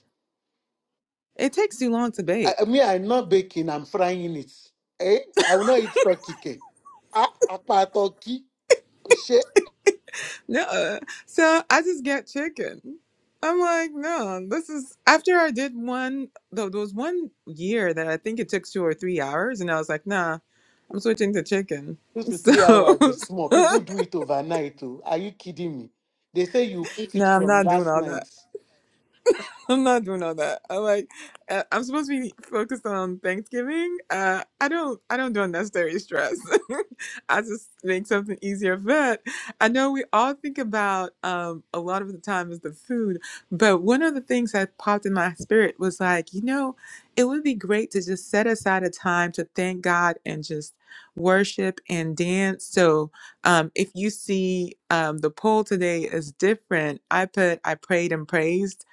S10: it takes too long to
S3: I,
S10: bake.
S3: I mean, I'm not baking. I'm frying it. Eh? I will not eat turkey cake. Ah, apart turkey, shit,
S10: No. So I just get chicken. I'm like, no, this is after I did one, though, there was one year that I think it took two or three hours, and I was like, nah, I'm switching to chicken.
S3: two to
S10: So,
S3: three hours is small. People
S10: no,
S3: do it overnight. Oh, are you kidding me? They say you put it
S10: I'm
S3: from
S10: not doing
S3: last
S10: all that.
S3: night.
S10: I'm not doing all that. I like uh, I'm supposed to be focused on Thanksgiving. Uh, I don't I don't do unnecessary stress. I just make something easier. But I know we all think about um, a lot of the time is the food. But one of the things that popped in my spirit was like, you know, it would be great to just set aside a time to thank God and just worship and dance. So um, if you see um, the poll today is different, I put I prayed and praised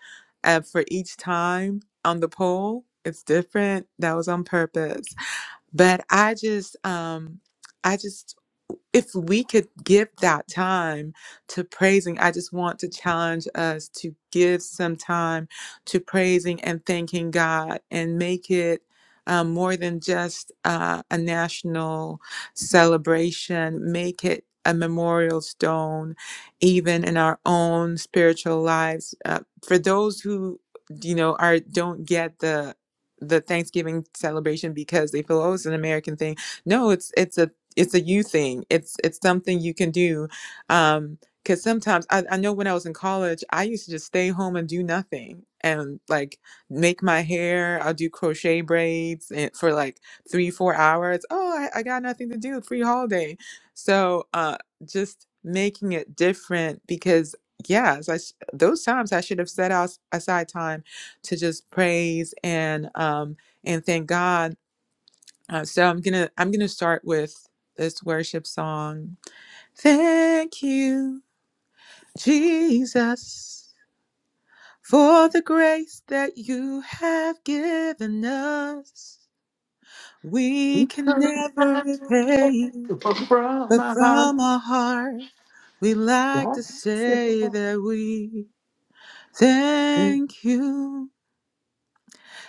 S10: uh, for each time on the poll. It's different. That was on purpose. But I just, um, I just if we could give that time to praising, I just want to challenge us to give some time to praising and thanking God and make it um, more than just uh, a national celebration, make it a memorial stone, even in our own spiritual lives. Uh, for those who, you know, are don't get the the Thanksgiving celebration because they feel oh it's an American thing. No, it's it's a it's a you thing. It's it's something you can do. Um, because sometimes I, I know when I was in college, I used to just stay home and do nothing and like make my hair. I'll do crochet braids and for like three, four hours. Oh, I, I got nothing to do, free holiday. So uh just making it different because yes, I sh- those times I should have set out aside time to just praise and um and thank God uh, so I'm gonna I'm gonna start with this worship song. Thank you, Jesus, for the grace that you have given us. We can never repay you,
S3: From
S10: but
S3: my
S10: from
S3: heart.
S10: our heart we like to say that we thank you,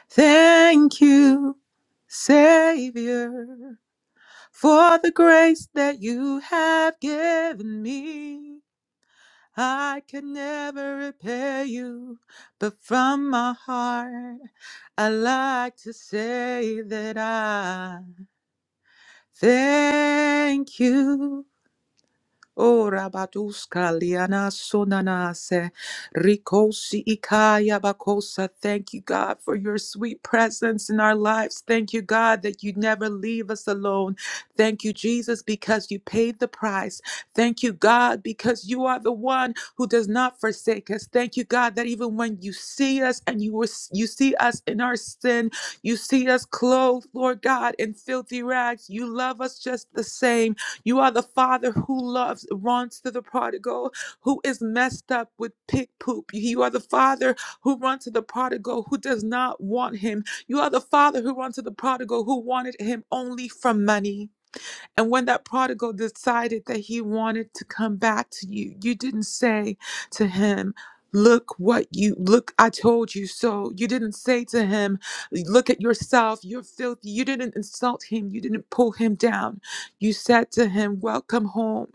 S10: thank you, Savior. For the grace that you have given me, I can never repay you, but from my heart, I like to say that I thank you. O Rabaduska Liana Sonanase Rikosi Ikaya Bakosa. Thank you, God, for your sweet presence in our lives. Thank you, God, that you never leave us alone. Thank you, Jesus, because you paid the price. Thank you, God, because you are the one who does not forsake us. Thank you, God, that even when you see us and you were, you see us in our sin, you see us clothed, Lord God, in filthy rags. You love us just the same. You are the father who loves, runs to the prodigal who is messed up with pig poop. You are the father who runs to the prodigal who does not want him. You are the father who runs to the prodigal who wanted him only for money. And when that prodigal decided that he wanted to come back to you, you didn't say to him, Look what you look, I told you so. You didn't say to him, Look at yourself, you're filthy. You didn't insult him, you didn't pull him down. You said to him, Welcome home.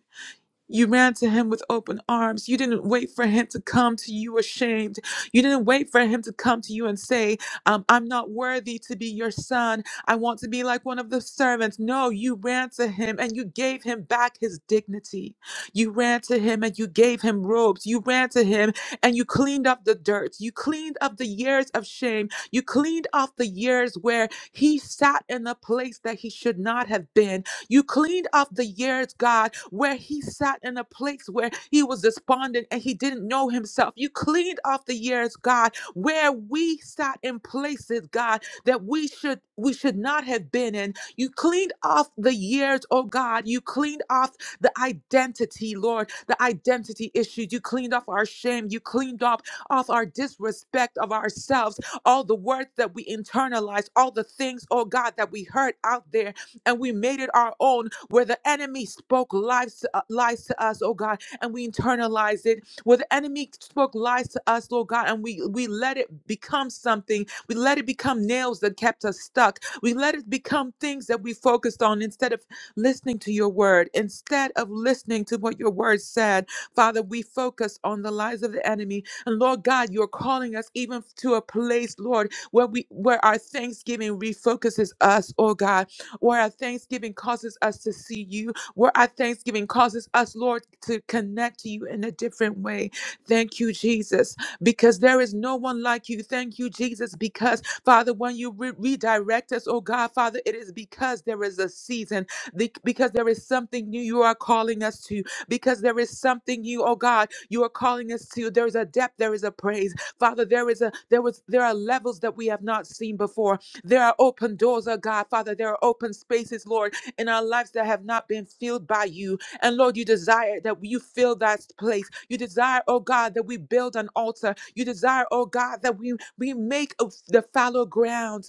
S10: You ran to him with open arms. You didn't wait for him to come to you ashamed. You didn't wait for him to come to you and say, um, I'm not worthy to be your son. I want to be like one of the servants. No, you ran to him and you gave him back his dignity. You ran to him and you gave him robes. You ran to him and you cleaned up the dirt. You cleaned up the years of shame. You cleaned off the years where he sat in a place that he should not have been you cleaned off the years, God, where he sat in a place where he was despondent and he didn't know himself. You cleaned off the years, God, where we sat in places, God, that we should we should not have been in. You cleaned off the years, oh God. You cleaned off the identity, Lord, the identity issues. You cleaned off our shame. You cleaned up off our disrespect of ourselves, all the words that we internalized, all the things, oh God, that we heard out there and we made it our own where the enemy spoke lies to, uh, lies to us, oh God, and we internalized it. Where the enemy spoke lies to us, Lord God, and we, we let it become something. We let it become nails that kept us stuck. We let it become things that we focused on instead of listening to your word. Instead of listening to what your word said, Father, we focus on the lies of the enemy. And Lord God, you're calling us even to a place, Lord, where we where our thanksgiving refocuses us, oh God where our thanksgiving causes us to see you, where our thanksgiving causes us, Lord, to connect to you in a different way. Thank you, Jesus, because there is no one like you. Thank you, Jesus, because Father, when you re- redirect us, oh God, Father, it is because there is a season, the- because there is something new you are calling us to, because there is something new, oh God, you are calling us to. There is a depth, there is a praise. Father, there is a there was there are levels that we have not seen before. There are open doors, oh God, Father. There are open spaces, Lord, in our lives that have not been filled by you. And Lord, you desire that you fill that place. You desire, oh God, that we build an altar. You desire, oh God, that we, we make of the fallow ground.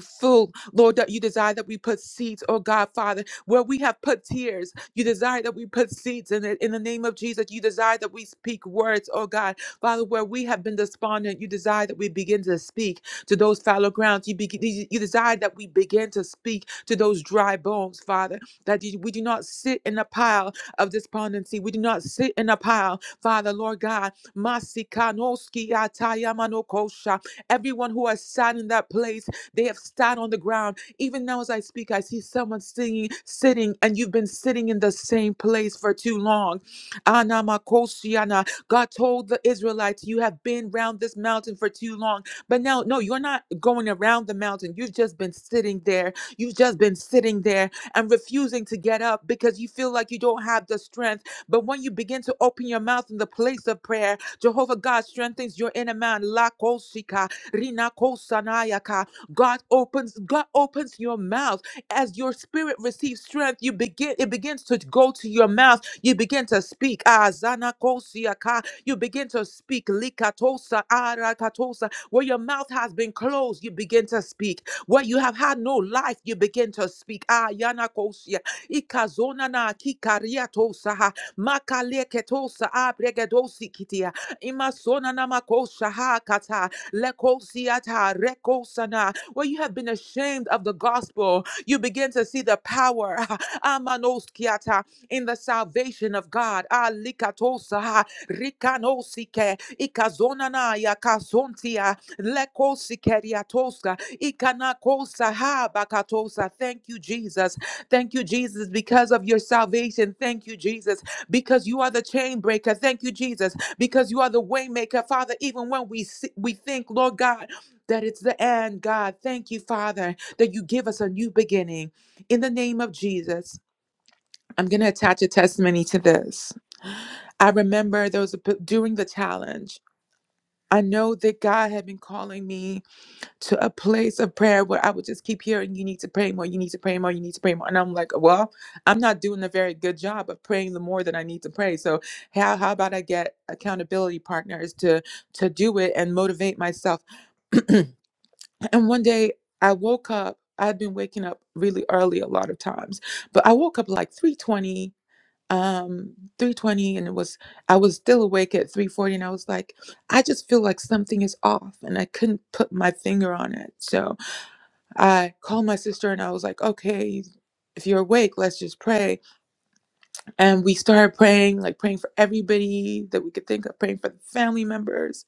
S10: Full, Lord, that you desire that we put seeds, oh God, Father, where we have put tears. You desire that we put seeds in it. In the name of Jesus, you desire that we speak words, oh God, Father, where we have been despondent. You desire that we begin to speak to those fallow grounds. You, begin, you you desire that we begin to speak to those dry bones, Father, that you, we do not sit in a pile of despondency. We do not sit in a pile, Father, Lord God. Masikanoski atayamano kosha. Everyone who has sat in that place they have sat on the ground. Even now, as I speak, I see someone singing, sitting, and you've been sitting in the same place for too long. Anamakosiana. God told the Israelites, You have been round this mountain for too long. But now, no, you're not going around the mountain. You've just been sitting there. You've just been sitting there and refusing to get up because you feel like you don't have the strength. But when you begin to open your mouth in the place of prayer, Jehovah God strengthens your inner man. La kosika, rina kosanayaka. God opens God opens your mouth as your spirit receives strength you begin it begins to go to your mouth you begin to speak. Ah, zana kosia ka. You begin to speak. Likatosa, arakatosa. Where your mouth has been closed, you begin to speak. Where you have had no life, you begin to speak. Ah, yana kosia. Ikazona na kikariatosa ha. Makaleketosa abregedosi kitia. Imasona na makosha ha kata. Lekosiata rekosana. Where you have been ashamed of the gospel, you begin to see the power. Amanoskiata in the salvation of God. Ah, likatosa, rikanosike, ikazonanaya, kasontia, lekosikeriatosa, ikanakosa, habakatosa. Thank you, Jesus. Thank you, Jesus, because of your salvation. Thank you, Jesus, because you are the chain breaker. Thank you, Jesus, because you are the way maker. Father, even when we, see, we think, Lord God, that it's the end, God, thank you, Father, that you give us a new beginning. In the name of Jesus. I'm going to attach a testimony to this. I remember there was a, p- during the challenge, I know that God had been calling me to a place of prayer where I would just keep hearing, you need to pray more, you need to pray more, you need to pray more. And I'm like, well, I'm not doing a very good job of praying the more that I need to pray. So how, how about I get accountability partners to, to do it and motivate myself? and one day I woke up, I had been waking up really early a lot of times, but I woke up like 3:20 um 3:20 and it was I was still awake at 3:40 and I was like I just feel like something is off and I couldn't put my finger on it. So I called my sister and I was like, "Okay, if you're awake, let's just pray." And we started praying, like praying for everybody that we could think of, praying for the family members,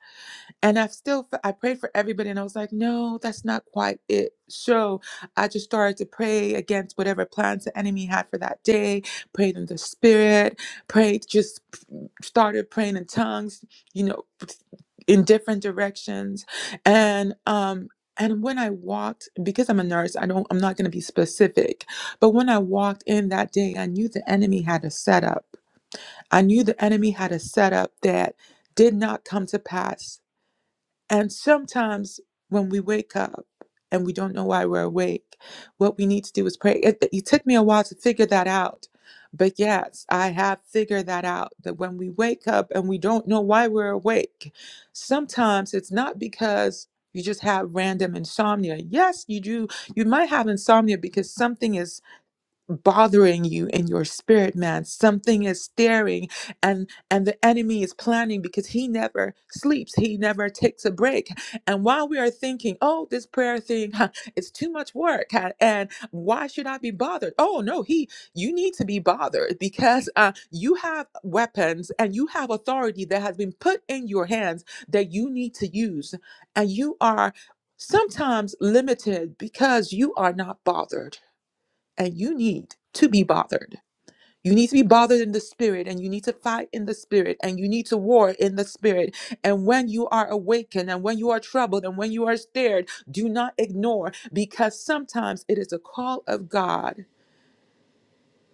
S10: and I've still, I prayed for everybody, and I was like, no, that's not quite it. So I just started to pray against whatever plans the enemy had for that day, prayed in the spirit, prayed, just started praying in tongues, you know, in different directions. And, um, and when I walked, because I'm a nurse, I don't, I'm not going to be specific, but when I walked in that day, I knew the enemy had a setup. I knew the enemy had a setup that did not come to pass and sometimes when we wake up and we don't know why we're awake, what we need to do is pray. It, it took me a while to figure that out. But yes, I have figured that out that when we wake up and we don't know why we're awake, sometimes it's not because you just have random insomnia. Yes, you do. You might have insomnia because something is bothering you in your spirit man something is staring and and the enemy is planning because he never sleeps he never takes a break and while we are thinking oh this prayer thing huh, it's too much work huh, and why should i be bothered oh no he you need to be bothered because uh, you have weapons and you have authority that has been put in your hands that you need to use and you are sometimes limited because you are not bothered and you need to be bothered. You need to be bothered in the spirit and you need to fight in the spirit and you need to war in the spirit. And when you are awakened and when you are troubled and when you are stirred, do not ignore because sometimes it is a call of God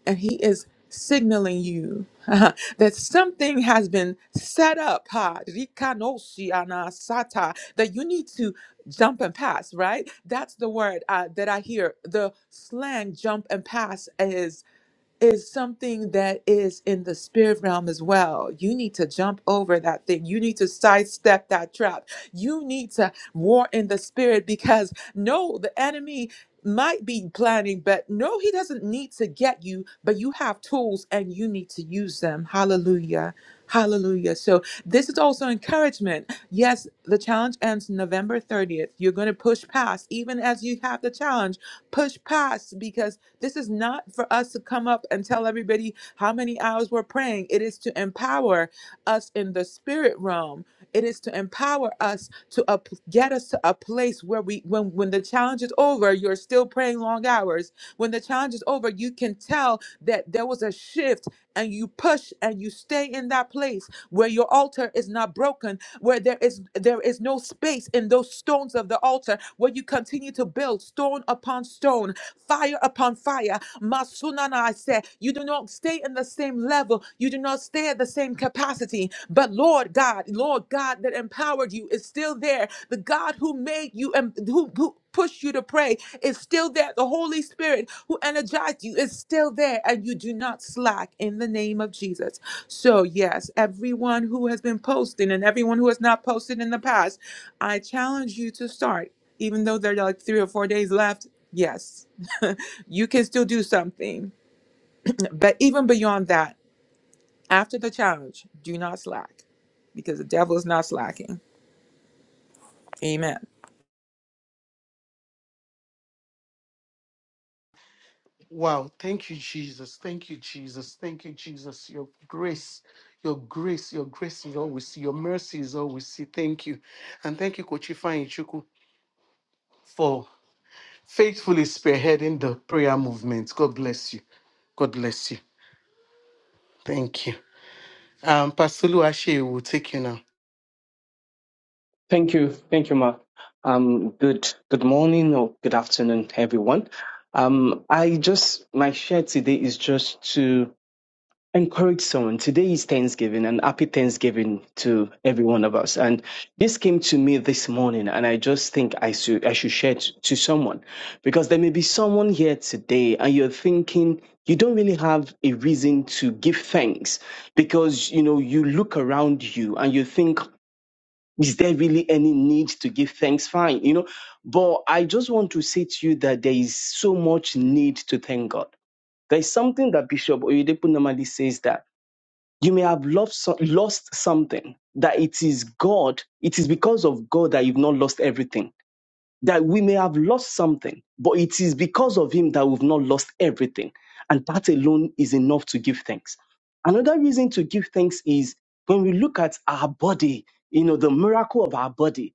S10: and He is signaling you that something has been set up ha, rikanoshi anasata, that you need to jump and pass, right? That's the word uh, that I hear. The slang jump and pass is is something that is in the spirit realm as well. You need to jump over that thing. You need to sidestep that trap. You need to war in the spirit because no, the enemy might be planning, but no, he doesn't need to get you, but you have tools and you need to use them. Hallelujah. Hallelujah. So, this is also encouragement. Yes, the challenge ends November 30th. You're going to push past, even as you have the challenge, push past because this is not for us to come up and tell everybody how many hours we're praying. It is to empower us in the spirit realm. It is to empower us to up, get us to a place where we, when when the challenge is over, you're still praying long hours. When the challenge is over, you can tell that there was a shift, and you push and you stay in that place where your altar is not broken, where there is there is no space in those stones of the altar, where you continue to build stone upon stone, fire upon fire. Masunana, I said, you do not stay in the same level, you do not stay at the same capacity. But Lord God, Lord God that empowered you is still there. The God who made you who, who pushed you to pray is still there. The Holy Spirit who energized you is still there, and you do not slack in the name of Jesus. So, yes, everyone who has been posting and everyone who has not posted in the past, I challenge you to start, even though there are like three or four days left. Yes, you can still do something. But even beyond that, after the challenge, do not slack because the devil is not slacking. Amen.
S3: Wow. Thank you, Jesus. Thank you, Jesus. Thank you, Jesus. Your grace, your grace, your grace is all we see. Your mercy is all we see. Thank you. And thank you, Kochifa Ichuku, for faithfully spearheading the prayer movement. God bless you. God bless you. Thank you. Um, Pastor Luashe will take you now.
S12: Thank you. Thank you, Mark. Um, good, good morning or good afternoon, everyone. Um, I just, my share today is just to encourage someone. Today is Thanksgiving and happy Thanksgiving to every one of us. And this came to me this morning and I just think I should, I should share it to someone because there may be someone here today and you're thinking you don't really have a reason to give thanks because, you know, you look around you and you think is there really any need to give thanks? Fine, you know. But I just want to say to you that there is so much need to thank God. There is something that Bishop Oyedepo normally says that you may have lost, so- lost something, that it is God, it is because of God that you've not lost everything. That we may have lost something, but it is because of Him that we've not lost everything. And that alone is enough to give thanks. Another reason to give thanks is when we look at our body, you know, the miracle of our body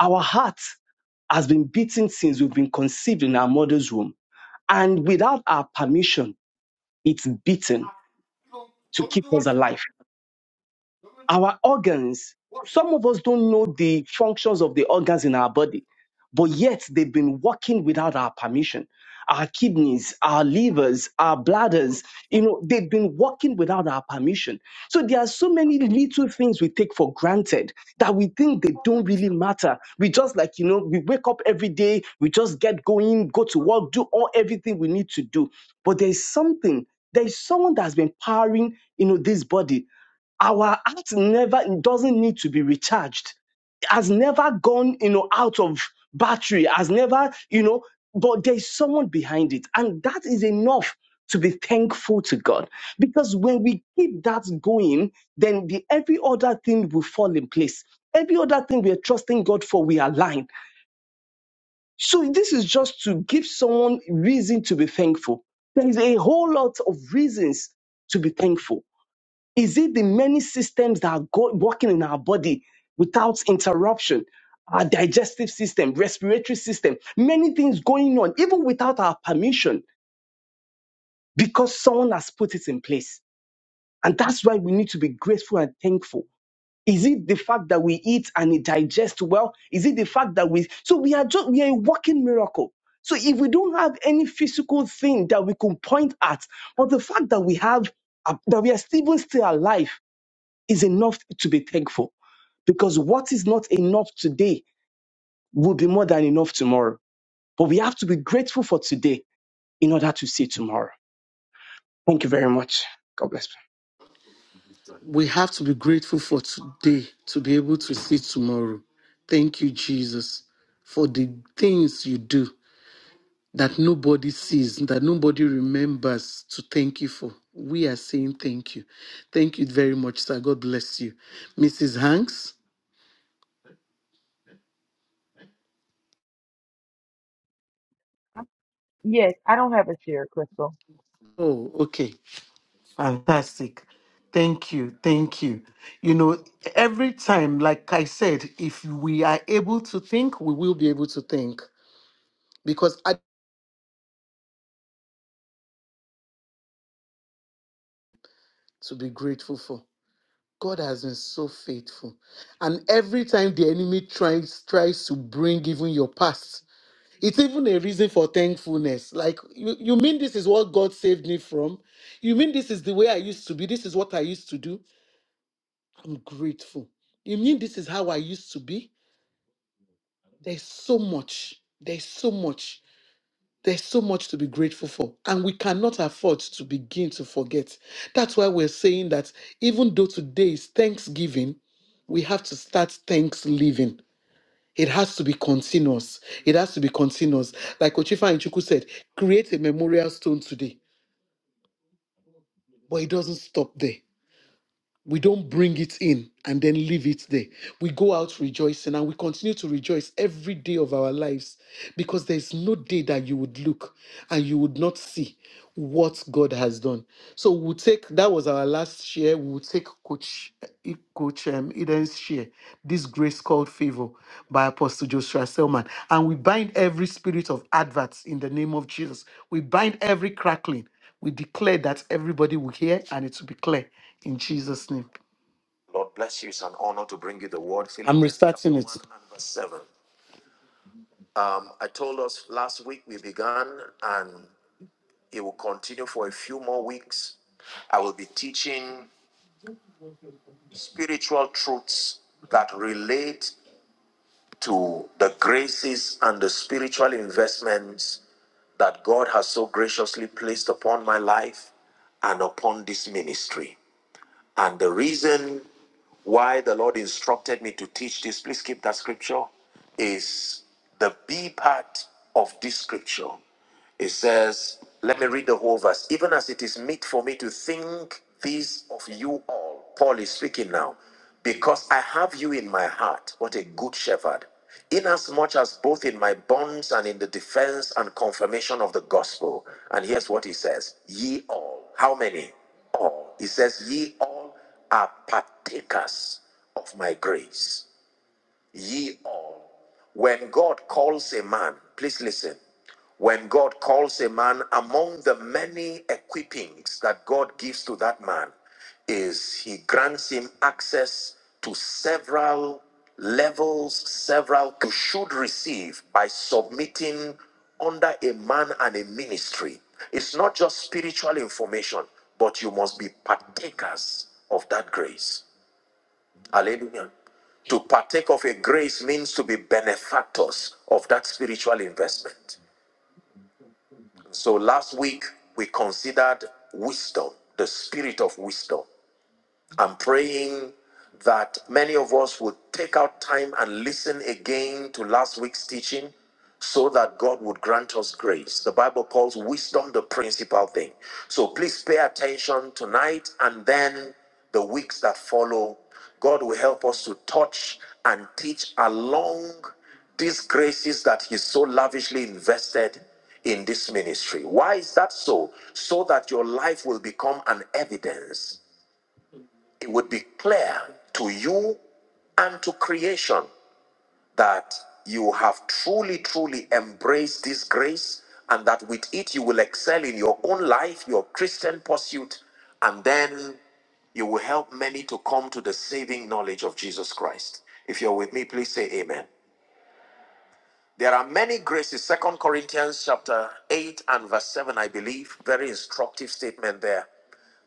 S12: our heart has been beaten since we've been conceived in our mother's womb. And without our permission, it's beaten to keep us alive. Our organs, some of us don't know the functions of the organs in our body, but yet they've been working without our permission. Our kidneys, our livers, our bladders, you know, they've been working without our permission. So there are so many little things we take for granted that we think they don't really matter. We just like, you know, we wake up every day, we just get going, go to work, do all everything we need to do. But there's something, there's someone that's been powering, you know, this body our heart never doesn't need to be recharged. It Has never gone, you know, out of battery. Has never, you know, but there's someone behind it, and that is enough to be thankful to God. Because when we keep that going, then the every other thing will fall in place. Every other thing we are trusting God for, we align. So this is just to give someone reason to be thankful. There is a whole lot of reasons to be thankful is it the many systems that are go- working in our body without interruption? Our digestive system, respiratory system, many things going on, even without our permission, because someone has put it in place. And that's why we need to be grateful and thankful. Is it the fact that we eat and it digests well? Is it the fact that we so we are just we are a walking miracle. So if we don't have any physical thing that we can point at, but the fact that we have uh, that we are even still alive is enough to be thankful because what is not enough today will be more than enough tomorrow. But we have to be grateful for today in order to see tomorrow. Thank you very much. God bless.
S3: We have to be grateful for today to be able to see tomorrow. Thank you, Jesus, for the things you do. that nobody sees, that nobody remembers to thank you for. We are saying thank you. Thank you very much, sir. God bless you. Mrs. Hanks?
S7: Yes, I don't have a share, Crystal.
S3: Oh, okay. Fantastic. Thank you. Thank you. You know, every time, like I said, if we are able to think, we will be able to think because I to be grateful for. God has been so faithful. And every time the enemy tries tries to bring even your past It's even a reason for thankfulness. Like, you, you mean this is what God saved me from? You mean this is the way I used to be? This is what I used to do? I'm grateful. You mean this is how I used to be? There's so much. There's so much. There's so much to be grateful for. And we cannot afford to begin to forget. That's why we're saying that even though today is Thanksgiving, we have to start thanks living It has to be continuous. It has to be continuous. Like Ochifa Inchuku said, create a memorial stone today, but it doesn't stop there. We don't bring it in and then leave it there. We go out rejoicing and we continue to rejoice every day of our lives because there's no day that you would look and you would not see what God has done. So we'll take that was our last share. We'll take Coach eh, Coach um, Eden's share, this grace called favor by Apostle Joshua Selman. And we bind every spirit of adverts in the name of Jesus. We bind every crackling. We declare that everybody will hear and it will be clear in Jesus' name. Lord bless you. It's an honor to bring you the word. I'm Philippians chapter restarting 1 it. and verse 7. Um, I told us last week we began and it will continue for a few more weeks. I will be teaching spiritual truths that relate to the graces and the spiritual investments that God has so graciously placed upon my life and upon this ministry. And the reason why the Lord instructed me to teach this, please keep that scripture, is the B part of this scripture. It says, let me read the whole verse. Even as it is meet for me to think this of you all, Paul is speaking now, because I have you in my heart. What a good shepherd. Inasmuch as both in my bonds and in the defense and confirmation of the gospel. And here's what he says Ye all. How many? all. He says, Ye all are partakers of my grace ye all. When God calls a man, please listen. When God calls a man, among the many equippings that God gives to that man, is He grants him access to several levels, several you should receive by submitting under a man and a ministry. It's not just spiritual information, but you must be partakers of that grace. Hallelujah. To partake of a grace means to be benefactors of that spiritual investment. So last week we considered wisdom, the spirit of wisdom. I'm praying that many of us would take out time and listen again to last week's teaching so that God would grant us grace. The Bible calls wisdom the principal thing. So please pay attention tonight and then the weeks that follow. God will help us to touch and teach along these graces that He so lavishly invested in this ministry. Why is that so? So that your life will become an evidence it would be clear to you and to creation that you have truly, truly embraced this grace and that with it you will excel in your own life, your Christian pursuit, and then you will help many to come to the saving knowledge of Jesus Christ. If you're with me, please say amen. There are many graces. Second Corinthians chapter 8 and verse 7, I believe. Very instructive statement there.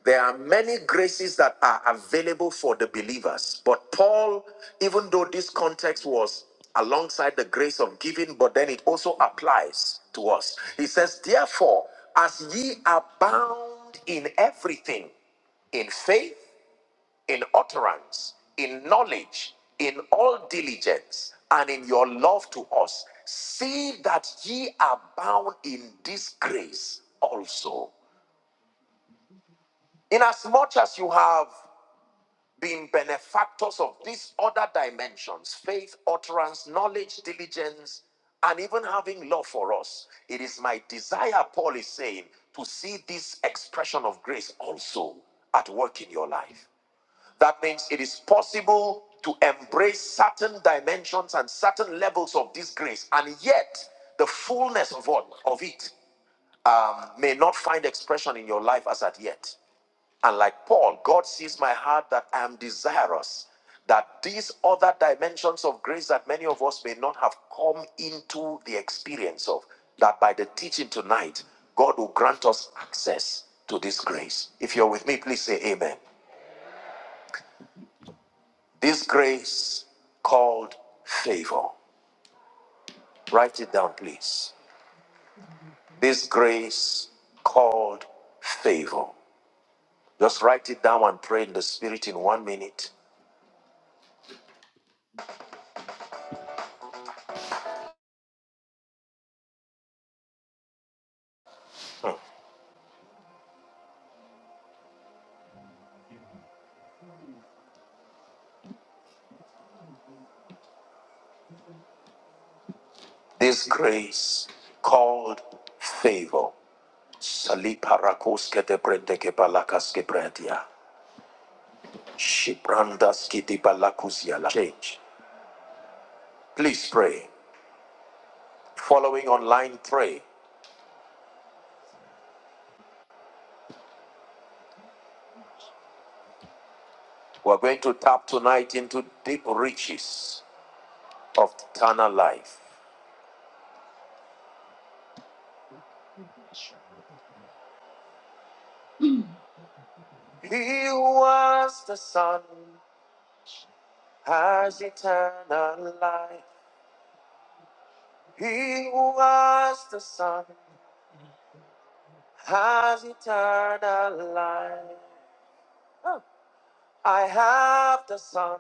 S3: There are many graces that are available for the believers. But Paul, even though this context was alongside the grace of giving, but then it also applies to us. He says, Therefore, as ye abound in everything, in faith, in utterance, in knowledge, in all diligence, and in your love to us. See that ye are bound in this grace also. Inasmuch as you have been benefactors of these other dimensions faith, utterance, knowledge, diligence, and even having love for us, it is my desire, Paul is saying, to see this expression of grace also at work in your life. That means it is possible to embrace certain dimensions and certain levels of this grace, and yet the fullness of what of it um, may not find expression in your life as at yet. And like Paul, God sees my heart that I am desirous that these other dimensions of grace that many of us may not have come into the experience of, that by the teaching tonight, God will grant us access to this grace. If you're with me, please say amen. This grace called favor. Write it down, please. This grace called favor. Just write it down and pray in the Spirit in one minute. Hmm. This grace called favor. Saliparakus kete prende ke palakas ke prendia. Shiprandas kiti Change. Please pray. Following online, pray. We're going to tap tonight into deep riches of eternal life. He who was the Son has eternal life. He who was the Son has eternal life. Oh. I have the Son,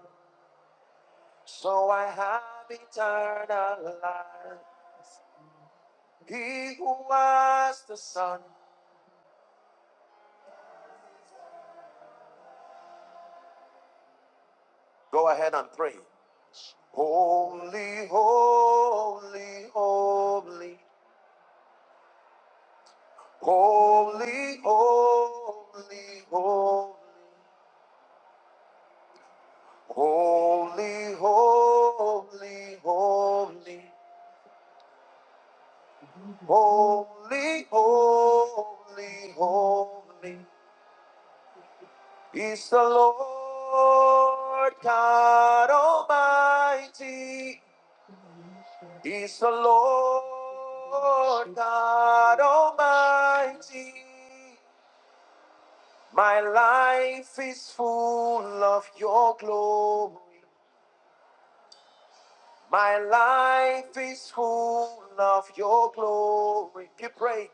S3: so I have eternal life. He who was the Son. Go ahead and pray. Holy, holy, holy, holy, holy, holy. Holy, holy, holy, holy, holy, holy is the Lord God Almighty. Is the Lord God Almighty. My life is full of your glory. My life is full of your glory. You pray,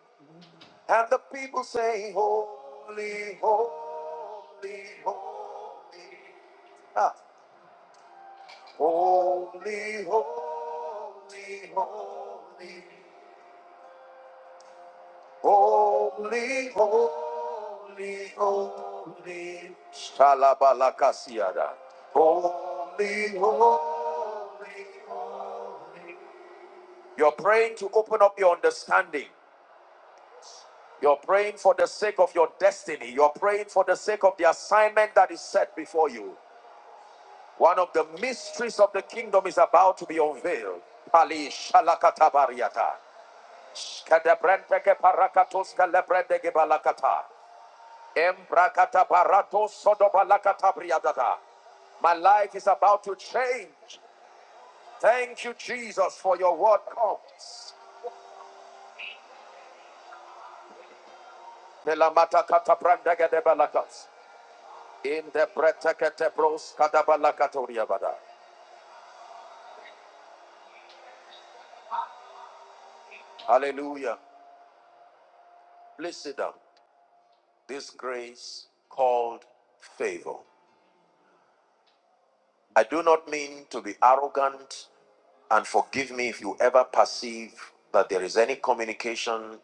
S3: and the people say, Holy, holy, holy. Ah, holy, holy, holy. Holy, holy, holy. Shalabalakasiada. Holy, holy, holy. You're praying to open up your understanding. You're praying for the sake of your destiny. You're praying for the sake of the assignment that is set before you. One of the mysteries of the kingdom is about to be unveiled. Ali shalakatabariata. Shkadebrenteke parakatos kalebrendege balakata. Embrakata baratos sodobalakata briadada. My life is about to change. Thank you, Jesus, for your word comes. Melamatakatabrandegedebalaka. In the Breteketebros Kadabalakatoria Bada. Hallelujah. Please sit down. This grace called favor. I do not mean to be arrogant, and forgive me if you ever perceive that there is any communication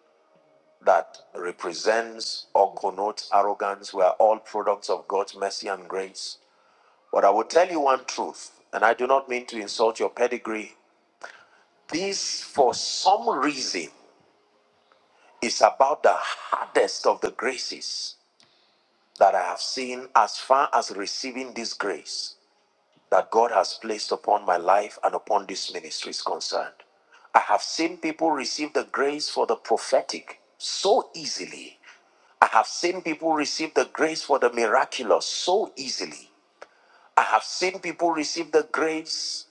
S3: that represents or connotes arrogance. We are all products of God's mercy and grace. But I will tell you one truth, and I do not mean to insult your pedigree. This, for some reason, It's about the hardest of the graces that I have seen as far as receiving this grace that God has placed upon my life and upon this ministry is concerned. I have seen people receive the grace for the prophetic so easily. I have seen people receive the grace for the miraculous so easily. I have seen people receive the grace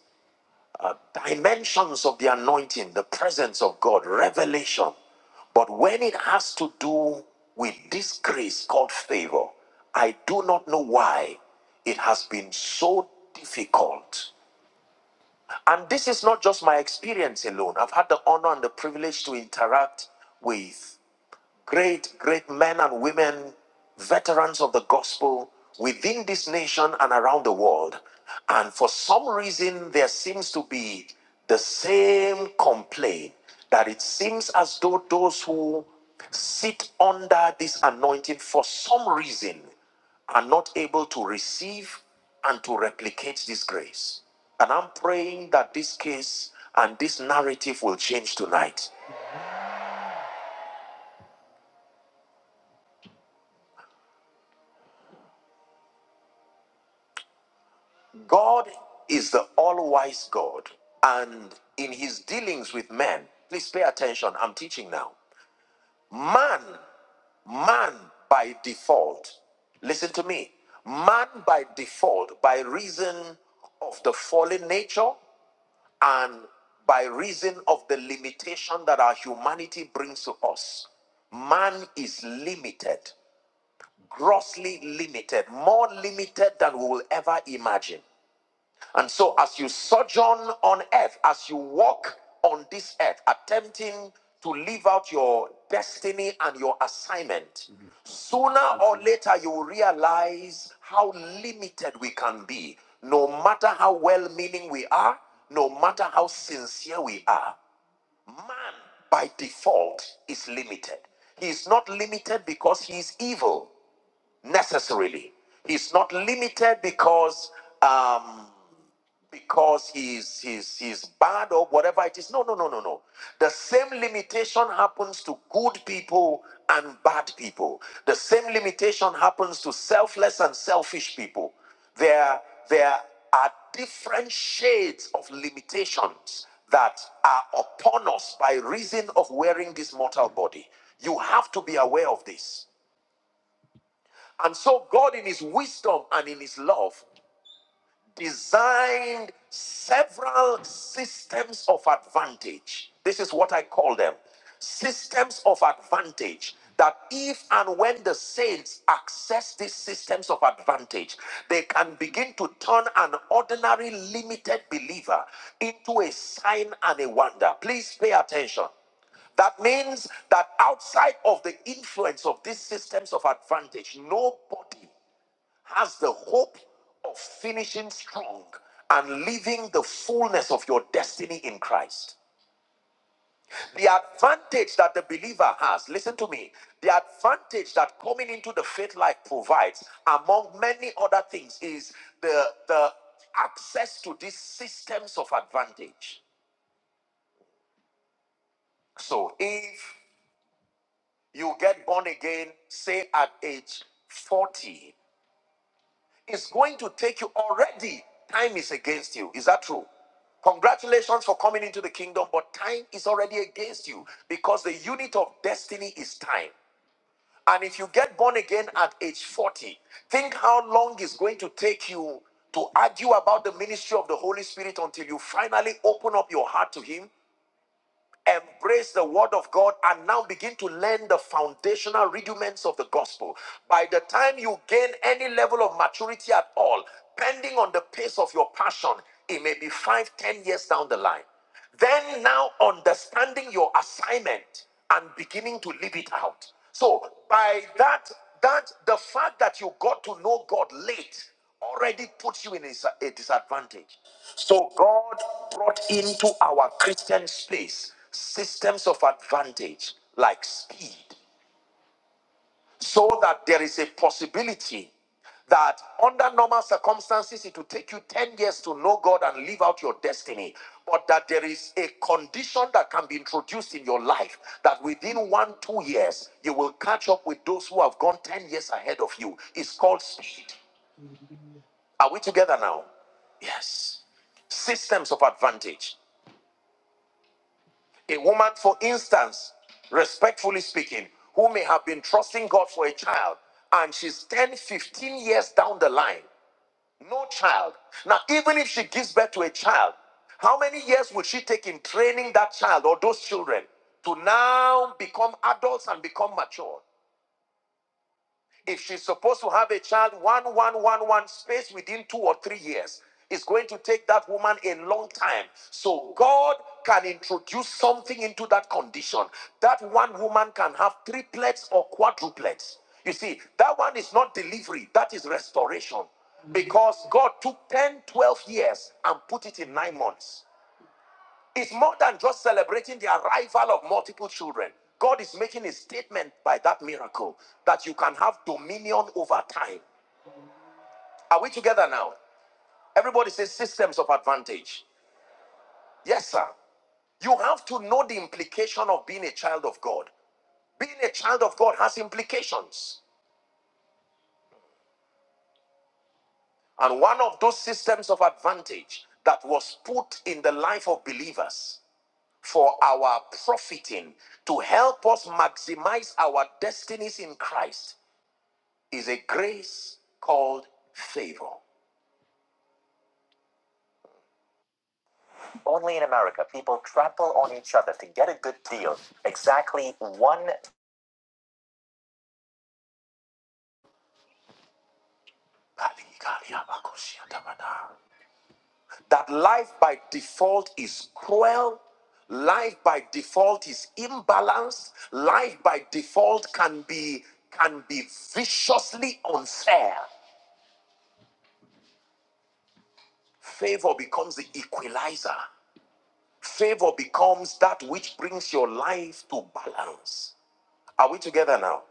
S3: dimensions of the anointing, the presence of God, revelation. But when it has to do with this grace called favor, I do not know why it has been so difficult. And this is not just my experience alone. I've had the honor and the privilege to interact with great, great men and women, veterans of the gospel within this nation and around the world. And for some reason, there seems to be the same complaint that it seems as though those who sit under this anointing for some reason are not able to receive and to replicate this grace. And I'm praying that this case and this narrative will change tonight. God is the all wise God, and in his dealings with man, please pay attention. I'm teaching now. Man, man by default, listen to me. Man by default, by reason of the fallen nature and by reason of the limitation that our humanity brings to us, man is limited, grossly limited, more limited than we will ever imagine. And so, as you sojourn on earth, as you walk on this earth, attempting to live out your destiny and your assignment, Mhm. sooner or later you will realize how limited we can be, no matter how well meaning we are, no matter how sincere we are. Man, by default, is limited. He is not limited because he is evil necessarily. He is not limited because um, because he's he's he's bad or whatever it is. No, no, no, no, no. The same limitation happens to good people and bad people. The same limitation happens to selfless and selfish people. There there are different shades of limitations that are upon us by reason of wearing this mortal body. You have to be aware of this. And so God in his wisdom and in his love designed several systems of advantage. This is what I call them systems of advantage. That if and when the saints access these systems of advantage, they can begin to turn an ordinary limited believer into a sign and a wonder. Please pay attention. That means that outside of the influence of these systems of advantage, nobody has the hope of finishing strong and living the fullness of your destiny in Christ. The advantage that the believer has, listen to me, the advantage that coming into the faith life provides, among many other things, is the, the access to these systems of advantage. So if you get born again, say at age 40, It's going to take you already. Time is against you. Is that true? Congratulations for coming into the kingdom, but time is already against you because the unit of destiny is time. And if you get born again at age 40, think how long it's going to take you to argue about the ministry of the Holy Spirit until you finally open up your heart to Him Embrace the word of God and now begin to learn the foundational rudiments of the gospel. By the time you gain any level of maturity at all, depending on the pace of your passion, it may be five, ten years down the line. Then now understanding your assignment and beginning to live it out. So by that, that the fact that you got to know God late already puts you in a, disadvantage. So God brought into our Christian space systems of advantage like speed so that there is a possibility that under normal circumstances it will take you 10 years to know God and live out your destiny but that there is a condition that can be introduced in your life that within 1 2 years you will catch up with those who have gone 10 years ahead of you it's called speed are we together now? Yes. Systems of advantage. A woman, for instance, respectfully speaking, who may have been trusting God for a child and she's 10, 15 years down the line, no child. Now, even if she gives birth to a child, how many years would she take in training that child or those children to now become adults and become mature? If she's supposed to have a child one, one, one, one space within two or three years, it's going to take that woman a long time. So God can introduce something into that condition. That one woman can have triplets or quadruplets. You see, that one is not delivery, that is restoration. Because God took 10, 12 years and put it in nine months. It's more than just celebrating the arrival of multiple children. God is making a statement by that miracle that you can have dominion over time. Are we together now? Everybody says systems of advantage. Yes, sir. You have to know the implication of being a child of God. Being a child of God has implications. And one of those systems of advantage that was put in the life of believers for our profiting to help us maximize our destinies in Christ is a grace called favor. Only in America, people trample on each other to get a good deal. Exactly one. That life by default is cruel. Life by default is imbalanced. Life by default can be can be viciously unfair. Favor becomes the equalizer. Favor becomes that which brings your life to balance. Are we together now?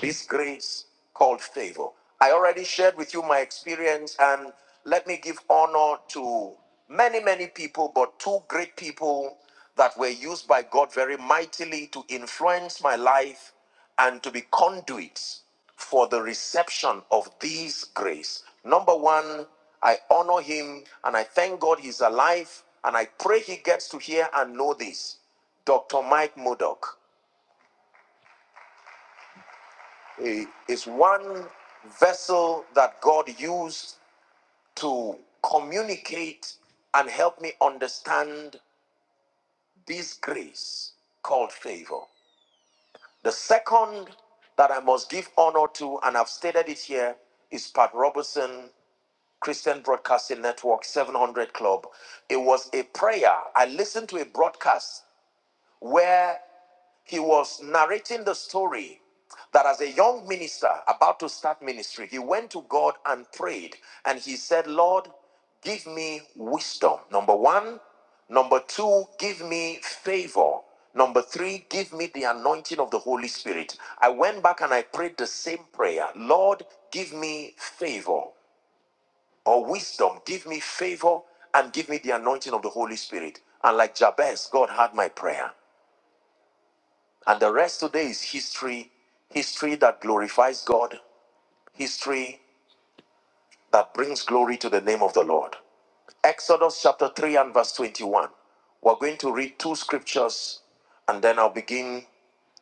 S3: This grace called favor. I already shared with you my experience, and let me give honor to many, many people, but two great people that were used by God very mightily to influence my life and to be conduits for the reception of this grace. Number one, I honor him and I thank God he's alive and I pray he gets to hear and know this. Dr. Mike Modoc. eh, is one vessel that God used to communicate and help me understand this grace called favor. The second that I must give honor to, and I've stated it here, is Pat Robertson, Christian Broadcasting Network 700 Club. It was a prayer. I listened to a broadcast where he was narrating the story that as a young minister about to start ministry, he went to God and prayed and he said, Lord, give me wisdom. Number one. Number two, give me favor. Number three, give me the anointing of the Holy Spirit. I went back and I prayed the same prayer Lord, give me favor or wisdom, give me favor and give me the anointing of the Holy Spirit. And like Jabez, God heard my prayer. And the rest today is history, history that glorifies God, history that brings glory to the name of the Lord. Exodus chapter 3 and verse 21. We're going to read two scriptures and then I'll begin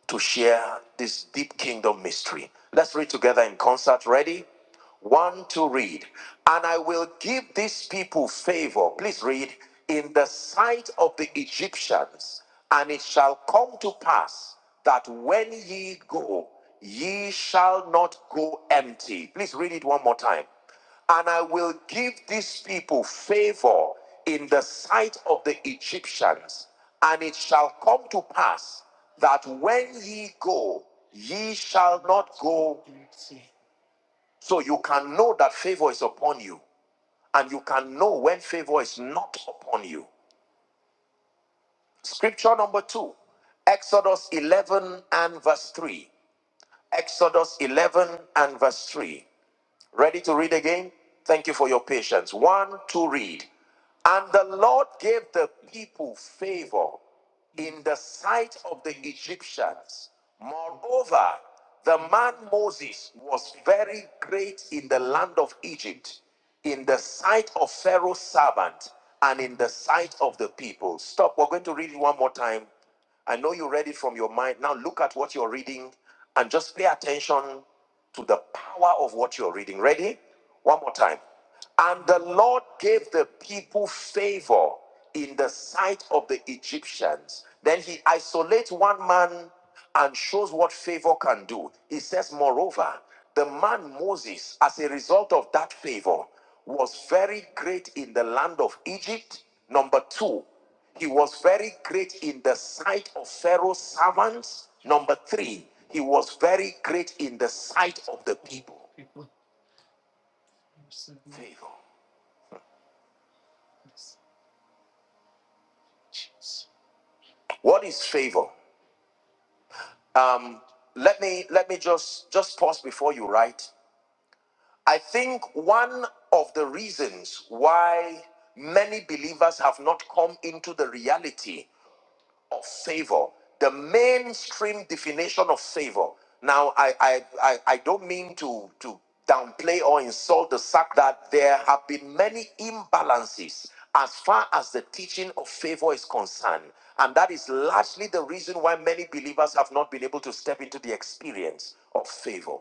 S3: to share this deep kingdom mystery. Let's read together in concert. Ready? One two, read. And I will give these people favor. Please read. In the sight of the Egyptians. And it shall come to pass that when ye go, ye shall not go empty. Please read it one more time and I will give these people favor in the sight of the Egyptians. And it shall come to pass that when ye go, ye shall not go. So you can know that favor is upon you, and you can know when favor is not upon you. Scripture number two, Exodus 11 and verse 3. Exodus 11 and verse 3. Ready to read again? Thank you for your patience. One, two, read. And the Lord gave the people favor in the sight of the Egyptians. Moreover, the man Moses was very great in the land of Egypt, in the sight of Pharaoh's servant, and in the sight of the people. Stop. We're going to read it one more time. I know you read it from your mind. Now look at what you're reading and just pay attention to the power of what you're reading. Ready? One more time. And the Lord gave the people favor in the sight of the Egyptians. Then he isolates one man and shows what favor can do. He says, Moreover, the man Moses, as a result of that favor, was very great in the land of Egypt. Number two, he was very great in the sight of Pharaoh's servants. Number three, he was very great in the sight of the people. Favor. What is favor? Um, let me let me just just pause before you write. I think one of the reasons why many believers have not come into the reality of favor, the mainstream definition of favor. Now, I, I, I, I don't mean to, to downplay or insult the fact that there have been many imbalances as far as the teaching of favor is concerned. And that is largely the reason why many believers have not been able to step into the experience of favor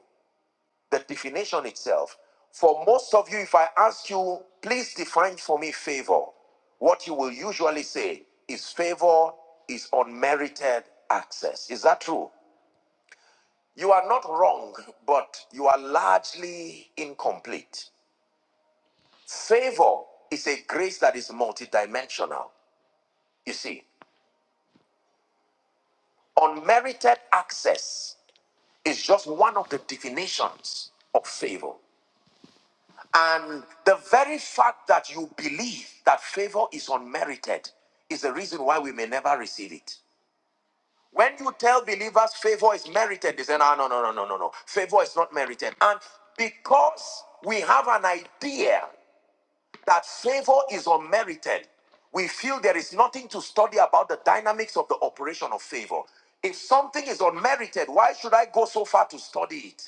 S3: the definition itself. For most of you, if I ask you, please define for me favor, what you will usually say is favor is unmerited access. Is that true? You are not wrong, but you are largely incomplete. Favor is a grace that is multidimensional. You see, unmerited access is just one of the definitions of favor. And the very fact that you believe that favor is unmerited is the reason why we may never receive it. When you tell believers favor is merited, they say, no, no, no, no, no, no, no. Favor is not merited. And because we have an idea that favor is unmerited, we feel there is nothing to study about the dynamics of the operation of favor. If something is unmerited, why should I go so far to study it?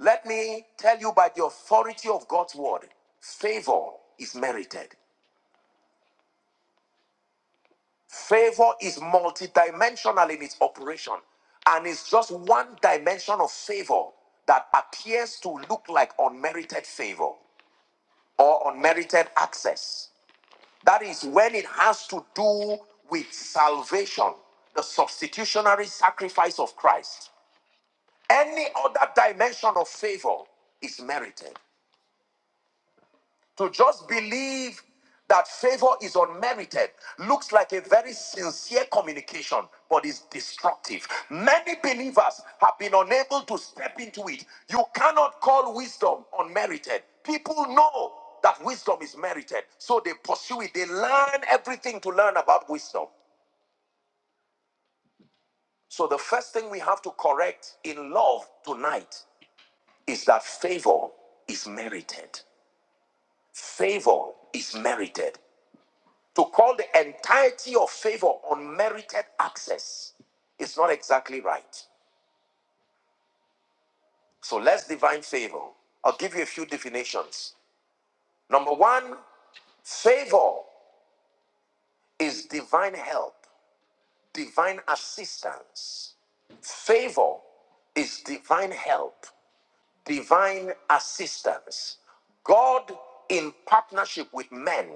S3: Let me tell you by the authority of God's word, favor is merited. Favor is multidimensional in its operation. And it's just one dimension of favor that appears to look like unmerited favor or unmerited access. That is when it has to do with salvation, the substitutionary sacrifice of Christ. Any other dimension of favor is merited. To just believe that favor is unmerited looks like a very sincere communication, but is destructive. Many believers have been unable to step into it. You cannot call wisdom unmerited. People know that wisdom is merited, so they pursue it. They learn everything to learn about wisdom. So, the first thing we have to correct in love tonight is that favor is merited. Favor is merited. To call the entirety of favor unmerited access is not exactly right. So let's divine favor. I'll give you a few definitions. Number one, favor is divine help, divine assistance. Favor is divine help, divine assistance. God in partnership with men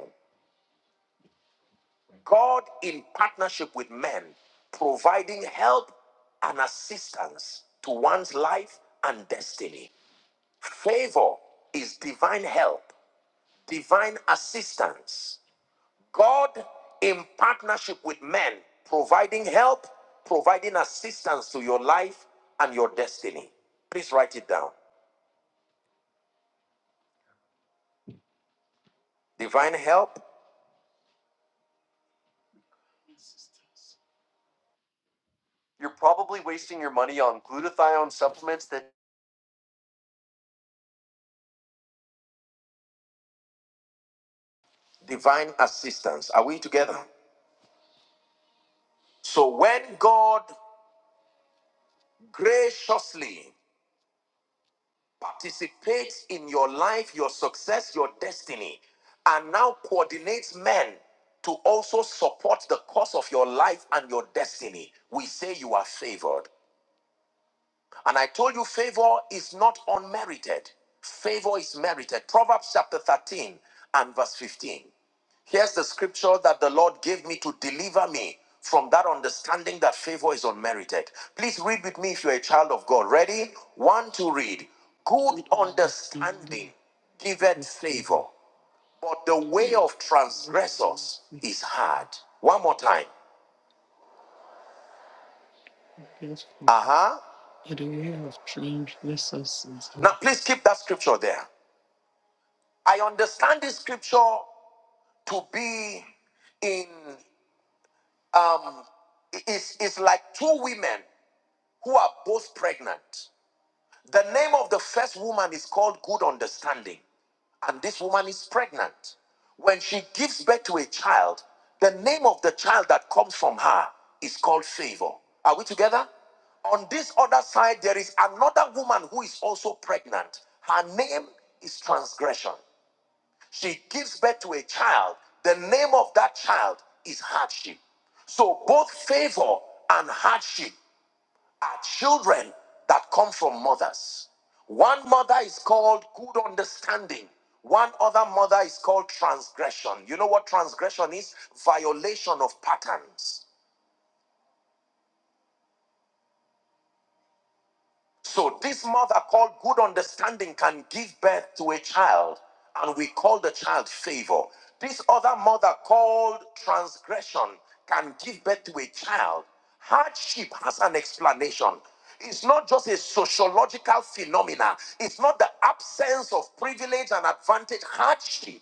S3: God, in partnership with men, providing help and assistance to one's life and destiny. Favor is divine help, divine assistance. God, in partnership with men, providing help, providing assistance to your life and your destiny. Please write it down. Divine help. You're probably wasting your money on glutathione supplements that. Divine assistance. Are we together? So when God graciously participates in your life, your success, your destiny, and now coordinates men to also support the cause of your life and your destiny. We say you are favored. And I told you, favor is not unmerited, favor is merited. Proverbs chapter 13 and verse 15. Here's the scripture that the Lord gave me to deliver me from that understanding that favor is unmerited. Please read with me if you're a child of God. Ready? One to read. Good understanding giveth favor, but the way of transgressors is hard. One more time. Uh huh. Now, please keep that scripture there. I understand this scripture to be in. um, is, is like two women who are both pregnant. The name of the first woman is called Good Understanding, and this woman is pregnant. When she gives birth to a child, the name of the child that comes from her is called Favor. Are we together? On this other side, there is another woman who is also pregnant. Her name is Transgression. She gives birth to a child. The name of that child is hardship. So both favor and hardship are children that come from mothers. One mother is called good understanding. One other mother is called transgression. You know what transgression is? Violation of patterns. So this mother called good understanding can give birth to a child, and we call the child favor. This other mother called transgression can give birth to a child. Hardship has an explanation. It's not just a sociological phenomena. It's not the absence of privilege and advantage. Hardship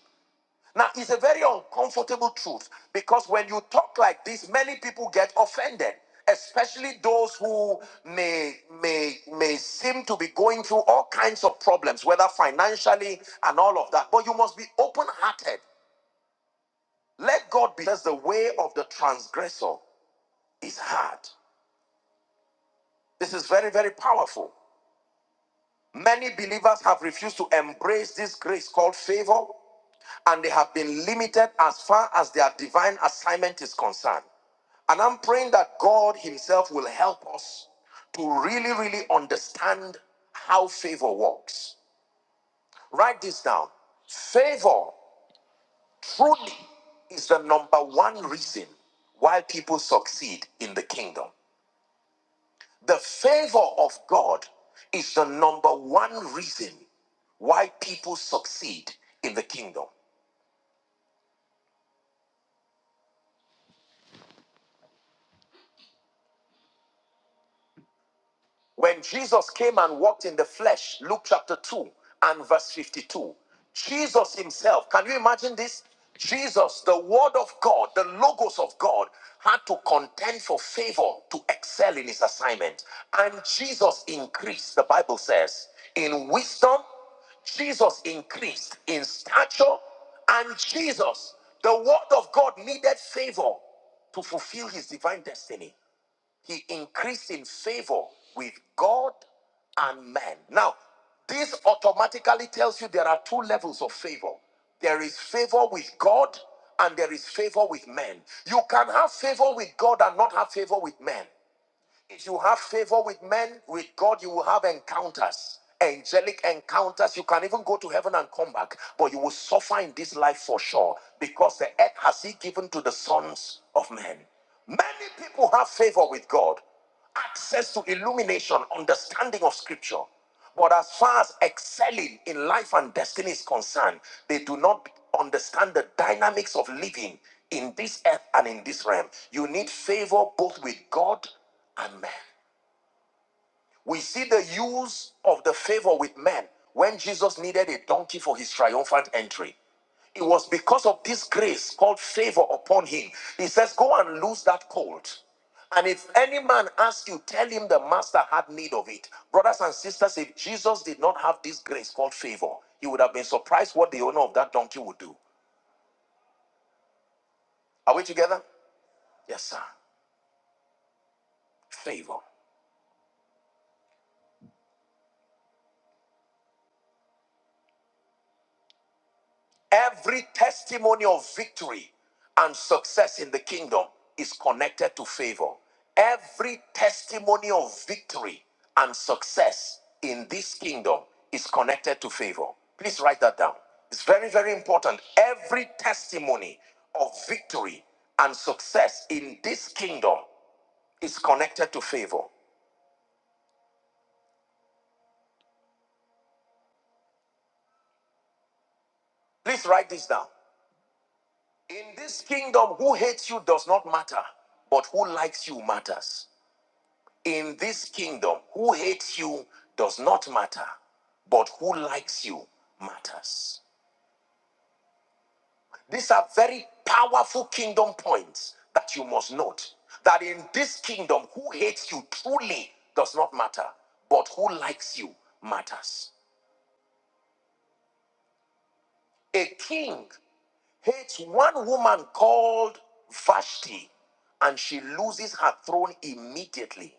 S3: now, it's a very uncomfortable truth because when you talk like this, many people get offended, especially those who may may may seem to be going through all kinds of problems, whether financially and all of that. But you must be open-hearted. Let God be. because the way of the transgressor is hard. This is very very powerful. Many believers have refused to embrace this grace called favor and they have been limited as far as their divine assignment is concerned. And I'm praying that God Himself will help us to really, really understand how favor works. Write this down. Favor truly is the number one reason why people succeed in the kingdom. The favor of God is the number one reason why people succeed in the kingdom. When Jesus came and walked in the flesh, Luke chapter 2 and verse 52, Jesus himself, can you imagine this? Jesus, the Word of God, the Logos of God, had to contend for favor to excel in his assignment. And Jesus increased, the Bible says, in wisdom, Jesus increased in stature, and Jesus, the Word of God, needed favor to fulfill his divine destiny. He increased in favor with God and man. Now, this automatically tells you there are two levels of favor there is favor with God and there is favor with men. You can have favor with God and not have favor with men. If you have favor with men, with God, you will have encounters, angelic encounters. You can even go to heaven and come back, but you will suffer in this life for sure because the earth has He given to the sons of men. Many people have favor with God, access to illumination, understanding of scripture. But as far as excelling in life and destiny is concerned, they do not understand the dynamics of living in this earth and in this realm. You need favor both with God and man. We see the use of the favor with men when Jesus needed a donkey for his triumphant entry. It was because of this grace called favor upon him. He says, Go and loose that colt. And if any man asks you, tell him the master had need of it. Brothers and sisters, if Jesus did not have this grace called favor, he would have been surprised what the owner of that donkey would do. Are we together? Yes, sir. Favor. Every testimony of victory and success in the kingdom is connected to favor. Every testimony of victory and success in this kingdom is connected to favor. Please write that down. It's very, very important. Every testimony of victory and success in this kingdom is connected to favor. Please write this down. In this kingdom, who hates you does not matter, but who likes you matters. In this kingdom, who hates you does not matter, but who likes you matters. These are very powerful kingdom points that you must note. That in this kingdom, who hates you truly does not matter, but who likes you matters. A king hates one woman called Vashti, and she loses her throne immediately.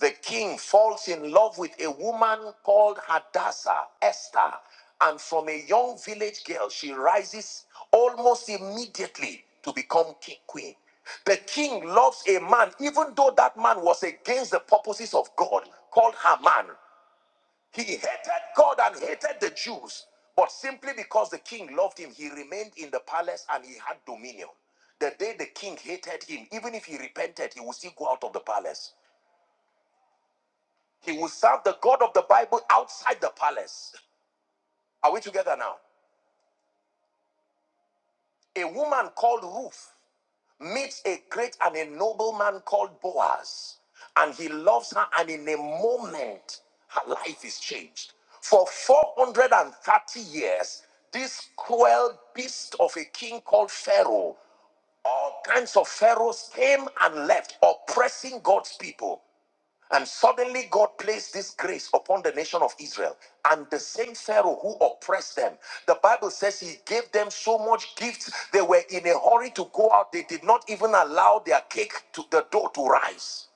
S3: the king falls in love with a woman called Hadassah, Esther. And from a young village girl, she rises almost immediately to become king, queen. The king loves a man, even though that man was against the purposes of God, called Haman. He hated God and hated the Jews. But simply because the king loved him, he remained in the palace and he had dominion. The day the king hated him, even if he repented, he would still go out of the palace. He will serve the God of the Bible outside the palace. Are we together now? A woman called Ruth meets a great and a noble man called Boaz, and he loves her, and in a moment, her life is changed. For 430 years, this cruel beast of a king called Pharaoh all kinds of pharaohs came and left, oppressing God's people. And suddenly God placed this grace upon the nation of Israel. And the same Pharaoh who oppressed them, the Bible says he gave them so much gifts, they were in a hurry to go out. They did not even allow their cake to the dough to rise.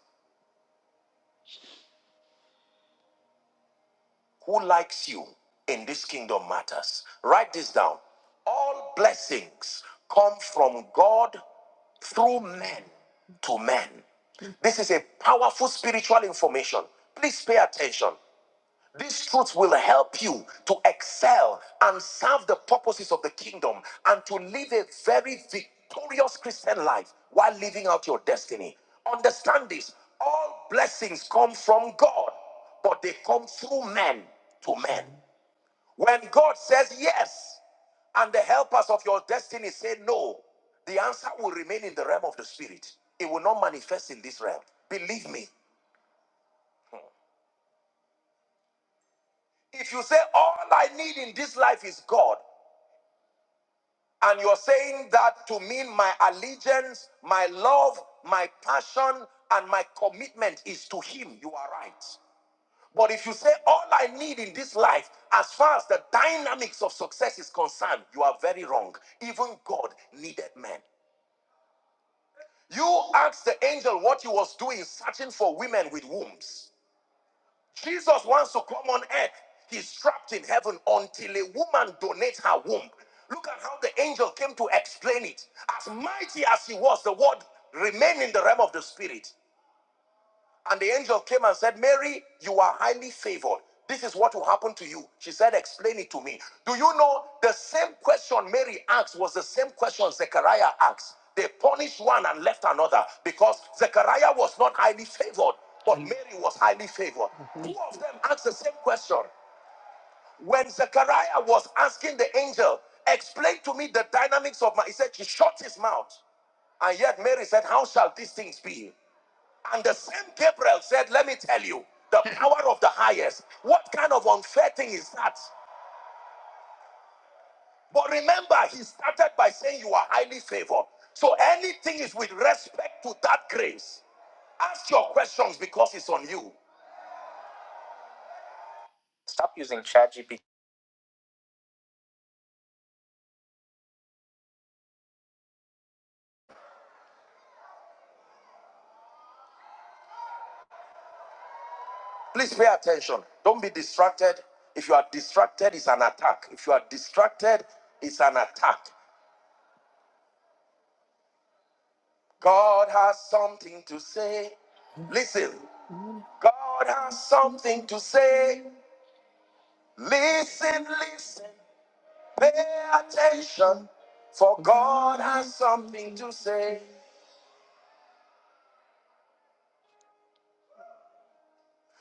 S3: Who likes you in this kingdom matters. Write this down. All blessings come from God through men to men. This is a powerful spiritual information. Please pay attention. This truth will help you to excel and serve the purposes of the kingdom and to live a very victorious Christian life while living out your destiny. Understand this all blessings come from God, but they come through men to men. When God says yes and the helpers of your destiny say no, the answer will remain in the realm of the spirit. It will not manifest in this realm. Believe me. If you say, All I need in this life is God, And you're saying that to mean my allegiance, my love, my passion, and my commitment is to Him. You are right. But if you say all I need in this life, as far as the dynamics of success is concerned, you are very wrong. Even God needed men. You asked the angel what he was doing, searching for women with wombs. Jesus wants to come on earth. He's trapped in heaven until a woman donates her womb. Look at how the angel came to explain it. As mighty as he was, the word remained in the realm of the spirit. And the angel came and said, Mary, you are highly favored. This is what will happen to you. She said, Explain it to me. Do you know the same question Mary asked was the same question Zechariah asked? They punished one and left another because Zechariah was not highly favored, but Mary was highly favored. Mm-hmm. Two of them asked the same question. When Zechariah was asking the angel, Explain to me the dynamics of my, he said, She shut his mouth. And yet Mary said, How shall these things be? And the same Gabriel said, Let me tell you, the power of the highest. What kind of unfair thing is that? But remember, he started by saying, You are highly favored. So anything is with respect to that grace. Ask your questions because it's on you. Stop using ChatGPT. Please pay attention. Don't be distracted. If you are distracted, it's an attack. If you are distracted, it's an attack. God has something to say. Listen, God has something to say. Listen, listen, pay attention, for God has something to say.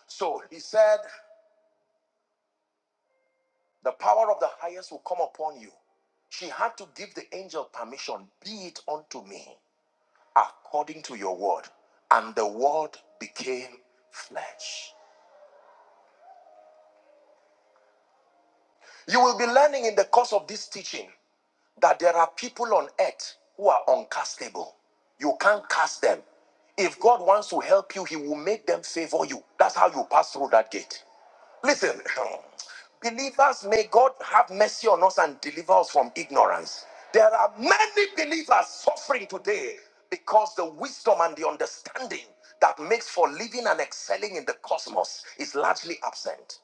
S3: So he said, The power of the highest will come upon you. She had to give the angel permission, be it unto me, according to your word. And the word became flesh. You will be learning in the course of this teaching that there are people on earth who are uncastable. You can't cast them. If God wants to help you, He will make them favor you. That's how you pass through that gate. Listen, believers, may God have mercy on us and deliver us from ignorance. There are many believers suffering today because the wisdom and the understanding that makes for living and excelling in the cosmos is largely absent.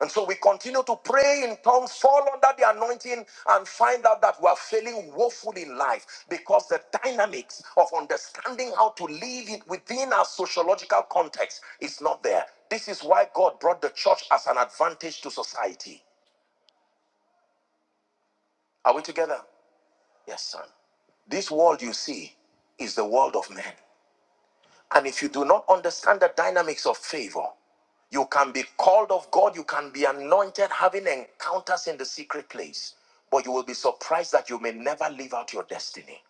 S3: And so we continue to pray in tongues, fall under the anointing, and find out that we are failing woefully in life because the dynamics of understanding how to live it within our sociological context is not there. This is why God brought the church as an advantage to society. Are we together? Yes, son. This world you see is the world of men. And if you do not understand the dynamics of favor, you can be called of God, you can be anointed, having encounters in the secret place, but you will be surprised that you may never live out your destiny.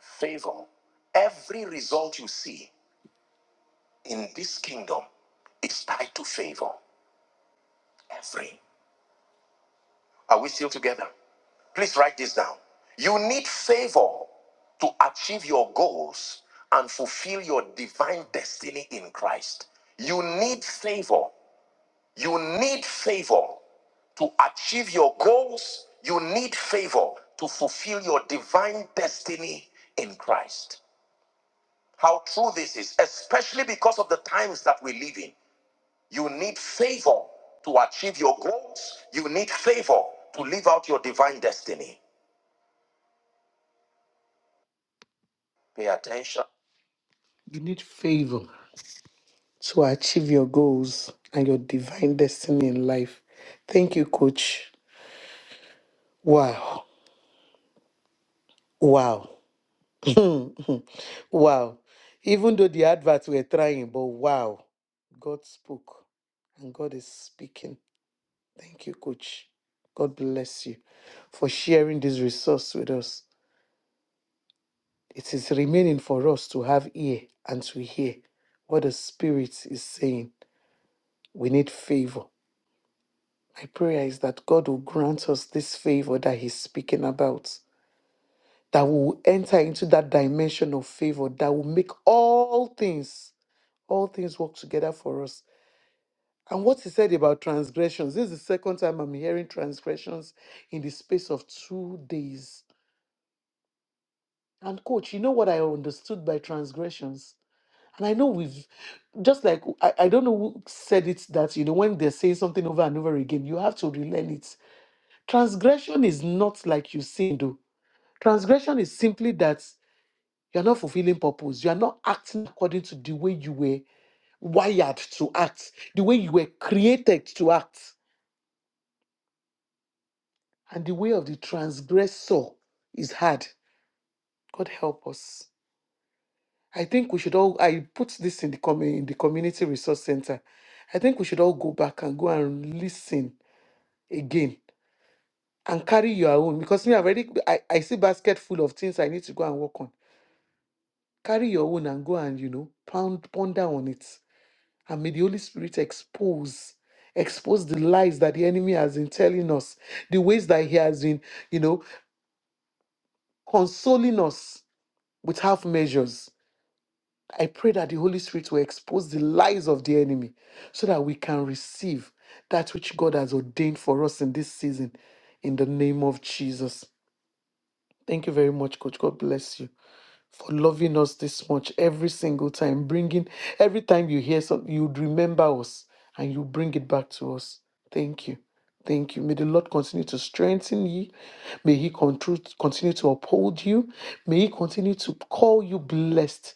S3: Favor. Every result you see in this kingdom is tied to favor. Every. Are we still together? Please write this down. You need favor to achieve your goals and fulfill your divine destiny in Christ. You need favor You need favor to achieve your goals. You need favor to fulfill your divine destiny in Christ. How true this is, especially because of the times that we live in. You need favor to achieve your goals. You need favor to live out your divine destiny. Pay attention. You need favor to achieve your goals and your divine destiny in life. Thank you, coach. Wow. Wow. wow. Even though the adverts were trying, but wow, God spoke and God is speaking. Thank you, Coach. God bless you for sharing this resource with us. It is remaining for us to have ear and to hear what the Spirit is saying. We need favor. My prayer is that God will grant us this favor that He's speaking about, that we will enter into that dimension of favor that will make all things all things work together for us. And what he said about transgressions, this is the second time I'm hearing transgressions in the space of two days. And coach, you know what I understood by transgressions? And I know we've just like I, I don't know who said it that you know when they're saying something over and over again, you have to relearn it. Transgression is not like you sin though. Transgression is simply that you're not fulfilling purpose, you're not acting according to the way you were wired to act, the way you were created to act. and the way of the transgressor is hard. God help us. I think we should all. I put this in the com- in the community resource center. I think we should all go back and go and listen again and carry your own because me I've already I, I see basket full of things I need to go and work on. Carry your own and go and you know pound ponder on it and may the Holy Spirit expose expose the lies that the enemy has been telling us, the ways that he has been you know consoling us with half measures I pray that the Holy Spirit will expose the lies of the enemy so that we can receive that which God has ordained for us in this season in the name of Jesus. Thank you very much, Coach. God bless you for loving us this much every single time. Bringing every time you hear something, you remember us and you bring it back to us. Thank you. Thank you. May the Lord continue to strengthen you. May He contru- continue to uphold you. May He continue to call you blessed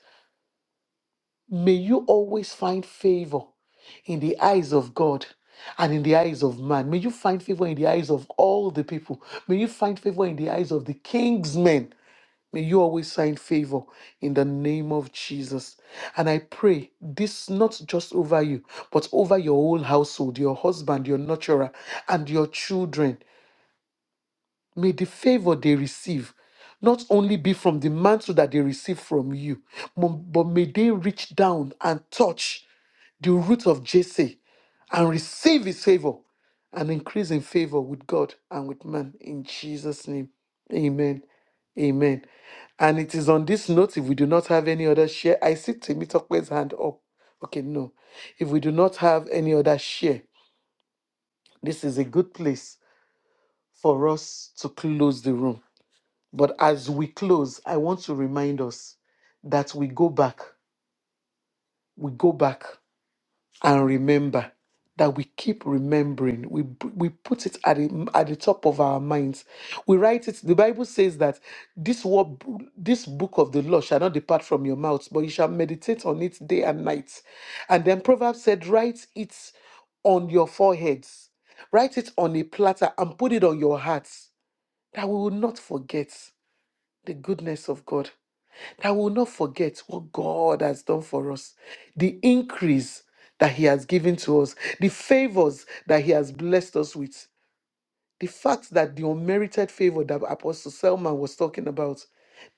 S3: May you always find favor in the eyes of God and in the eyes of man. May you find favor in the eyes of all the people. May you find favor in the eyes of the king's men. May you always find favor in the name of Jesus. And I pray this not just over you, but over your whole household, your husband, your nurturer, and your children. May the favor they receive not only be from the mantle that they receive from you, mo- but may they reach down and touch the root of Jesse and receive his favor and increase in favor with God and with man in Jesus' name. Amen. Amen. And it is on this note, if we do not have any other share, I see Temitope's hand up. Okay, no. If we do not have any other share, this is a good place for us to close the room. But as we close, I want to remind us that we go back. We go back and remember that we keep remembering we b- we put it at the, at the top of our minds we write it the bible says that this word this book of the law shall not depart from your mouth but you shall meditate on it day and night and then proverbs said write it on your foreheads write it on a platter and put it on your hearts that we will not forget the goodness of god that we will not forget what God has done for us, the increase that He has given to us, the favors that He has blessed us with, the fact that the unmerited favor that Apostle Selman was talking about,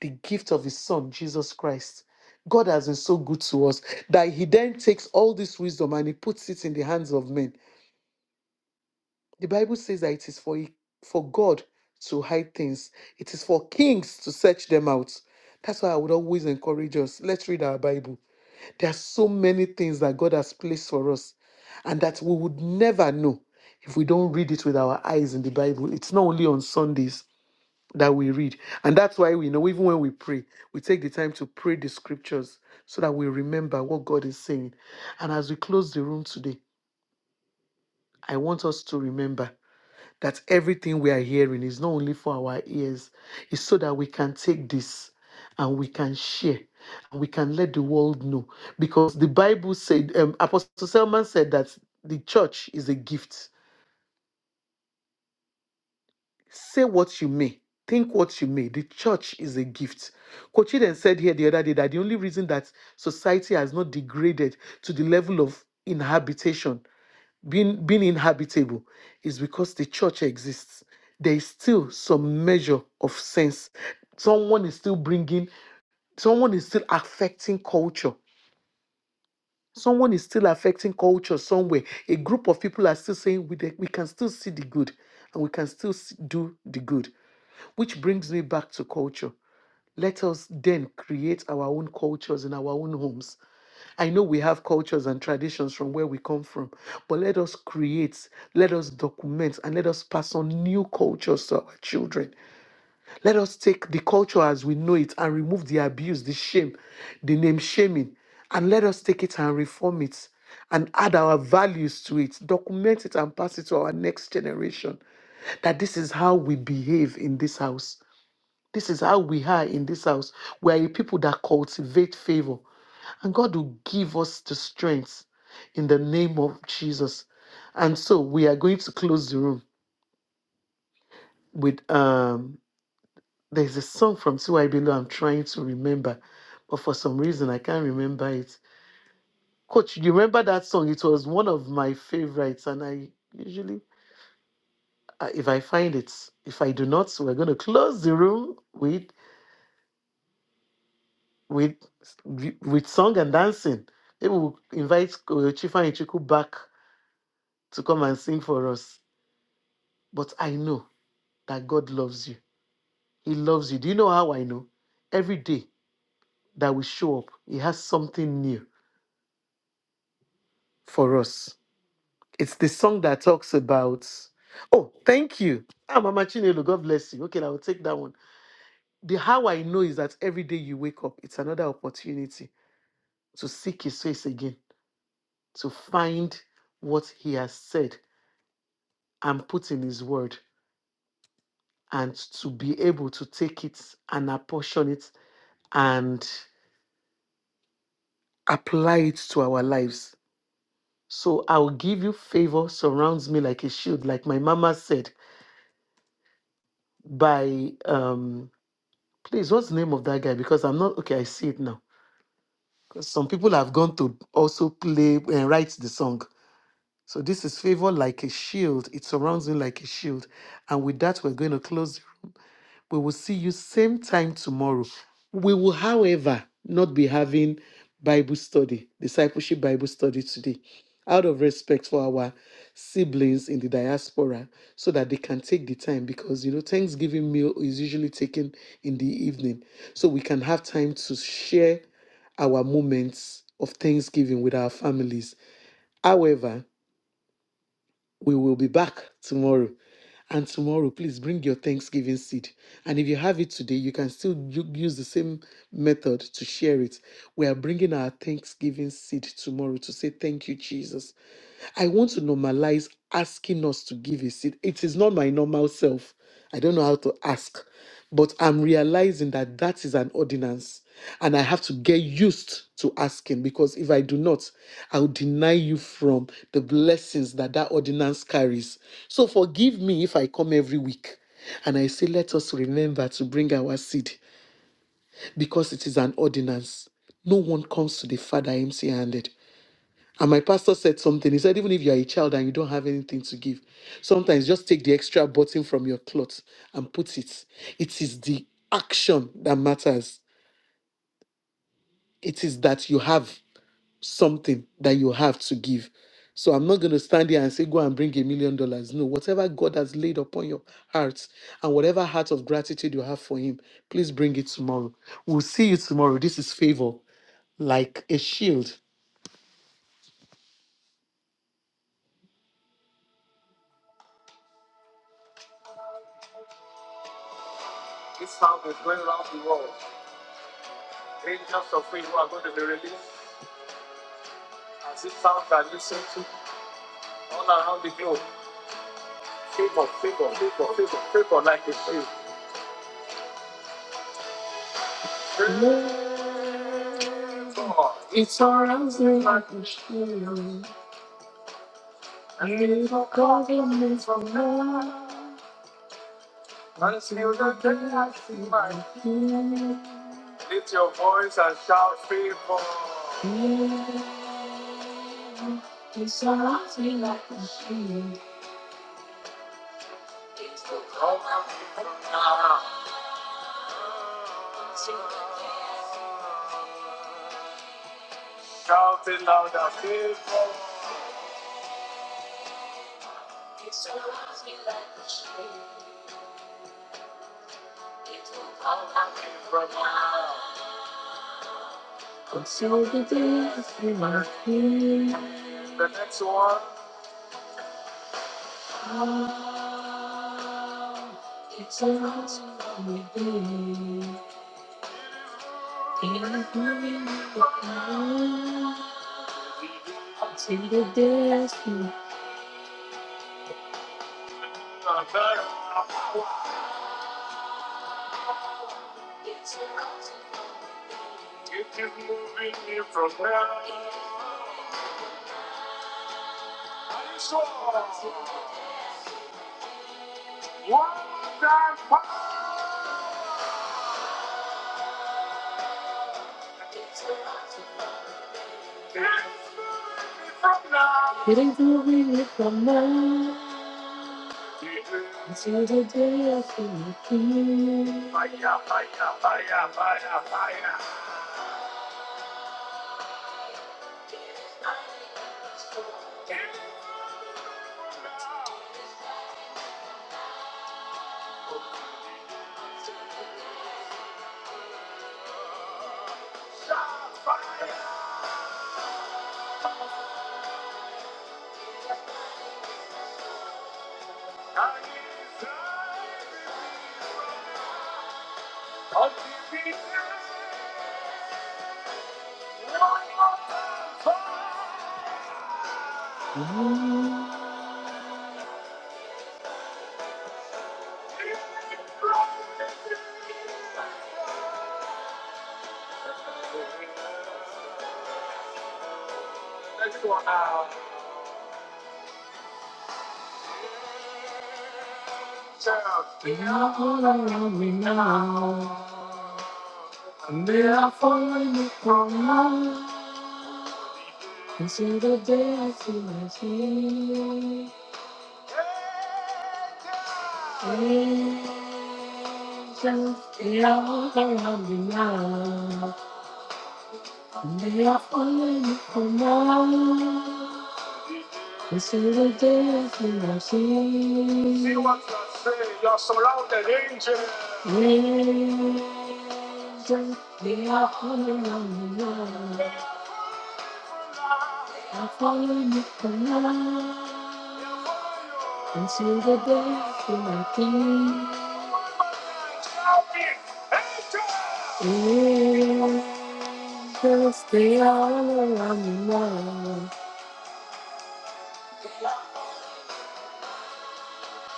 S3: the gift of His Son, Jesus Christ. God has been so good to us that He then takes all this wisdom and He puts it in the hands of men. The Bible says that it is for, for God to hide things, it is for kings to search them out. That's why I would always encourage us. Let's read our Bible there are so many things that God has placed for us and that we would never know if we don't read it with our eyes in the Bible. It's not only on Sundays that we read. And that's why we know, even when we pray, we take the time to pray the scriptures so that we remember what God is saying. And as we close the room today, I want us to remember that everything we are hearing is not only for our ears, it's so that we can take this and we can share and we can let the world know. Because the Bible said, um, Apostle Selman said that the church is a gift. Say what you may, think what you may, the church is a gift. Kochiden said here the other day that the only reason that society has not degraded to the level of inhabitation being being inhabitable is because the church exists there is still some measure of sense someone is still bringing someone is still affecting culture someone is still affecting culture somewhere a group of people are still saying we, de- we can still see the good and we can still s- do the good which brings me back to culture let us then create our own cultures in our own homes I know we have cultures and traditions from where we come from, but let us create, let us document, and let us pass on new cultures to our children. Let us take the culture as we know it and remove the abuse, the shame, the name shaming, and let us take it and reform it and add our values to it, document it, and pass it to our next generation. That this is how we behave in this house. This is how we are in this house. We are a people that cultivate favor. And God will give us the strength in the name of Jesus. And so we are going to close the room with um there's a song from Tiwaibelo I'm trying to remember, but for some reason I can't remember it. Coach, you remember that song? It was one of my favorites, and I usually uh, if I find it, if I do not, we're gonna close the room with with with song and dancing. Maybe we'll invite uh, Chifa Ichiku back to come and sing for us. But I know. that God loves you. He loves you. Do you know how I know? Every day that we show up, He has something new for us. It's the song that talks about, oh, thank you. Ah, Mama Chinelo, God bless you. Okay, I will take that one. The how I know is that every day you wake up, it's another opportunity to seek His face again, to find what He has said and put in His word, and to be able to take it and apportion it and apply it to our lives So I will give you favor surrounds me like a shield, like my mama said. By um, please, what's the name of that guy? Because I'm not okay. I see it now. Because some people have gone to also play and write the song. So this is favor like a shield. It surrounds me like a shield. And with that, we're going to close the We will see you same time tomorrow. We will, however, not be having Bible study, discipleship Bible study today, out of respect for our siblings in the diaspora, so that they can take the time because you know Thanksgiving meal is usually taken in the evening, so we can have time to share our moments of Thanksgiving with our families. However, we will be back tomorrow. And tomorrow, please bring your Thanksgiving seed. And if you have it today, you can still u- use the same method to share it. We are bringing our Thanksgiving seed tomorrow to say, Thank you, Jesus. I want to normalize asking us to give a seed. It is not my normal self. I don't know how to ask, but I'm realizing that that is an ordinance and I have to get used to asking because if I do not, I will deny you from the blessings that that ordinance carries. So forgive me if I come every week and I say, let us remember to bring our seed because it is an ordinance. No one comes to the Father empty handed. And my pastor said something. He said, even if you're a child and you don't have anything to give, sometimes just take the extra button from your cloth and put it. It is the action that matters. It is that you have something that you have to give. So I'm not going to stand here and say, go and bring a million dollars. No, whatever God has laid upon your heart and whatever heart of gratitude you have for Him, please bring it tomorrow. We'll see you tomorrow. This is favor like a shield. This sound is going around the world. Angels of favor are going to be released as it sounds that listen to all around the globe. Favor, favor, favor, favor, favor like a shield. Favor. It surrounds me like a shield. And it'll cover me from now. Until the day I see my king. Lift your voice and shout favor. Favor. It surrounds me like a shield. Shout it louder, faithful. From now. Conceal the days you must be. The next one. It's a lost lonely day. You keep moving me from there. I'm So, one time, keep moving me from now. It is moving me from now. Until the day I see you through. Fire, fire, fire, fire, fire. Wow. They are following me now, and they are following me from now. Consider the day I see my tears. Jesus, they are around me now. They are following for more. This is a day for my sin. See what I say, you're surrounded, angels. Angels, they are falling on me now. They're falling me now. This is a day for my king. Jesus, the honor and love.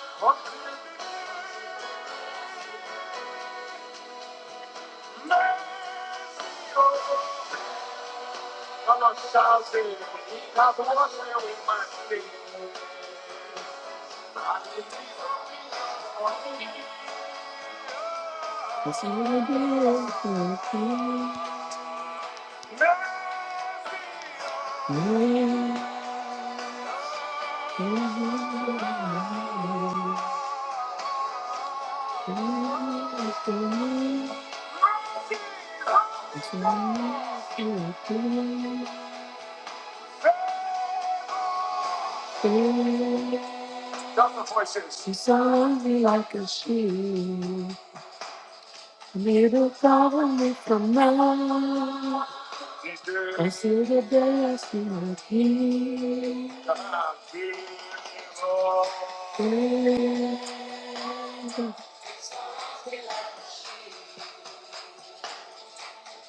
S3: That's all I do for you. Mercy on us, She's on me like a shield. Needle cover me from now. Until the day I see my king.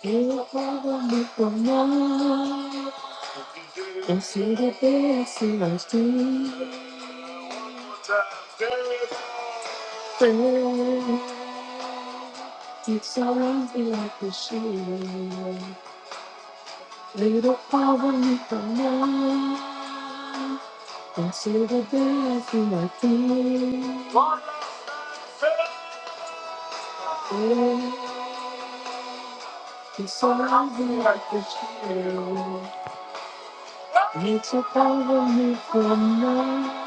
S3: He'll cover me from now. Until the day I see my king. It's around me like a shield. Little power me from now. until the day I feel my feet. It's around me like a shield. Little power me from now.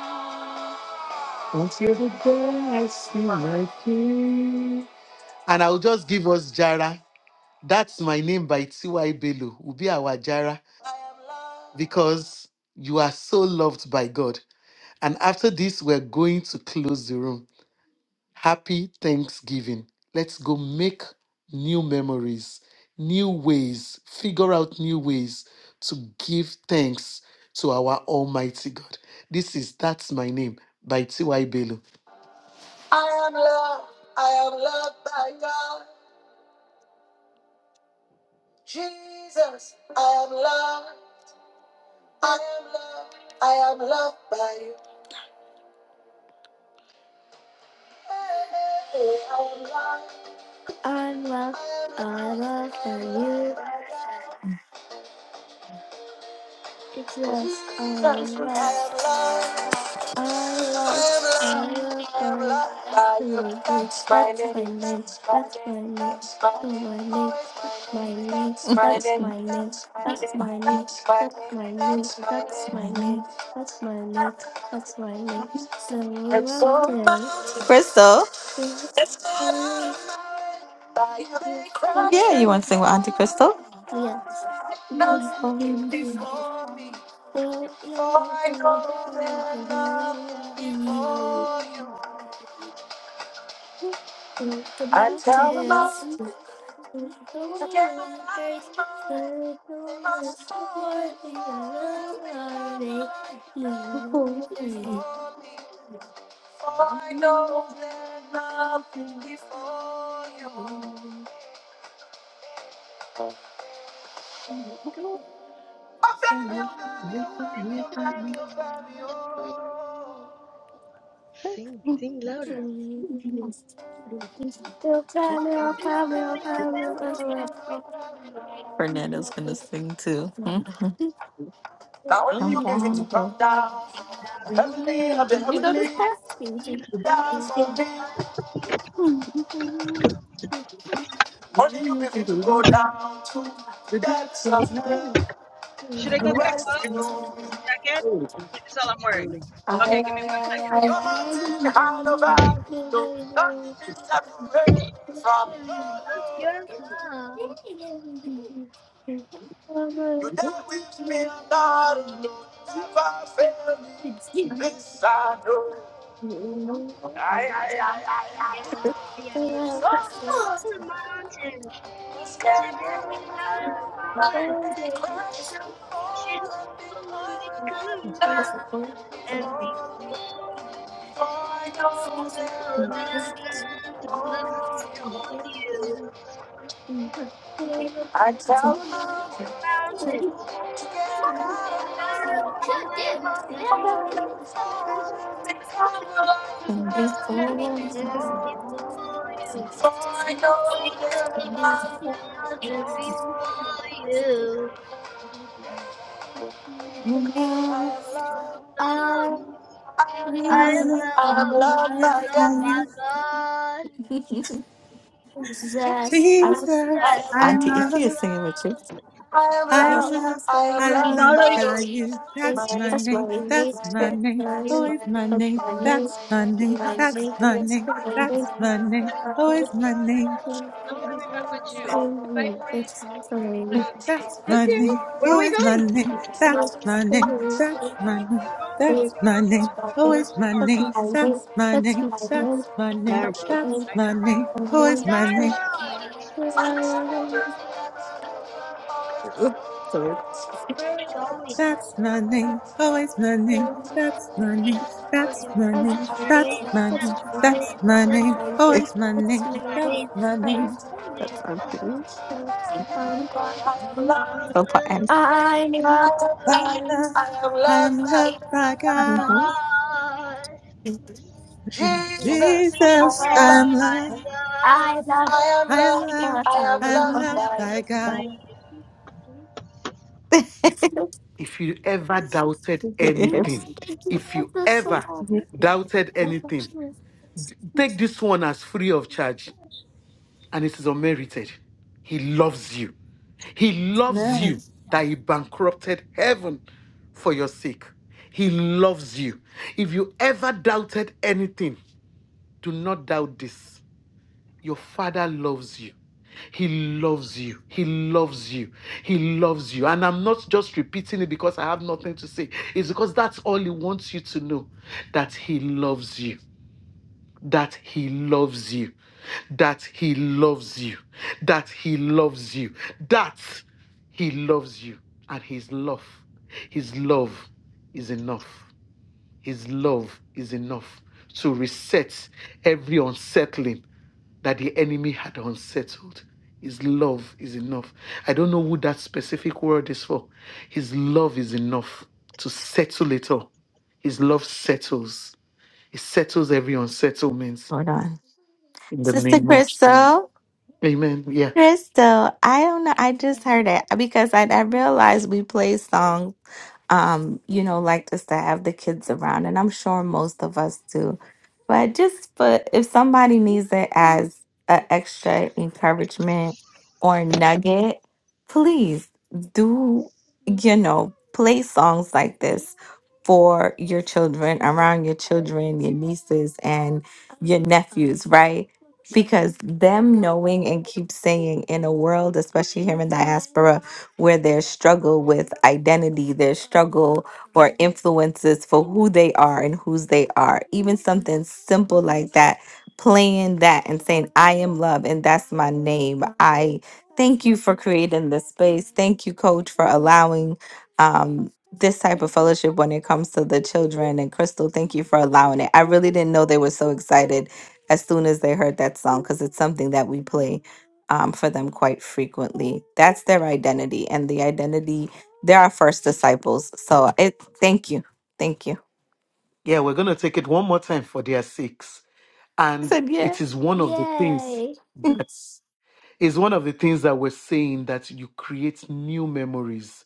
S3: until the day I see my feet. And I'll just give us Jara. That's My Name by T.Y. Bello will be our Jara because you are so loved by God. And after this, we're going to close the room. Happy Thanksgiving. Let's go make new memories, new ways, figure out new ways to give thanks to our Almighty God. This is That's My Name by T.Y. Bello. That's my name. That's my name. That's my name. That's my name. It's all about
S2: Crystal.
S3: It's not out of my life. They crash
S2: You
S3: and
S2: want to sing with Auntie Crystal?
S3: burn. Nothing before me. For I know there's nothing before you. I tell them all to forget out of my way. They must fall and fall and become like nothing before me. For I know there's nothing before you.
S2: Fernando's going to sing too.
S3: What do you if you can go down to the depths of hell to rescue me? I, I, I, I, Your mountain high the valley, the winds that will rescue me.
S1: go
S3: Now they crash and fall and become alive. For I know there must be more. I tell them to get out of my mind, for I'm
S1: to
S3: falling,
S1: much
S3: become alive.
S1: nothing before you.
S3: For I know
S1: Oh,
S3: you gave love.
S1: nothing before you.
S3: I am loved by
S1: Oh
S10: By
S3: God.
S1: my
S10: you,
S1: God,
S3: Jesus, I
S1: Jesus,
S10: Jesus,
S3: am
S2: Auntie
S10: I'm
S3: loved.
S2: Iffy
S10: loved.
S2: is singing with you.
S1: Starbucks,
S3: I am
S10: I am
S3: loved.
S10: loved.
S3: I am
S10: I am
S3: loved
S10: loved
S3: by
S10: by
S3: you.
S10: you.
S3: That's my
S10: That's my
S3: name.
S10: name.
S3: That's
S10: That's
S3: my
S10: my
S3: name.
S10: name.
S3: That's my
S10: Always
S3: name.
S10: my name.
S3: Always
S10: That's my name.
S3: that's
S10: That's
S3: my
S10: my
S3: name.
S10: name. That's my name. Always my name. That's my name. Always my name. That's my name. That's my name. That's my name. Always my name. That's my name.
S3: That's
S10: That's my name.
S1: Starbucks,
S10: That's my name. Always my name.
S1: Starbucks.
S3: my name.
S2: Sorry,
S1: Where are we
S3: That's my
S1: going?
S3: name.
S10: That's my name, always my name. That's my name, that's my name,
S1: That's my
S10: that's
S1: name.
S10: my name,
S1: That's my
S10: that's
S1: name.
S10: my
S1: That's
S10: name,
S1: my name.
S10: always my name,
S1: What's my
S10: that's
S1: name?
S10: my name.
S1: What's my
S2: that's
S1: name? That's
S2: Auntie.
S3: I am
S1: um,
S3: loved.
S2: So poor
S1: oh
S2: Auntie.
S3: I am
S10: I
S3: loved. I am loved
S10: am
S3: by
S10: loved by
S1: my
S10: God.
S1: God,
S7: Mhm.
S3: Jesus. I
S10: Jesus,
S3: am
S1: Jesus,
S10: I am
S3: loved.
S1: I
S7: Oh,
S10: loved,
S1: love,
S3: I am
S10: I am
S3: loved.
S10: loved,
S3: I am
S10: I am
S3: loved
S7: Okay.
S10: loved
S1: I
S3: by you.
S10: by
S1: love
S7: Oh,
S1: you.
S3: if you ever doubted anything, if you ever
S7: yes.
S3: doubted anything, take this one as free of charge and it is unmerited. He loves you. He loves you that he bankrupted heaven for your sake. He loves you. If you ever doubted anything, do not doubt this. Your father loves you. He loves you. He loves you. He loves you. And I'm not just repeating it because I have nothing to say. It's because that's all he wants you to know that he loves you. That he loves you. That he loves you. That he loves you. That he loves you. And his love, his love is enough. His love is enough to reset every unsettling that the enemy had unsettled. His love is enough. I don't know who that specific word is for. His love is enough to settle it all. His love settles. It settles every unsettlement
S2: Hold on.
S3: in the
S2: Sister
S3: name of Jesus.
S2: Crystal.
S3: Amen. Yeah.
S2: Crystal, I don't know. I just heard it because I, I realized we play songs. um, you know, like just to have the kids around. And I'm sure most of us do. But just for if somebody needs it as an extra encouragement or nugget, please do, you know, play songs like this for your children, around your children, your nieces, and your nephews, right? Because them knowing and keep saying in a world, especially here in diaspora, where their struggle with identity, their struggle or influences for who they are and whose they are, even something simple like that, playing that and saying, I am love and that's my name. I thank you for creating this space. Thank you, coach, for allowing. Um, this type of fellowship when it comes to the children and crystal thank you for allowing it i really didn't know they were so excited as soon as they heard that song because it's something that we play um, for them quite frequently. That's their identity, and the identity they're our first disciples. So it. Thank you, thank you.
S3: Yeah, we're going to take it one more time for their sakes.
S2: I
S3: And
S2: said yeah.
S3: it is one of the things that's is one of the things that we're saying that you create new memories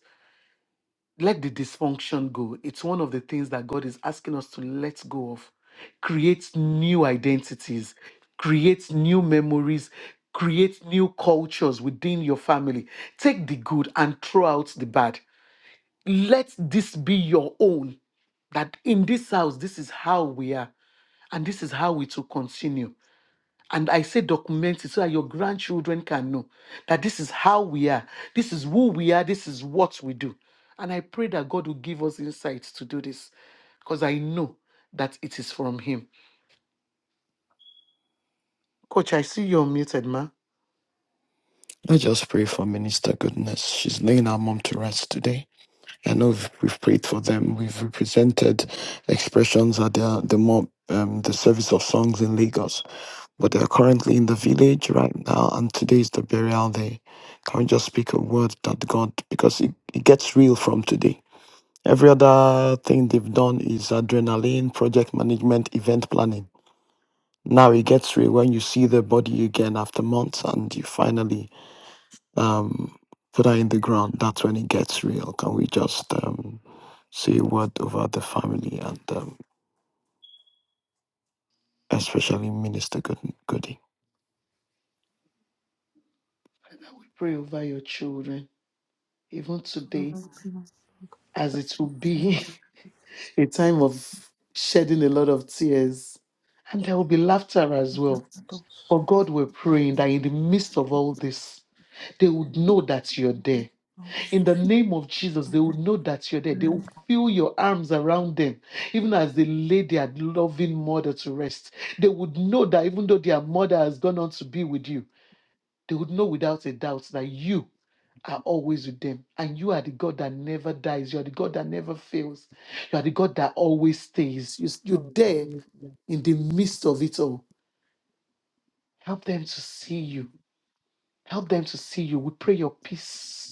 S3: let the dysfunction go. It's one of the things that God is asking us to let go of. Create new identities, create new memories, create new cultures within your family. Take the good and throw out the bad. Let this be your own. That in this house, this is how we are, and this is how we to continue. And I say document it so that your grandchildren can know that this is how we are, this is who we are, this is what we do. And I pray that God will give us insight to do this because I know that it is from Him. Coach, I see you're muted, ma.
S4: I just pray for Minister Goodness. She's laying her mom to rest today. I know we've, we've prayed for them. We've represented expressions at the the mob, um, the service of songs in Lagos. but they are currently in the village right now, and today is the burial day. Can we just speak a word that God, because it, it gets real from today. Every other thing they've done is adrenaline, project management, event planning. Now it gets real when you see the body again after months and you finally um, put her in the ground. That's when it gets real. Can we just um, say a word over the family and um, especially Minister Good- Goody?
S3: Pray over your children, even today, as it will be a time of shedding a lot of tears. And there will be laughter as well. For God, we're praying that in the midst of all this, they would know that you're there In the name of Jesus, they will know that you're there. They will feel your arms around them, even as they lay their loving mother to rest. They would know that even though their mother has gone on to be with you, they would know without a doubt that you are always with them. And you are the God that never dies. You are the God that never fails. You are the God that always stays. You- You're
S7: Oh,
S3: there
S7: yes,
S3: in the midst of it all. Help them to see you. Help them to see you. We pray your peace.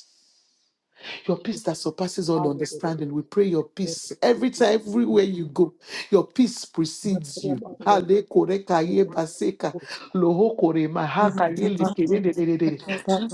S3: Your peace that surpasses all understanding. We pray your
S7: yes,
S3: peace every time, everywhere you
S7: yes.
S3: go. Your peace
S7: But the
S3: precedes you.
S7: amount of
S3: Ale kore kaye
S7: people who really
S3: baseka.
S7: come to
S3: Loho kore maha kaye lekere de de de de de.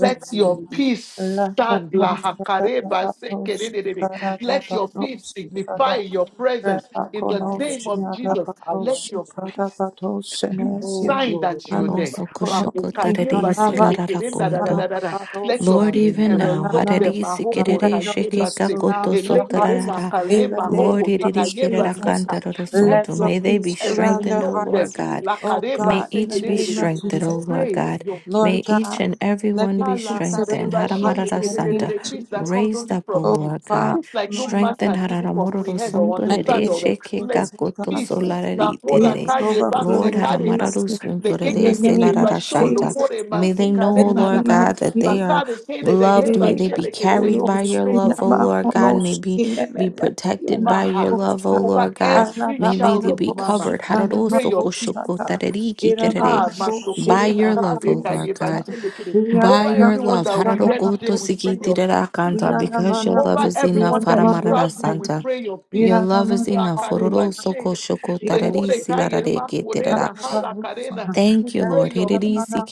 S3: Let your peace
S10: La
S3: stand. La
S10: karosa da
S3: hakare
S10: da da
S3: baseke de
S10: roshi
S3: de de de.
S10: kara da
S3: Let
S10: da
S3: your peace
S10: roshi
S7: the Lord,
S3: signify
S10: kada
S3: your presence
S10: repa
S3: in
S7: who
S3: the
S7: found their
S3: name
S10: konoshi
S3: of
S10: ada
S7: heart,
S3: Jesus.
S10: da
S7: I want
S3: Let
S7: to
S10: roshi
S3: your
S7: give it.
S10: kada
S3: peace
S10: da roshi
S3: be
S7: Oh,
S10: nesia
S3: sign
S7: glory.
S3: that you're
S10: nanda
S3: there.
S10: da
S2: Raroso kushoko
S10: konoshi
S3: Makokaye
S10: nanda
S2: tarerisi
S3: bashe
S7: to
S10: da
S3: lekere da
S10: roshi
S3: da da
S2: lararakonto.
S3: da da da.
S10: ada
S3: Let your
S2: Lord,
S7: God.
S3: peace
S7: Hallelujah.
S2: even
S7: Glory
S2: now,
S10: da roshi
S3: envelope them.
S10: rana
S2: harerisi
S3: Mahoko
S10: let
S2: kerere
S10: your
S3: kayeba
S2: sheke
S10: peace
S3: se.
S2: kakoto
S10: surround their
S3: Elekere
S10: hearts
S2: sotarara.
S3: makale
S10: in the name
S2: Lord,
S3: mahoko de
S10: of
S2: iriri
S3: kayeba
S2: kerera
S10: Jesus
S3: seka. Let
S2: kantarorosunto.
S10: let your
S3: your
S2: may they
S3: peace
S2: be
S10: peace surround their
S2: strengthened, O
S3: envelope them.
S2: Lord
S10: hearts
S2: God.
S10: oh
S3: Lakareba
S2: May
S10: God
S3: se.
S10: in the
S2: each be
S10: name of
S2: strengthened,
S3: We
S10: Jesus
S2: O Lord
S3: Pray.
S2: God.
S3: your
S10: Lord
S2: May each
S10: God,
S2: and every
S10: let
S2: one
S10: your
S2: be
S3: Allah,
S10: peace
S2: strengthened.
S10: surround
S3: Kareba,
S10: our hearts
S3: Shele,
S10: in
S2: Haramarada
S10: the name
S2: Santa.
S10: of
S3: Kedede, things that
S10: Jesus.
S3: comes
S2: Raised
S3: only
S2: up, O
S3: from
S10: Oh,
S3: you.
S2: Lord God.
S10: Father,
S3: Things like no
S10: Lord
S3: man
S10: God,
S2: Strengthen
S3: can even
S2: Hararamororo
S3: comprehend or
S10: I
S2: Sunturere
S3: understand
S10: give
S3: or
S2: Sheke
S3: explain.
S10: thanks to
S2: Kakoto
S10: God
S3: Peace.
S10: for
S3: na
S2: Solarari
S7: to
S3: ora
S2: Terere.
S10: peace,
S3: kaye ba
S2: Lord
S3: se
S10: overflowing
S3: kare na.
S10: peace
S2: Haramararu
S10: in
S3: The
S10: in
S2: Sunturere
S10: the
S3: kekeke ye
S10: name
S3: ba
S10: of
S2: Selarara
S3: sholo
S2: Shanta.
S10: Jesus.
S3: kore ma
S2: May
S3: se
S2: they know,
S10: In
S2: O
S3: kare
S10: the
S3: na na
S2: Lord
S3: na.
S10: name of
S2: God, that
S3: La
S2: they
S10: Jesus.
S2: are
S3: kare kere de he
S2: loved.
S3: ba
S2: May they
S10: Beria
S2: be
S3: shele kere
S2: carried by
S10: tulos
S3: We
S2: your
S3: pray your
S2: love, O
S10: inama
S3: peace
S2: Lord God.
S10: konos
S2: May be, be
S10: inemene
S2: protected
S3: over
S2: by
S10: yonama
S2: your
S3: her,
S2: love, O
S10: kosha
S7: God.
S3: over
S2: Lord God.
S3: every
S2: May
S3: child
S10: arababana
S2: they
S3: of
S2: be
S3: mama.
S10: koshi
S2: covered.
S3: We
S2: Hararo
S10: kanama
S3: pray your
S2: soko shoko
S3: peace.
S10: koshata
S2: Hararosokoshokotarerikiterere.
S10: irabana
S3: Ah,
S10: koshi
S2: By your
S3: Matokorena,
S10: kanama
S2: love, O
S3: Haleba,
S2: Lord
S3: Yeba,
S10: koshata
S2: God.
S3: Shelekere.
S2: By
S3: Over
S10: irabana
S2: your
S3: everyone
S2: love.
S3: that will
S10: kosha
S3: be there
S10: nama
S3: today, we pray
S10: koshata
S3: your peace.
S2: Hararokotosikitirerakanta. Because your
S10: iranamana
S2: love
S3: Over
S2: is
S10: koshi
S2: enough.
S3: everyone that
S10: iranama
S3: is
S2: Haramarara
S3: traveling,
S10: koshata
S3: we
S2: Santa.
S3: pray your
S2: Your
S3: peace.
S2: love is
S10: iranamana
S2: enough.
S3: Lakareba,
S2: Ororo
S10: koshata
S2: soko
S3: She-
S2: shoko
S7: Lord,
S2: tarari
S7: this
S3: Sekore,
S7: is
S3: Kaye,
S7: how to
S3: Makorena, Halakarena. We
S2: Thank you,
S3: pray
S2: Lord.
S3: your
S2: Hiririsi Ke
S3: peace.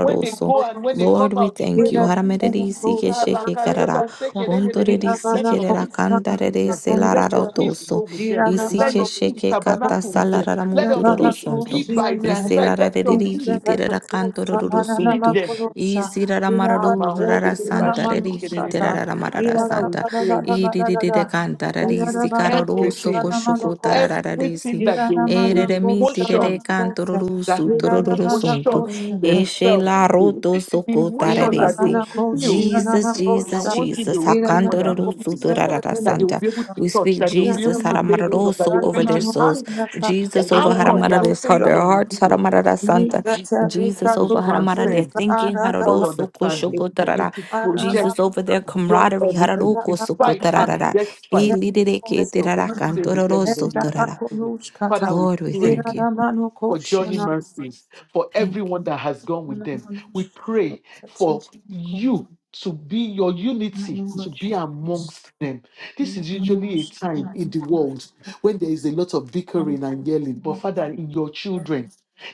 S3: When they go and when they
S2: Lord,
S3: come
S2: we
S3: out, we
S2: thank
S3: pray
S2: you. Ke Ke
S3: your
S2: Ke
S3: peace.
S2: Karara.
S3: Salakareba sekerelelele.
S2: Isi
S3: Let your peace be with them. Let your peace go with them.
S2: Isi
S3: Let
S2: ke
S3: your peace
S2: sheke Kata
S3: tabernacle with them. Let your peace
S2: salararamuturorosonto.
S3: be by their
S2: Ese
S3: side. Let your peace
S2: larareriki terera
S3: lead
S2: kantororosutu.
S3: them.
S2: Isi raramarorurara
S3: Amahokoreba
S2: Santa
S3: shelekelelele. Father, we
S2: Haramererisikerishikekarara. Kontorerisikererakantarereselararotoso. Isikeshikekatasalararamuturorosonto. Eselarererikitererakantororosutu. Isiraramarorurarasantarerikiteraramararasanta.
S3: pray that in everything, in
S2: Iririrekantararisikarorosokoshokotarararisi.
S3: everything that they will feel,
S10: Iranamana
S2: Erere
S3: the
S2: mi
S10: koshana
S2: tirere
S3: emotions
S10: kosha,
S2: cantoruru
S3: that
S2: su
S3: will be
S2: tururu
S10: Iranamana
S2: suntu.
S3: motion
S10: kosha,
S2: Eshe
S3: themselves,
S2: la roto
S3: the
S2: soko
S3: emotions that they
S2: tararesi.
S10: Iranamana
S3: will
S10: kosha,
S3: feel
S10: Iranamana
S2: Jesus,
S3: I
S2: Jesus,
S10: kosha,
S3: want you they
S2: Jesus.
S3: will feel more than
S10: Iranamana
S2: Hakantoruru su
S3: anything,
S10: kosha,
S2: turarara
S3: that
S10: Iranamana kosha,
S3: they will be able to
S2: We
S3: touch,
S2: speak
S3: that they will be
S2: Jesus
S3: able to
S10: Iranamana
S3: lay hold of, that
S10: kosha,
S3: they
S2: haramararoso
S3: will be
S2: over
S3: able
S7: speak.
S2: their
S3: to
S2: souls.
S3: hang,
S10: namakosha,
S3: they
S2: Jesus
S7: What do you
S2: over
S7: down
S3: anchor
S10: Iranamana
S7: there
S3: their
S2: haramarares heart,
S3: faith
S10: kosha,
S2: their
S3: on you,
S2: hearts
S3: be your
S2: haramarara
S3: peace,
S10: Nikata beka
S2: Jesus
S3: to
S2: over
S10: kuku
S7: for the
S2: haramara their
S3: transcend
S10: kuka
S2: thinking
S10: arada
S3: all
S2: hararoso
S3: understanding,
S7: sake
S2: koshoko
S10: kosha,
S7: of
S3: is
S2: tarara.
S7: it.
S3: to
S10: arada
S3: project
S2: Jesus over their
S3: beyond
S2: camaraderie
S3: everything, in
S2: hararoko soko
S3: spite
S10: arada
S3: and
S2: tararara.
S3: despite.
S2: Ilirere
S10: zeka
S2: ke
S3: Let your
S2: tarara
S10: kosha,
S3: peace stay with them in the
S10: enda
S3: name of
S2: cantororo
S3: Jesus.
S10: kunushkata,
S3: Father, we
S2: Lord, we
S3: pray
S2: thank you.
S10: Iranamana
S3: for Johnny
S2: Jesus,
S10: kosha,
S3: Murphy's, for
S2: thank
S3: everyone
S2: you.
S3: that has gone with
S10: Ana
S3: them. We
S10: knowledge of
S3: pray
S10: that
S3: for
S10: technical
S3: you to be your unity, to
S10: knowledge
S3: be amongst them. This
S10: in the
S3: is
S10: Kabbalah
S3: usually a time in
S10: and
S3: the world when there is a lot of
S10: a
S3: bickering
S10: knowledge
S3: and yelling, but Father, in your
S10: of
S3: children,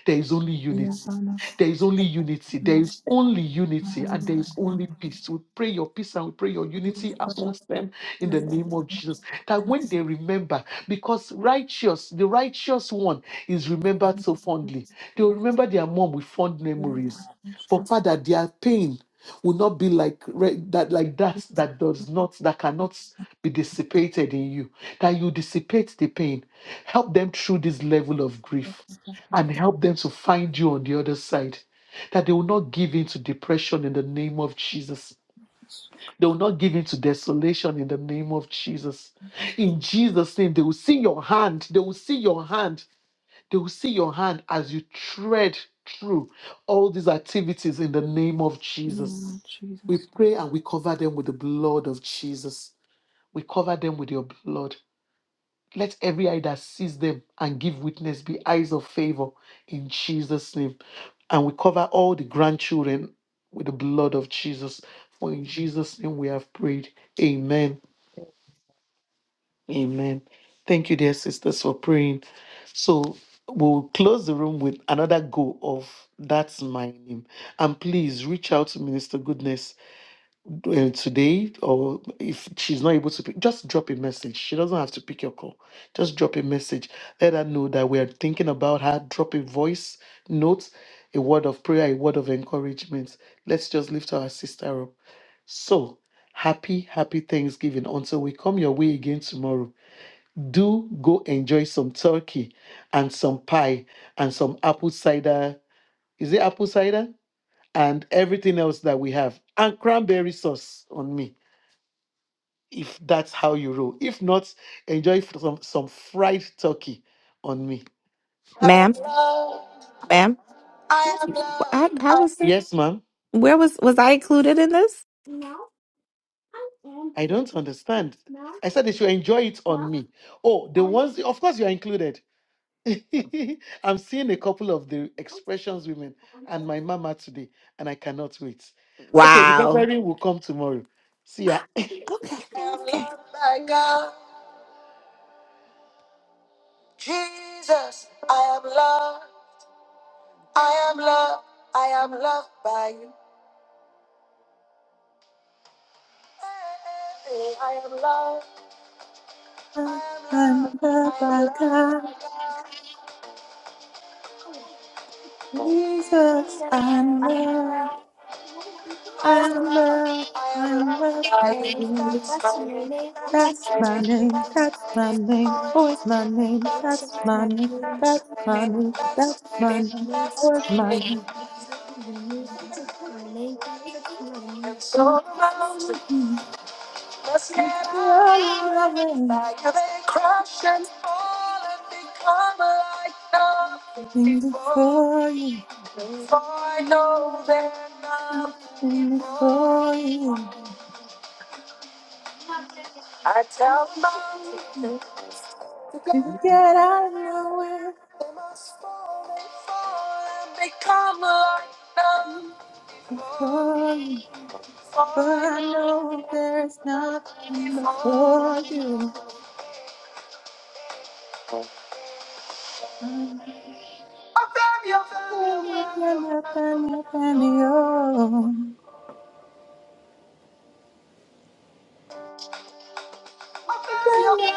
S3: there is only
S10: the
S3: unity.
S10: Yavana
S3: There is only unity. There is only unity and there is only peace. We pray your peace and we pray your unity amongst them in the name of Jesus. That when they remember, because righteous, the righteous one is remembered so fondly. They will remember their mom with fond memories. But Father, their pain will not be like re- that, like that that does not, that cannot be dissipated in you. That you dissipate the pain. Help them through this level of grief and help them to find you on the other side. That they will not give in to depression in the name of Jesus. They will not give in to desolation in the name of Jesus. In Jesus' name, they will see your hand. They will see your hand. They will see your hand as you tread through all these activities in the name of Jesus.
S10: Lord
S3: We
S10: Jesus.
S3: pray and we cover them with the blood of Jesus. We cover them with your blood. Let every eye that sees them and give witness be eyes of favor in Jesus' name. And we cover all the grandchildren with the blood of Jesus. For in Jesus' name we have prayed. Amen. Amen. Thank you, dear sisters, for praying. So we'll close the room with another go of That's My Name. And please reach out to Minister Goodness uh, today or if she's not able to pick, just drop a message. She doesn't have to pick your call. Just drop a message. Let her know that we are thinking about her. Drop a voice note, a word of prayer, a word of encouragement. Let's just lift our sister up. So happy, happy Thanksgiving. Until we come your way again tomorrow, do go enjoy some turkey and some pie and some apple cider. Is it apple cider? And everything else that we have, and cranberry sauce on me if that's how you roll. If not, enjoy f- some, some fried turkey on me.
S2: Ma'am, ma'am, wh- how, how was that?
S3: Yes, ma'am.
S2: Where was was I included in this?
S3: I don't understand. I said they should enjoy it on me. Oh, the ones, of course, you are included. I'm seeing a couple of the expressions women and my mama today, and I cannot wait. Okay, the
S2: Wow.
S3: preparing will come tomorrow. See ya.
S2: Okay.
S3: I am
S2: okay.
S3: loved by God. Jesus, I am loved. I am loved. I am loved by you. I am loved.
S10: I'm
S3: I am loved.
S10: loved
S3: I am
S10: by
S3: loved
S10: God,
S3: by God.
S10: Jesus.
S3: Jesus, I
S10: I'm
S3: am loved.
S10: loved.
S3: I am
S10: I'm
S3: loved.
S10: loved.
S3: I am
S10: I'm loved
S3: loved
S10: by
S3: by you.
S10: you.
S3: That's my name. That's
S10: That's
S3: my
S10: my
S3: name.
S10: name.
S3: That's
S10: That's
S3: my
S10: my
S3: name.
S10: name. Oh, my name. That's my name. That's
S3: My
S10: my
S3: name.
S10: name.
S3: That's
S10: That's
S3: my
S10: my
S3: name.
S10: name.
S3: That's
S10: Oh,
S3: my
S10: my
S3: name.
S10: name.
S3: And
S10: Oh.
S3: so the mountain must get out of
S10: on my
S3: my way.
S10: way.
S3: By you they crush and fall and become like nothing
S10: Nothing
S3: before. me.
S10: before you,
S3: For I know that nothing
S10: nothing
S3: is wrong.
S10: before you.
S3: How much
S10: To get out of my way
S3: they must fall, they fall and become like the
S10: for
S3: falling.
S10: you.
S3: For
S10: But
S3: I
S10: I
S3: know
S10: know there's
S3: they
S10: nothing
S3: fall.
S10: before you. I'm helping me,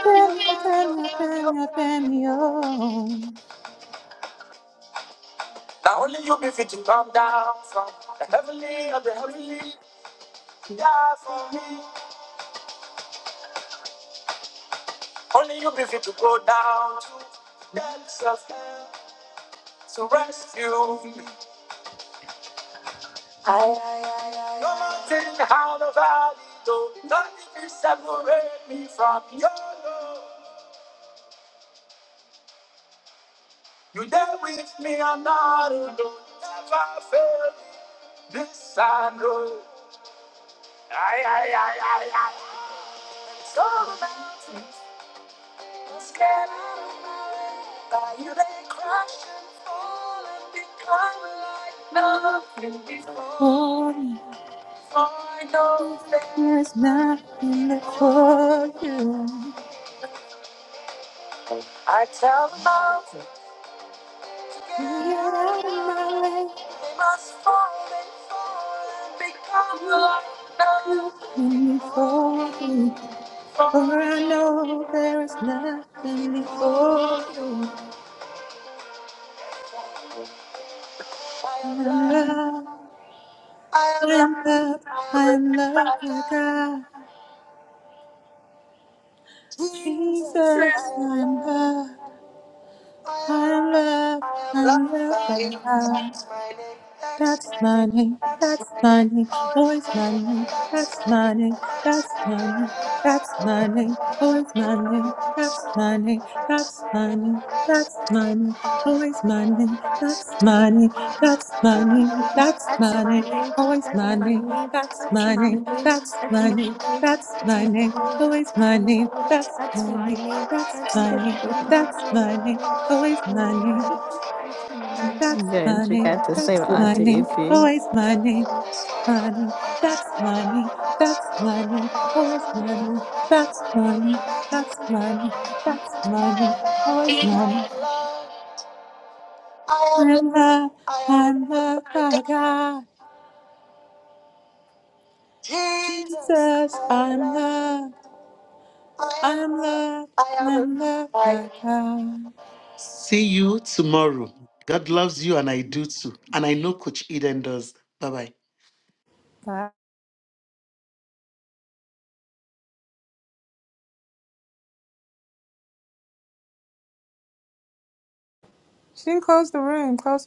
S10: helping me, helping me, helping me, helping me
S3: No more soul mountains scattered by you they crash and fall and become like nothing before.
S10: for you.
S3: For I know
S10: There's
S3: that.
S10: nothing before you.
S3: I tell them all. They
S10: To get out of my way,
S3: must fall and fall and become love.
S10: nothing before you. For I know there's nothing before you.
S3: I
S10: I
S3: am
S10: am
S3: loved.
S10: loved,
S3: I am
S10: I am
S3: loved.
S10: loved,
S3: I am
S10: I
S3: loved
S10: am
S3: by
S10: loved by
S3: God.
S10: God.
S3: Jesus, I
S10: Jesus, I
S3: am
S10: am
S3: loved.
S10: loved,
S3: I am
S10: I am
S3: loved.
S10: loved,
S3: I am
S10: I am
S3: loved
S10: loved
S3: by
S10: by
S3: you.
S10: God.
S3: That's my name. That's
S10: That's
S3: my
S10: my
S3: name.
S10: name. That's my name. Always my name. That's my name. That's my name. That's my name. Always my name. That's my name. That's my name. That's my name. Always my name. That's my name. That's my name. That's my name. Always my name. That's my name. That's my name. That's my name. Always my name. That's my name. That's my name. That's my name. Always my name. That's my name. That's my name. Always my name. My name. That's my name. That's my name. Always my name. That's my name. That's my name. That's my name. Always my name.
S3: I am loved. I am
S10: I'm
S3: loved.
S10: loved.
S3: I am
S10: I'm
S3: loved
S10: loved
S3: by
S10: by
S3: God.
S10: God.
S3: Jesus, I
S10: Jesus,
S3: am
S10: I'm
S3: loved.
S10: loved. I'm
S3: I
S10: loved.
S3: am loved
S10: I'm loved
S3: by
S10: by
S3: you.
S10: God.
S3: See you tomorrow. God loves you, and I do too. And I know Coach Eden does. Bye bye.
S10: She didn't close the room. Close.